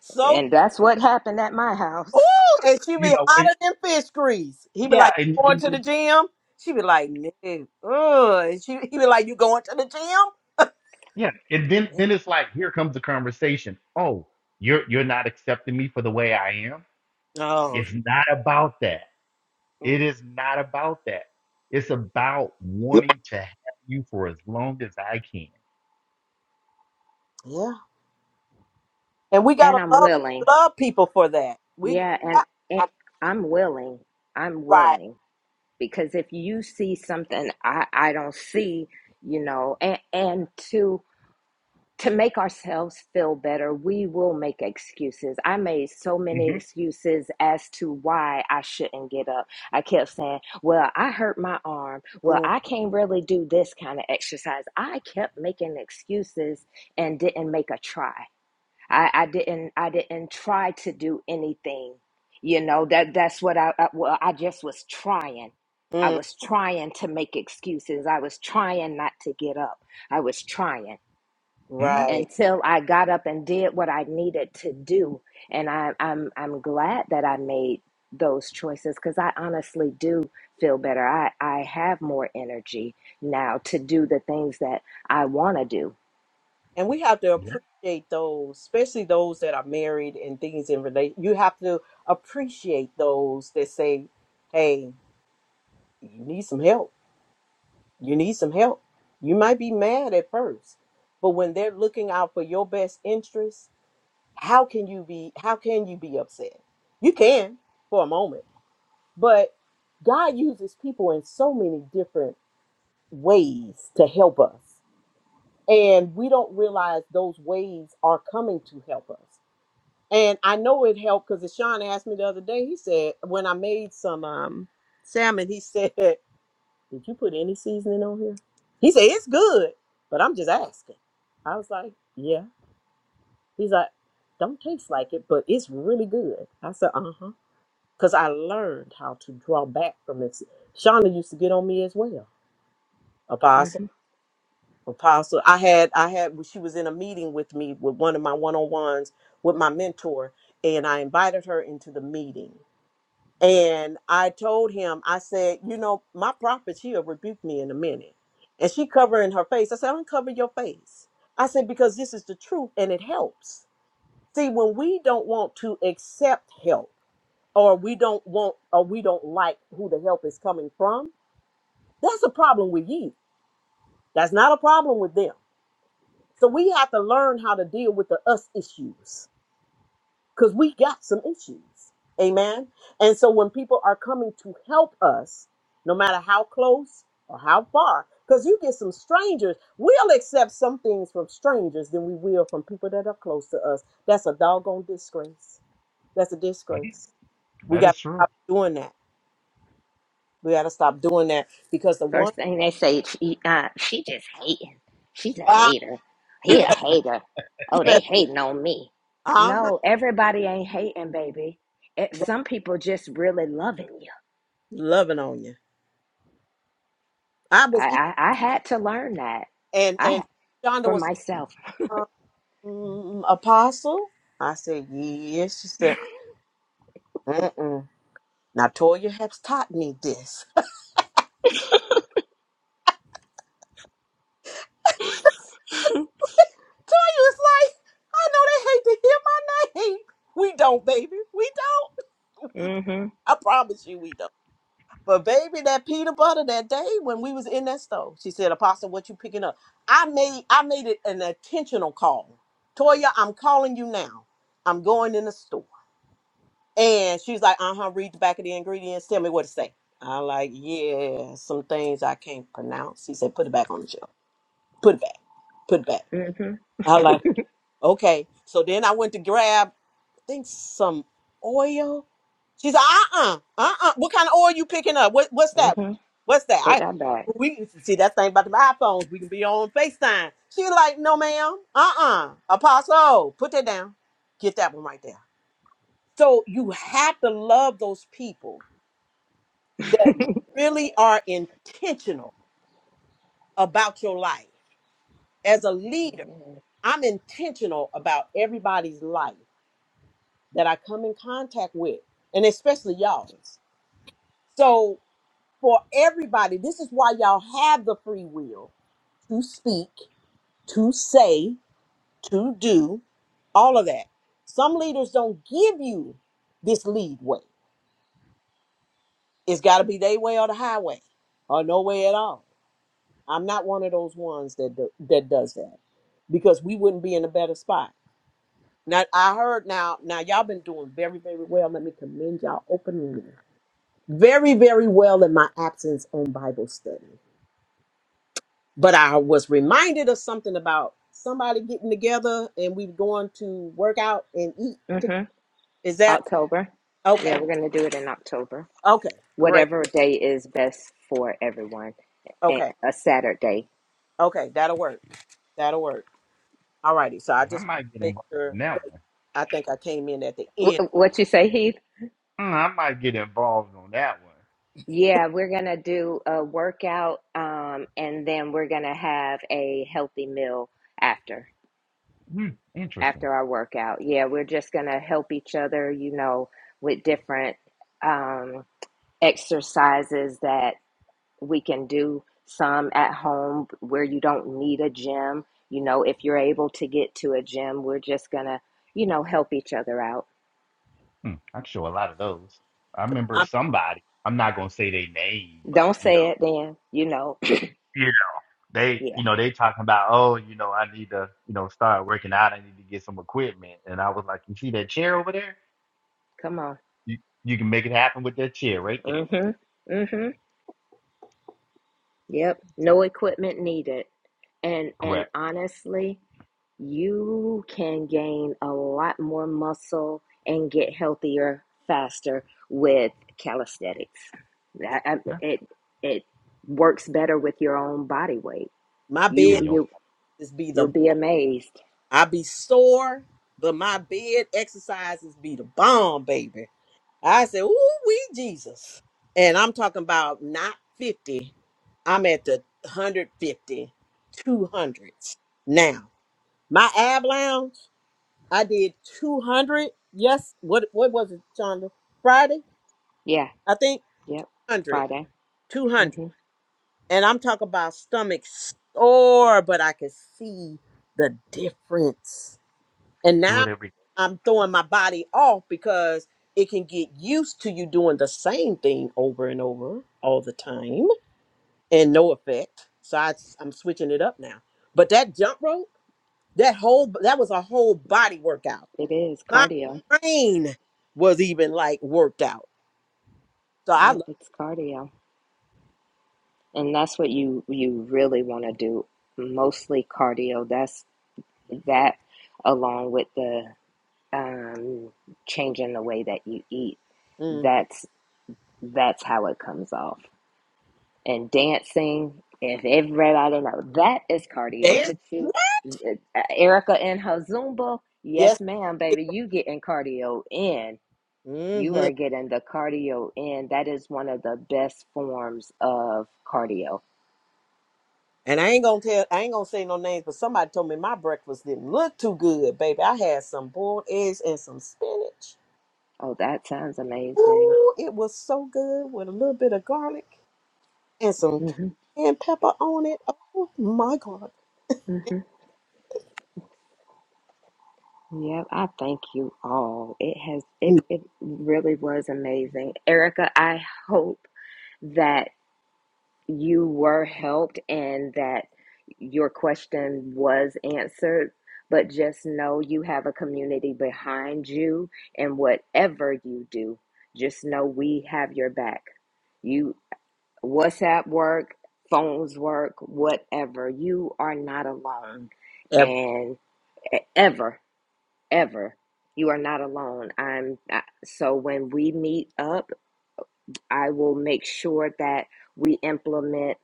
A: So
B: And that's what happened at my
A: Ooh,
B: house.
A: and she
E: You
A: be
E: know, and
A: hotter than fish grease. He be
E: yeah,
A: like,
E: and."
A: "You
E: and
A: going to the gym? She be like, nigga, ugh. And she, he be like, you going to the gym?
E: Yeah, and then then it's like here comes the conversation. Oh, you're you're not accepting me for the way I am.
A: Oh,
E: It's not about that.
A: mm,
E: It is not about that. It's about wanting to have you for as long as I can.
A: yeah. And we
B: And
A: gotta
B: I'm
A: love
B: willing.
A: love people for that. We
B: Yeah, and,
A: got,
B: and
A: got-
B: I'm willing. I'm
A: right,
B: willing because if you see something I, I don't see, you know, and and to to make ourselves feel better, we will make excuses. I made so many
E: hmm
B: excuses as to why I shouldn't get up. I kept saying, "Well, I hurt my arm. Well,
A: mm,
B: I can't really do this kind of exercise." I kept making excuses and didn't make a try. I, I didn't I didn't try to do anything. You know, that that's what I, I well, I just was trying. I
A: mm,
B: was trying to make excuses. I was trying not to get up. I was trying
E: hmm
A: right.
B: until I got up and did what I needed to do. And I, I'm I'm glad that I made those choices because I honestly do feel better. I, I have more energy now to do the things that I want to do.
A: And we have to
E: Yeah,
A: appreciate those, especially those that are married and things in relation. You have to appreciate those that say, "Hey, you need some help." You need some help. You might be mad at first, but when they're looking out for your best interest, how can you be how can you be upset? You can for a moment, but God uses people in so many different ways to help us. And we don't realize those ways are coming to help us. And I know it helped because Sean asked me the other day, he said, when I made some um salmon, he said *laughs* Did you put any seasoning on here? He said, It's good, but I'm just asking. I was like, Yeah. He's like, Don't taste like it, but it's really good. I said, Uh huh. Because I learned how to draw back from this. Shauna used to get on me as well.
B: Mm-hmm.
A: Apostle. Apostle. I had, I had, well, she was in a meeting with me with one of my one on ones with my mentor, and I invited her into the meeting. And I told him, I said, you know, my prophet, she'll rebuke me in a minute. And she covering her face. I said, uncover your face. I said, because this is the truth and it helps. See, when we don't want to accept help or we don't want or we don't like who the help is coming from, that's a problem with you. That's not a problem with them. So we have to learn how to deal with the us issues because we got some issues. Amen. And so when people are coming to help us, no matter how close or how far, because you get some strangers, we'll accept some things from strangers than we will from people that are close to us. That's a doggone disgrace. That's a
E: mhm,
A: disgrace. We
E: that
A: got
E: is
A: to
E: true.
A: stop doing that. We got to stop doing that because the one,
B: First thing they say, she, uh, she just hating. She's a
A: ah,
B: hater.
A: you
B: He a
A: better,
B: hater.
A: you
B: Oh, they
A: better,
B: hating on me.
A: uh
B: No, everybody ain't hating, baby. It,
A: huh,
B: some people just really loving you.
A: loving on you. I was,
B: I,
A: eating,
B: I I had to learn that.
A: and
B: I
A: and Shonda
B: for
A: was.
B: myself.
A: like, mm, Apostle? I said, Yes. She said, Mm-mm. Now, Toya has taught me this. *laughs* Toya was like, I know they hate to hear my name. We don't, baby. We don't. *laughs* We don't.
B: Mm Mhm.
A: I promise you, we don't. But, baby, that peanut butter that day when we was in that store, she said, Apostle, what you picking up? I made I made it an intentional call. Toya, I'm calling you now. I'm going in the store. And she's like, uh huh, read the back of the ingredients. Tell me what it say. i like, yeah, some things I can't pronounce. He said, put it back on the shelf. Put it back. Put it back.
B: Mm Mhm.
A: I like, okay. So then I went to grab, I think some oil. She's like, uh-uh, uh-uh. What kind of oil you picking up? What what's
B: Mm
A: that?
B: Mhm.
A: What's that?
B: Put
A: I
B: that back.
A: we can see that thing about the iPhones. We can be on FaceTime. She like, no, ma'am. Uh-uh. Apostle, put that down. Get that one right there. So you have to love those people that really are intentional about your life. As a leader, I'm intentional about everybody's life that I come in contact with, and especially y'all. So, for everybody, this is why y'all have the free will to speak, to say, to do, all of that. Some leaders don't give you this lead way. It's got to be their way or the highway or no way at all. I'm not one of those ones that do, that does that because we wouldn't be in a better spot. Now I heard now now y'all been doing very very well. Let me commend y'all openly. Very very well in my absence on Bible study. But I was reminded of something about somebody getting together and we were going to work out and eat. To,
B: Mhm.
A: is that
B: October.
A: okay?
B: Yeah, we're gonna do it in October.
A: Okay, great.
B: Whatever day is best for everyone. And
A: Okay,
B: a Saturday.
A: okay, that'll work. That'll work. All righty. So I
E: I
A: just want
E: might get
A: to make
E: involved
A: sure.
E: in that one.
A: I think I came in at the end.
B: Wh- what you say, Heath?
E: Mm, I might get involved on that one.
B: Yeah, we're gonna do a workout, um, and then we're gonna have a healthy meal after
E: Hmm, interesting.
B: after our workout. Yeah, we're just gonna help each other, you know, with different um, exercises that we can do. Some at home where you don't need a gym. You know, if you're able to get to a gym, we're just gonna, you know, help each other out.
E: Hmm, I can show a lot of those. I remember
A: I'm
E: somebody. I'm not gonna say their name, but
B: Don't
E: you
B: say
E: know.
B: it then, you know. *clears throat*
E: they you
B: yeah,
E: know they talking about oh you know I need to you know start working out I need to get some equipment and I was like you see that chair over there
B: come on.
E: you you can make it happen with that chair right there
B: Mm-hmm. Mm-hmm. Yep,
E: so,
B: no equipment needed. And and
E: correct
B: honestly, you can gain a lot more muscle and get healthier faster with calisthenics. That- I-
E: yeah
B: It it works better with your own body weight.
A: My
E: yeah
B: You
E: you
A: bed
E: don't
B: you
A: is be the
B: you'll be
A: bomb.
B: amazed.
A: I be sore, but my bed exercises be the bomb, baby. I said, "Ooh, we Jesus," and I'm talking about not fifty. I'm at the one hundred fifty, two hundreds now. My ab lounge. I did 200. Yes, what what was it, Shonda? Friday,
B: Yeah,
A: I think
B: yep.
A: 100,
B: Friday.
A: two hundred.
B: hmm
A: And I'm talking about stomach sore, but I could see the difference. And
E: do
A: now
E: it every
A: I'm throwing my body off because it can get used to you doing the same thing over and over all the time and no effect. So I, I'm switching it up now. But that jump rope, that whole that was a whole body workout
B: It is
A: My
B: cardio.
A: brain was even like worked out. So I love
B: Yep, it's cardio. And that's what you you really want to do. Mostly cardio. That's. that along with the um, changing the way that you eat
A: mm
B: that's that's how it comes off and dancing if everybody know that is cardio
A: dance.
B: put you
A: What?
B: uh, erica in her zumba
A: Yes.
B: yes ma'am baby you getting cardio in you
A: Mm-hmm.
B: are getting the cardio in that is one of the best forms of cardio
A: And I ain't gonna tell, I ain't gonna say no names, but somebody told me my breakfast didn't look too good, baby. I had some boiled eggs and some spinach.
B: oh that sounds amazing
A: Ooh, it was so good with a little bit of garlic. and some
B: hmm
A: cayenne pepper on it. Oh my God.
B: Yep, I thank you all. It has it it really was amazing. Erica, I hope that you were helped and that your question was answered, but just know you have a community behind you and whatever you do, just know we have your back. You WhatsApp work, phones work, whatever. You are not alone
A: Yep.
B: and e-, ever ever. You are not alone. I'm I, so when we meet up, I will make sure that we implement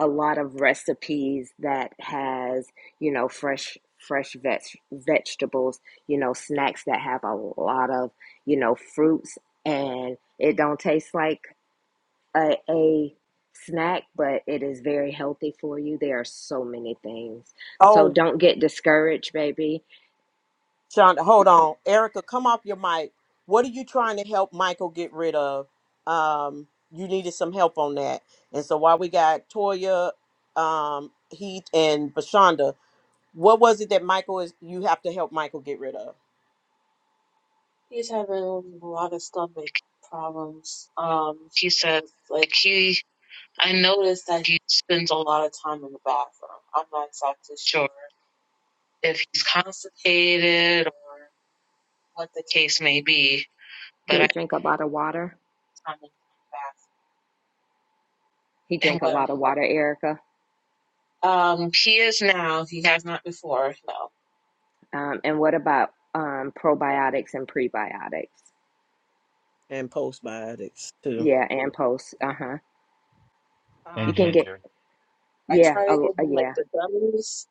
B: a lot of recipes that has, you know, fresh fresh veg, vegetables, you know, snacks that have a lot of, you know, fruits and it don't taste like a, a snack, but it is very healthy for you. There are so many things. So
A: Oh,
B: don't get discouraged, baby.
A: Shonda, hold on. Erica, come off your mic. What are you trying to help Michael get rid of? Um, you needed some help on that. And so while we got Toya, um, Heath, and Bashonda, what was it that Michael is you have to help Michael get rid of?
C: He's having a lot of stomach problems. Um, he says like he. I noticed that he spends a lot of time in the bathroom. I'm not exactly sure if he's constipated or what the case may be,
B: Do
C: but
B: we
C: I
B: drink a lot of water?
C: find him in the bathroom.
B: He
C: and
B: drank a
C: what
B: lot
C: I'm.
B: of water, Erica.
C: Um, he is now. He has not before. No.
B: Um, and what about um, probiotics and prebiotics?
A: And postbiotics too.
B: Yeah, and post. Uh huh.
E: day and
B: You can
C: Um,
B: get
E: ginger
C: I
B: yeah,
C: try to
B: oh
C: give him like
B: yeah,
C: the gummies.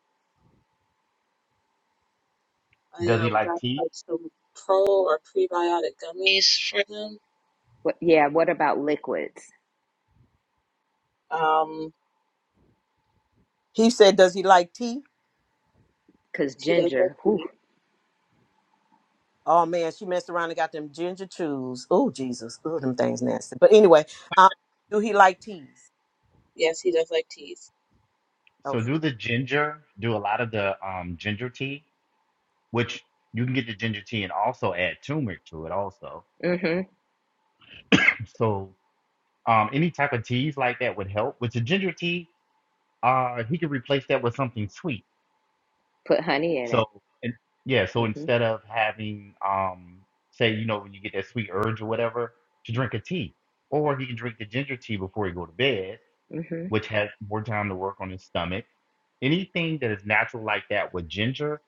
C: I
E: does he
C: um
E: like
C: got
E: tea
C: like some pro or prebiotic gummies for him.
B: what yeah. What about liquids?
C: Um,
A: He said, Does he like tea?
B: Cause
C: he does like
B: ginger, whew,
C: tea.
A: Oh man, she messed around and got them ginger chews. Oh Jesus, oh them things nasty. But anyway, um, do he like teas?
C: Yes, he does like teas.
E: so
A: Okay.
E: do the ginger do a lot of the um ginger tea which you can get the ginger tea and also add turmeric to it also
B: mm-hmm.
E: so um any type of teas like that would help with the ginger tea uh he could replace that with something sweet
B: Put honey in
E: So
B: it.
E: and yeah, so
B: Mm-hmm.
E: instead of having um say, you know, when you get that sweet urge or whatever, to drink a tea. Or he can drink the ginger tea before he go to bed,
B: Mm-hmm.
E: which has more time to work on his stomach. Anything that is natural like that with ginger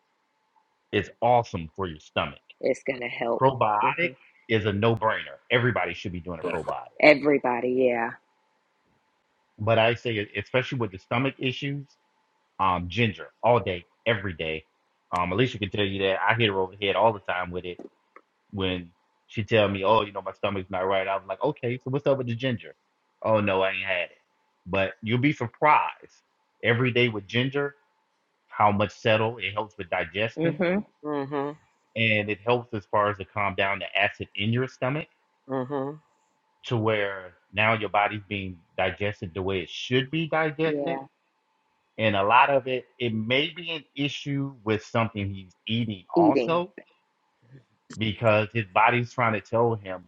E: is awesome for your stomach.
B: It's gonna help. Mm-hmm.
E: Probiotic is a no-brainer. Everybody should be doing a probiotic.
B: Everybody, yeah.
E: But I say, e- especially with the stomach issues, um, ginger all day, every day. Um, Alicia can tell you that I hit her over the head all the time with it when she tell me, "Oh, you know, my stomach's not right," I was like, "Okay, so what's up with the ginger?" "Oh no, I ain't had it." But you'll be surprised every day with ginger how much settle it helps with digestion
B: Mm-hmm.
A: Mm-hmm.
E: and it helps as far as to calm down the acid in your stomach
A: Mm-hmm.
E: to where now your body's being digested the way it should be
B: Yeah.
E: digested. And a lot of it, it may be an issue with something he's eating
B: Eating.
E: also, because his body's trying to tell him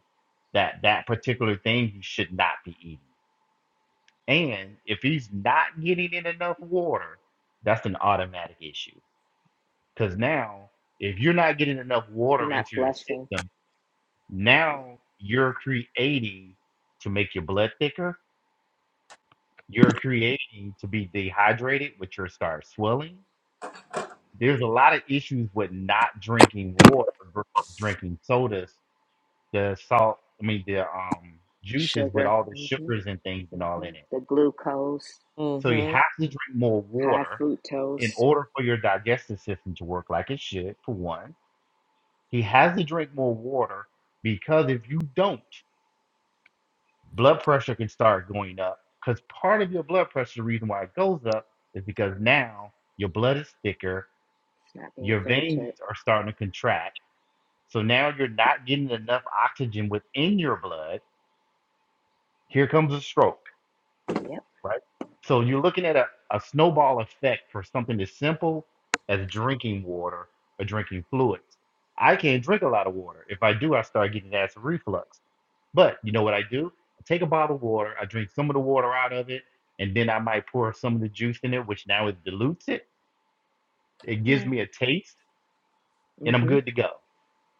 E: that that particular thing he should not be eating. And if he's not getting in enough water, that's an automatic issue. Because now, if you're not getting enough
B: You're
E: water
B: not
E: into your
B: flushing.
E: system,
B: Yeah.
E: now you're creating to make your blood thicker. You're creating to be dehydrated, which your start swelling. There's a lot of issues with not drinking water versus drinking sodas the salt, I mean the um juices with
B: Sugar.
E: all the
B: Mm-hmm.
E: sugars and things and all
B: Mm-hmm.
E: in it.
B: The glucose,
E: So you
A: Mm-hmm.
E: have to drink more
B: high
E: water in
B: fructose.
E: order for your digestive system to work like it should, for one. He has to drink more water because if you don't, blood pressure can start going up. Because part of your blood pressure, the reason why it goes up is because now your blood is thicker,
B: It's not being
E: your
B: filtered.
E: veins are starting to contract. So now you're not getting enough oxygen within your blood. Here comes a stroke
B: Yeah.
E: right? So you're looking at a, a snowball effect for something as simple as drinking water or drinking fluids. I can't drink a lot of water. If I do, I start getting acid reflux. But you know what I do? I take a bottle of water, I drink some of the water out of it, and then I might pour some of the juice in it, which now it dilutes it. It gives
C: Hmm.
E: me a taste, and I'm
B: Mm-hmm.
E: good to go.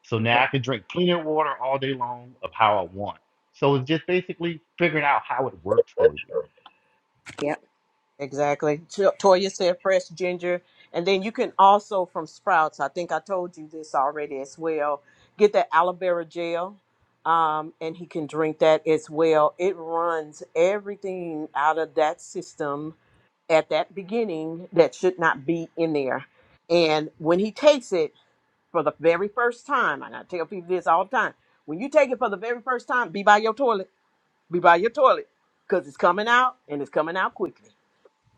E: So now I can drink cleaner water all day long of how I want. So it's just basically figuring out how it works for you.
B: Yep.
A: Exactly. T- Toya said fresh ginger, and then you can also from Sprouts. I think I told you this already as well. Get that aloe vera gel, um, and he can drink that as well. It runs everything out of that system at that beginning that should not be in there, and when he takes it for the very first time, and I tell people this all the time, when you take it for the very first time, be by your toilet, be by your toilet, because it's coming out and it's coming out quickly.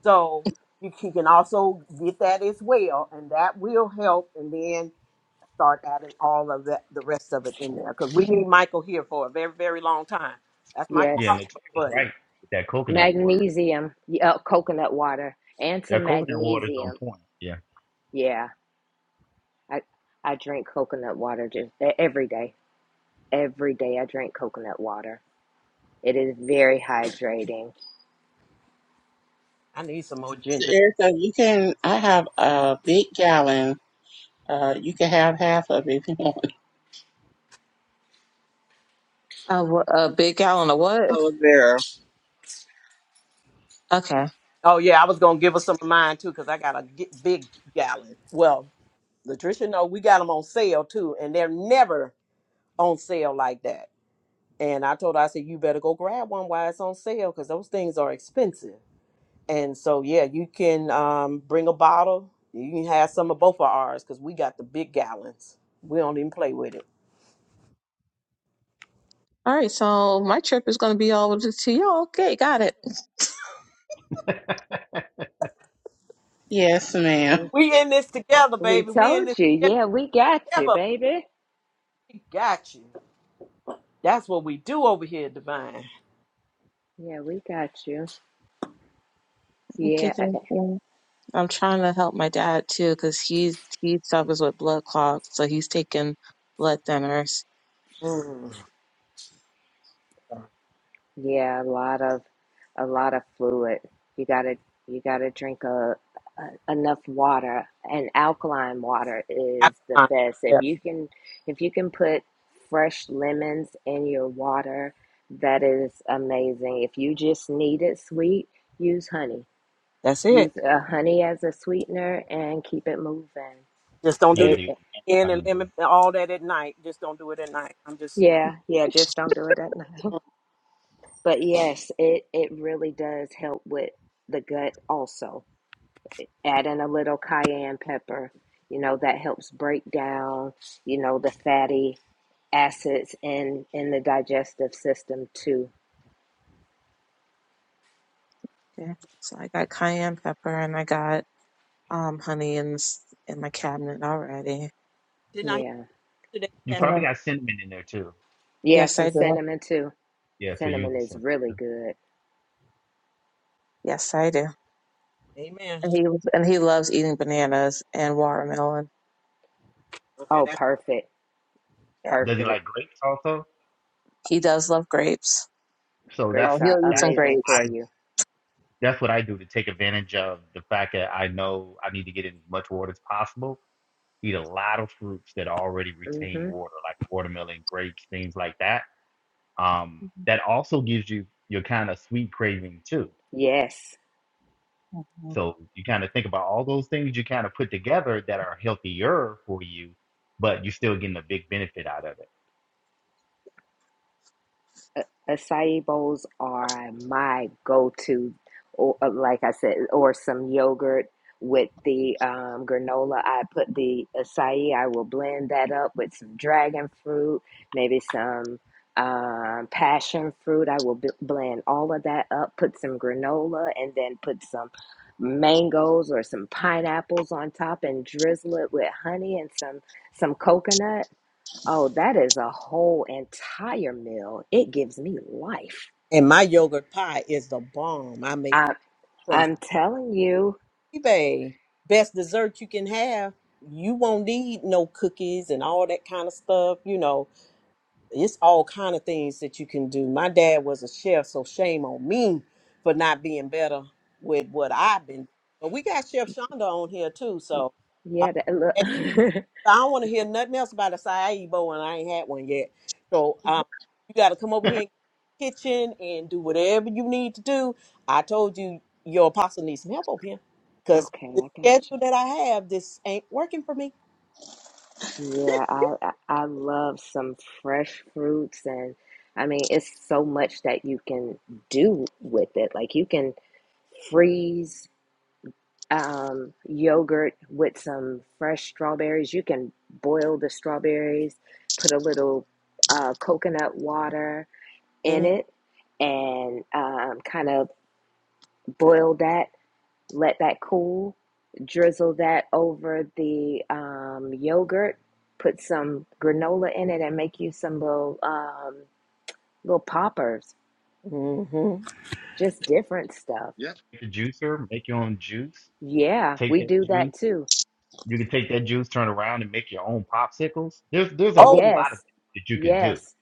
A: So you can can also get that as well, and that will help, and then start adding all of that, the rest of it in there, because we need Michael here for a very, very long time. That's my
E: Yeah, and
B: Yes.
A: cowboy
E: Latoya's
A: buddy.
E: right with that coconut water
B: Magnesium. Yeah, coconut water and
E: Their
B: some
E: coconut water is on
B: magnesium.
E: point. Yeah.
B: Yeah. I I drink coconut water just e- every day. Every day I drink coconut water. It is very hydrating.
A: I need some more
D: so
A: ginger.
D: erica you can i have a big gallon Uh, you can have half of it if you want. *laughs*
C: A, wh- a big gallon of what?
D: Oh, there.
C: Okay.
A: Oh yeah, I was gonna give us some of mine too, because I got a gi- big gallon. Well, Latricia, no, we got them on sale too, and they're never on sale like that. And I told her, I said, you better go grab one while it's on sale because those things are expensive. And so, yeah, you can um, bring a bottle. You can have some of both of ours because we got the big gallons. We don't even play with it.
C: All right. So my trip is going to be all over the tea. all Okay. Got it.
D: Yes, ma'am.
B: Yeah.
A: We in this together,
B: We
A: baby. We in
B: told
A: this
B: you. Yeah, we got you,
A: together.
B: baby.
A: We got you. That's what we do over here, Divine.
B: Yeah, we got you.
C: Okay.
B: Yeah.
C: Thank you. I'm trying to help my dad too because he he suffers with blood clots. So he's taking blood thinners.
A: Mm.
B: Yeah, a lot of a lot of fluid. You gotta you gotta drink a, a enough water, and alkaline water is the best. If
A: Yeah,
B: you can if you can put fresh lemons in your water, that is amazing. If you just need it sweet, use honey.
A: That's it.
B: Use uh, honey as a sweetener and keep it moving.
A: Just don't do
E: Yeah,
A: nothing
B: It
E: the
A: in and
E: honey.
A: lemon and all that at night. Just don't do it at night. I'm just
B: yeah yeah just don't do it at night. *laughs* But yes, it it really does help with the gut also add in a little cayenne pepper. You know, that helps break down, you know, the fatty acids in in the digestive system too.
C: Okay. So I got cayenne pepper and I got um honey in s- in my cabinet already.
A: didn't I hear
B: Yeah.
A: today?
E: You
A: Yes.
C: And I,
E: probably got cinnamon in there too.
B: Yeah,
C: yes,
B: some
C: I do.
B: cinnamon too.
E: Yeah, so use
B: Cinnamon
E: the
B: is
E: cinnamon.
B: really
E: too.
B: good.
C: Yes, I do.
A: Amen.
C: And he and he loves eating bananas and watermelon.
A: Okay,
B: Oh,
A: that's
B: perfect.
C: Yeah,
E: Does he
B: Perfect.
E: like grapes also?
C: he does love grapes.
E: So that's
C: Oh,
B: Grapes are
C: he'll eat some
E: that's what
B: amazing
E: I
B: for
C: grapes.
B: you.
E: that's what I do to take advantage of the fact that I know I need to get in as much water as possible. Eat a lot of fruits that already retain
B: Mhm.
E: water, like watermelon, grapes, things like that. Um,
C: Mhm.
E: that also gives you your kind of sweet craving too.
B: Yes.
E: So you kind of think about all those things you kind of put together that are healthier for you, but you're still getting a big benefit out of it.
B: acai bowls are my go-to, or uh, like I said, or some yogurt with the um, granola. I put the acai. I will blend that up with some dragon fruit, maybe some um, passion fruit. I will b- blend all of that up, put some granola, and then put some mangoes or some pineapples on top, and drizzle it with honey and some some coconut Oh, that is a whole entire meal. It gives me life.
A: And my yogurt pie is the bomb. I make
B: I,
A: from
B: I'm telling you.
A: eBay. Best dessert you can have. You won't need no cookies and all that kind of stuff. You know, it's all kind of things that you can do. My dad was a chef, so shame on me for not being better with what I've been. But we got Chef Shonda on here too, so. uh,
B: Yeah, that, look. *laughs*
A: I don't want to hear nothing else about a acai bowl, and I ain't had one yet. So um, you got to come over here in the kitchen and do whatever you need to do. I told you your apostle needs some help over here because
B: okay,
A: the
B: I got
A: schedule
B: you.
A: that I have, this ain't working for me.
B: Yeah, I, I I love some fresh fruits and I mean, it's so much that you can do with it. Like you can freeze um, yogurt with some fresh strawberries. You can boil the strawberries, put a little uh, coconut water in it and um, kind of boil that, let that cool, drizzle that over the um, yogurt, put some granola in it, and make you some little um, little poppers,
A: Mm-hmm.
B: just different stuff.
E: Yeah. Take the juicer, make your own juice,
B: Yeah,
E: take
B: we
E: that
B: do that
E: juice.
B: too.
E: You can take that juice, turn around and make your own popsicles. There's there's a
A: Oh,
E: whole lot of
B: Yes,
E: things that you could do,
B: yes,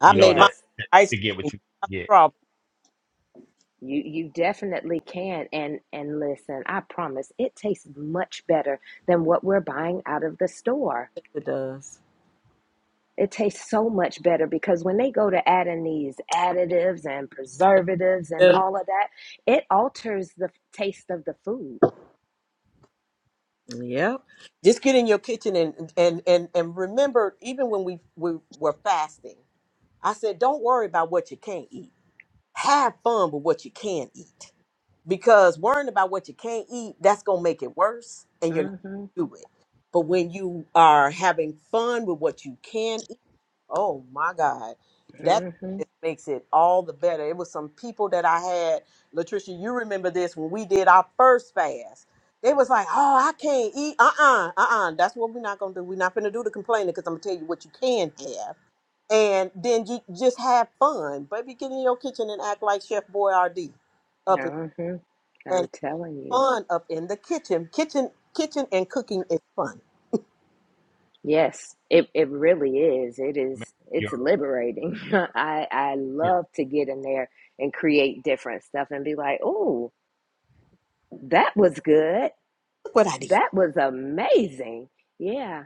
A: I
E: you know,
A: made my
E: that,
B: yes.
E: that
A: ice
E: to get
A: cream.
E: what you
A: Stop the
E: get.
A: problem.
B: You you definitely can. And and listen, I promise, it tastes much better than what we're buying out of the store.
A: Yes, it does.
B: It tastes so much better because when they go to adding these additives and preservatives and all of that, it alters the taste of the food.
A: Yep. Just get in your kitchen and and and and remember, even when we we were fasting, I said, don't worry about what you can't eat. Have fun with what you can eat, because worrying about what you can't eat, that's gonna make it worse, and you're not
B: Mm Mhm.
A: gonna do it. But when you are having fun with what you can Oh my God. That
B: Mm Mm
A: just makes it all the better. It was some people that I had, Latricia, you remember this when we did our first fast. They was like, oh, I can't eat. Uh-uh, uh-uh. That's what we're not gonna do. We're not gonna do the complaining because I'm gonna tell you what you can have. And then you just have fun. Baby, get in your kitchen and act like Chef Boyardee up
B: Mhm. Mhm.
A: in
B: I'm telling you.
A: fun up in the kitchen. Kitchen, kitchen, and cooking is fun.
B: Yes, it it really is. It
E: Remember
B: is
E: your
B: it's liberating. *laughs* I I
E: yeah.
B: love to get in there and create different stuff and be like, "Oh, that was good.
A: Look what I did.
B: That was amazing." Yeah,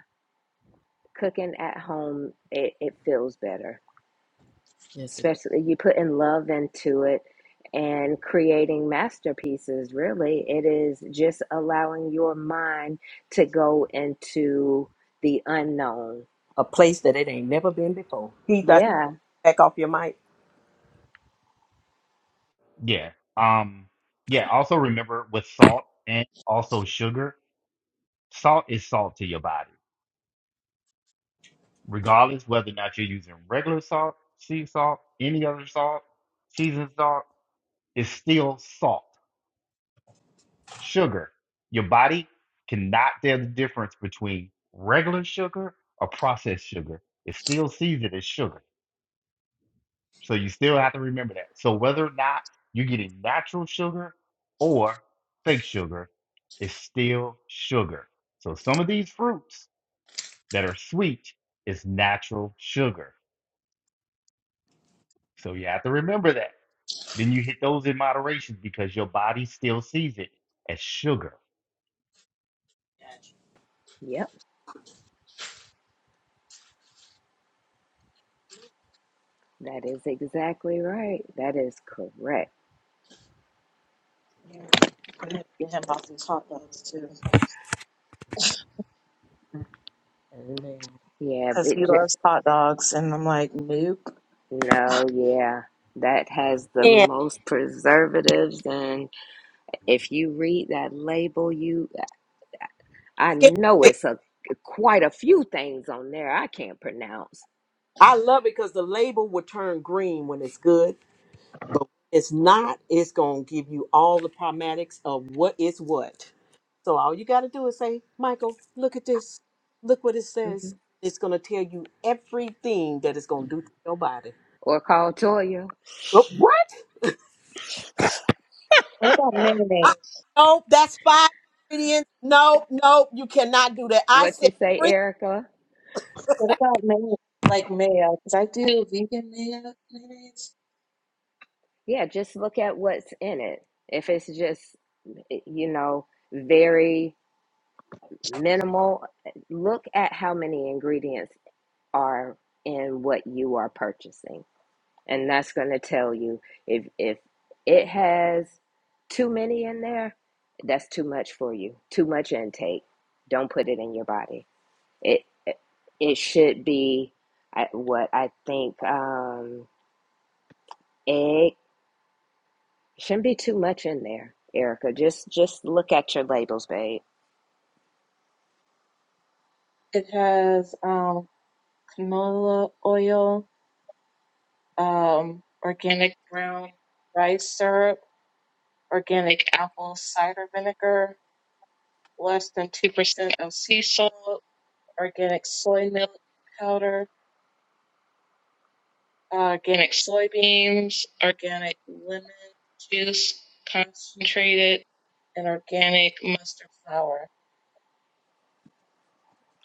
B: cooking at home it it feels better.
A: Yes, it's
B: especially you putting love into it and creating masterpieces really it is just allowing your mind to go into the unknown
A: a place that keeps that
B: yeah
A: back off your mic.
E: Yeah. Um yeah, also remember with salt and also sugar, salt is salt to your body regardless whether or not you're using regular salt, sea salt, any other salt, seasoned salt, it's still salt. Sugar. Your body cannot tell the difference between regular sugar or processed sugar. It's still seasoned as sugar. So you still have to remember that. So whether or not you're getting natural sugar or fake sugar, it's still sugar. So some of these fruits that are sweet is natural sugar. So you have to remember that. Then you hit those in moderation because your body still sees it as sugar.
B: yep that is exactly right that is correct
C: Yeah. I had to get him off these hot dogs too,
A: Amen.
B: yeah
C: because
B: it
C: he
B: just
C: loves hot dogs. And I'm like, nope.
B: no yeah that has the
A: And
B: most preservatives and if you read that label you I
A: skin-
B: know it's a quite a few things on there I can't pronounce.
A: I love it because the label will turn green when it's good. But when it's not, it's going to give you all the primatics of what is what. So all you got to do is say, Michael, look at this. Look what it
B: hmm
A: says. It's going to tell you everything that it's going to do to your body.
B: Or call Toya.
A: But what?
C: What about
A: Uh,
C: mayonnaise?
A: no, that's five ingredients. No, no, you cannot do that. I
B: What you
A: said
B: say,
A: three.
B: Erica?
C: What about mayo? Like mayo? Because I do vegan mayo- mayonnaise.
B: Yeah, just look at what's in it. If it's just eh, you know very minimal, look at how many ingredients are in what you are purchasing. And that's going to tell you if if it has too many in there, that's too much for you. Too much intake. Don't put it in your body. It it should be what I think um egg shouldn't be too much in there, Erica. Just just look at your labels, babe.
C: It has um canola oil, um, organic brown rice syrup, organic apple cider vinegar, less than 2% of sea salt, organic soy milk powder, uh, organic soybeans, organic lemon juice concentrated, and organic mustard flour.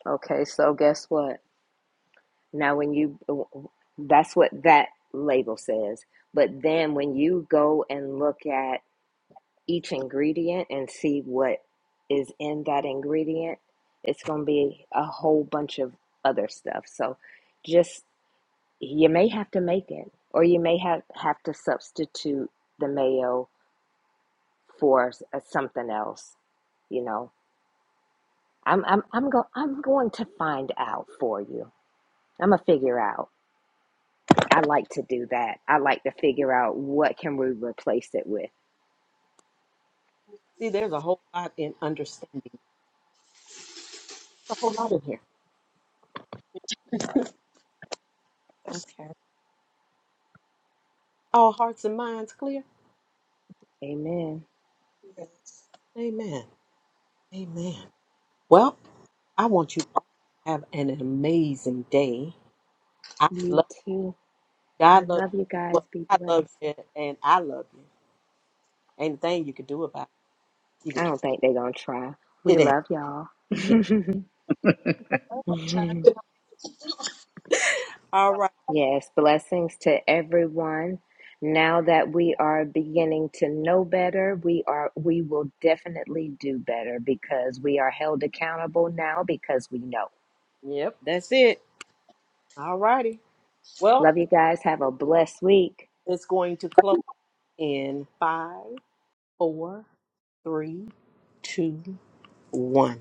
B: Okay, so guess what? Now, when you, that's what that label says. But then when you go and look at each ingredient and see what is in that ingredient, it's going to be a whole bunch of other stuff. So just, you may have to make it, or you may have, have to substitute the mayo for uh, something else. You know, I'm, I'm, I'm, go, I'm going to find out for you. I'm going to figure out. I like to do that. I like to figure out what can we replace it with.
A: See, there's a whole lot in understanding. a whole lot in here. Just
C: Okay.
A: all hearts and minds clear.
B: Amen.
A: Amen. Amen. Well, I want you all to have an amazing day. I
B: You
A: love
B: too. I
A: God love
B: love you guys.
A: well,
B: Be
A: I love
B: blessed.
A: you and I love you. Ain't a thing you could do about it. You
B: I
A: could try.
B: don't think they're gonna try.
A: It
B: We
A: ain't.
B: love y'all.
A: *laughs* it ain't. All right.
B: *laughs* yes, blessings to everyone. Now that we are beginning to know better, we are we will definitely do better because we are held accountable now because we know.
A: Yep, that's it. All righty. Well,
B: Love you guys. Have a blessed week.
A: it's going to close in five, four, three, two, one.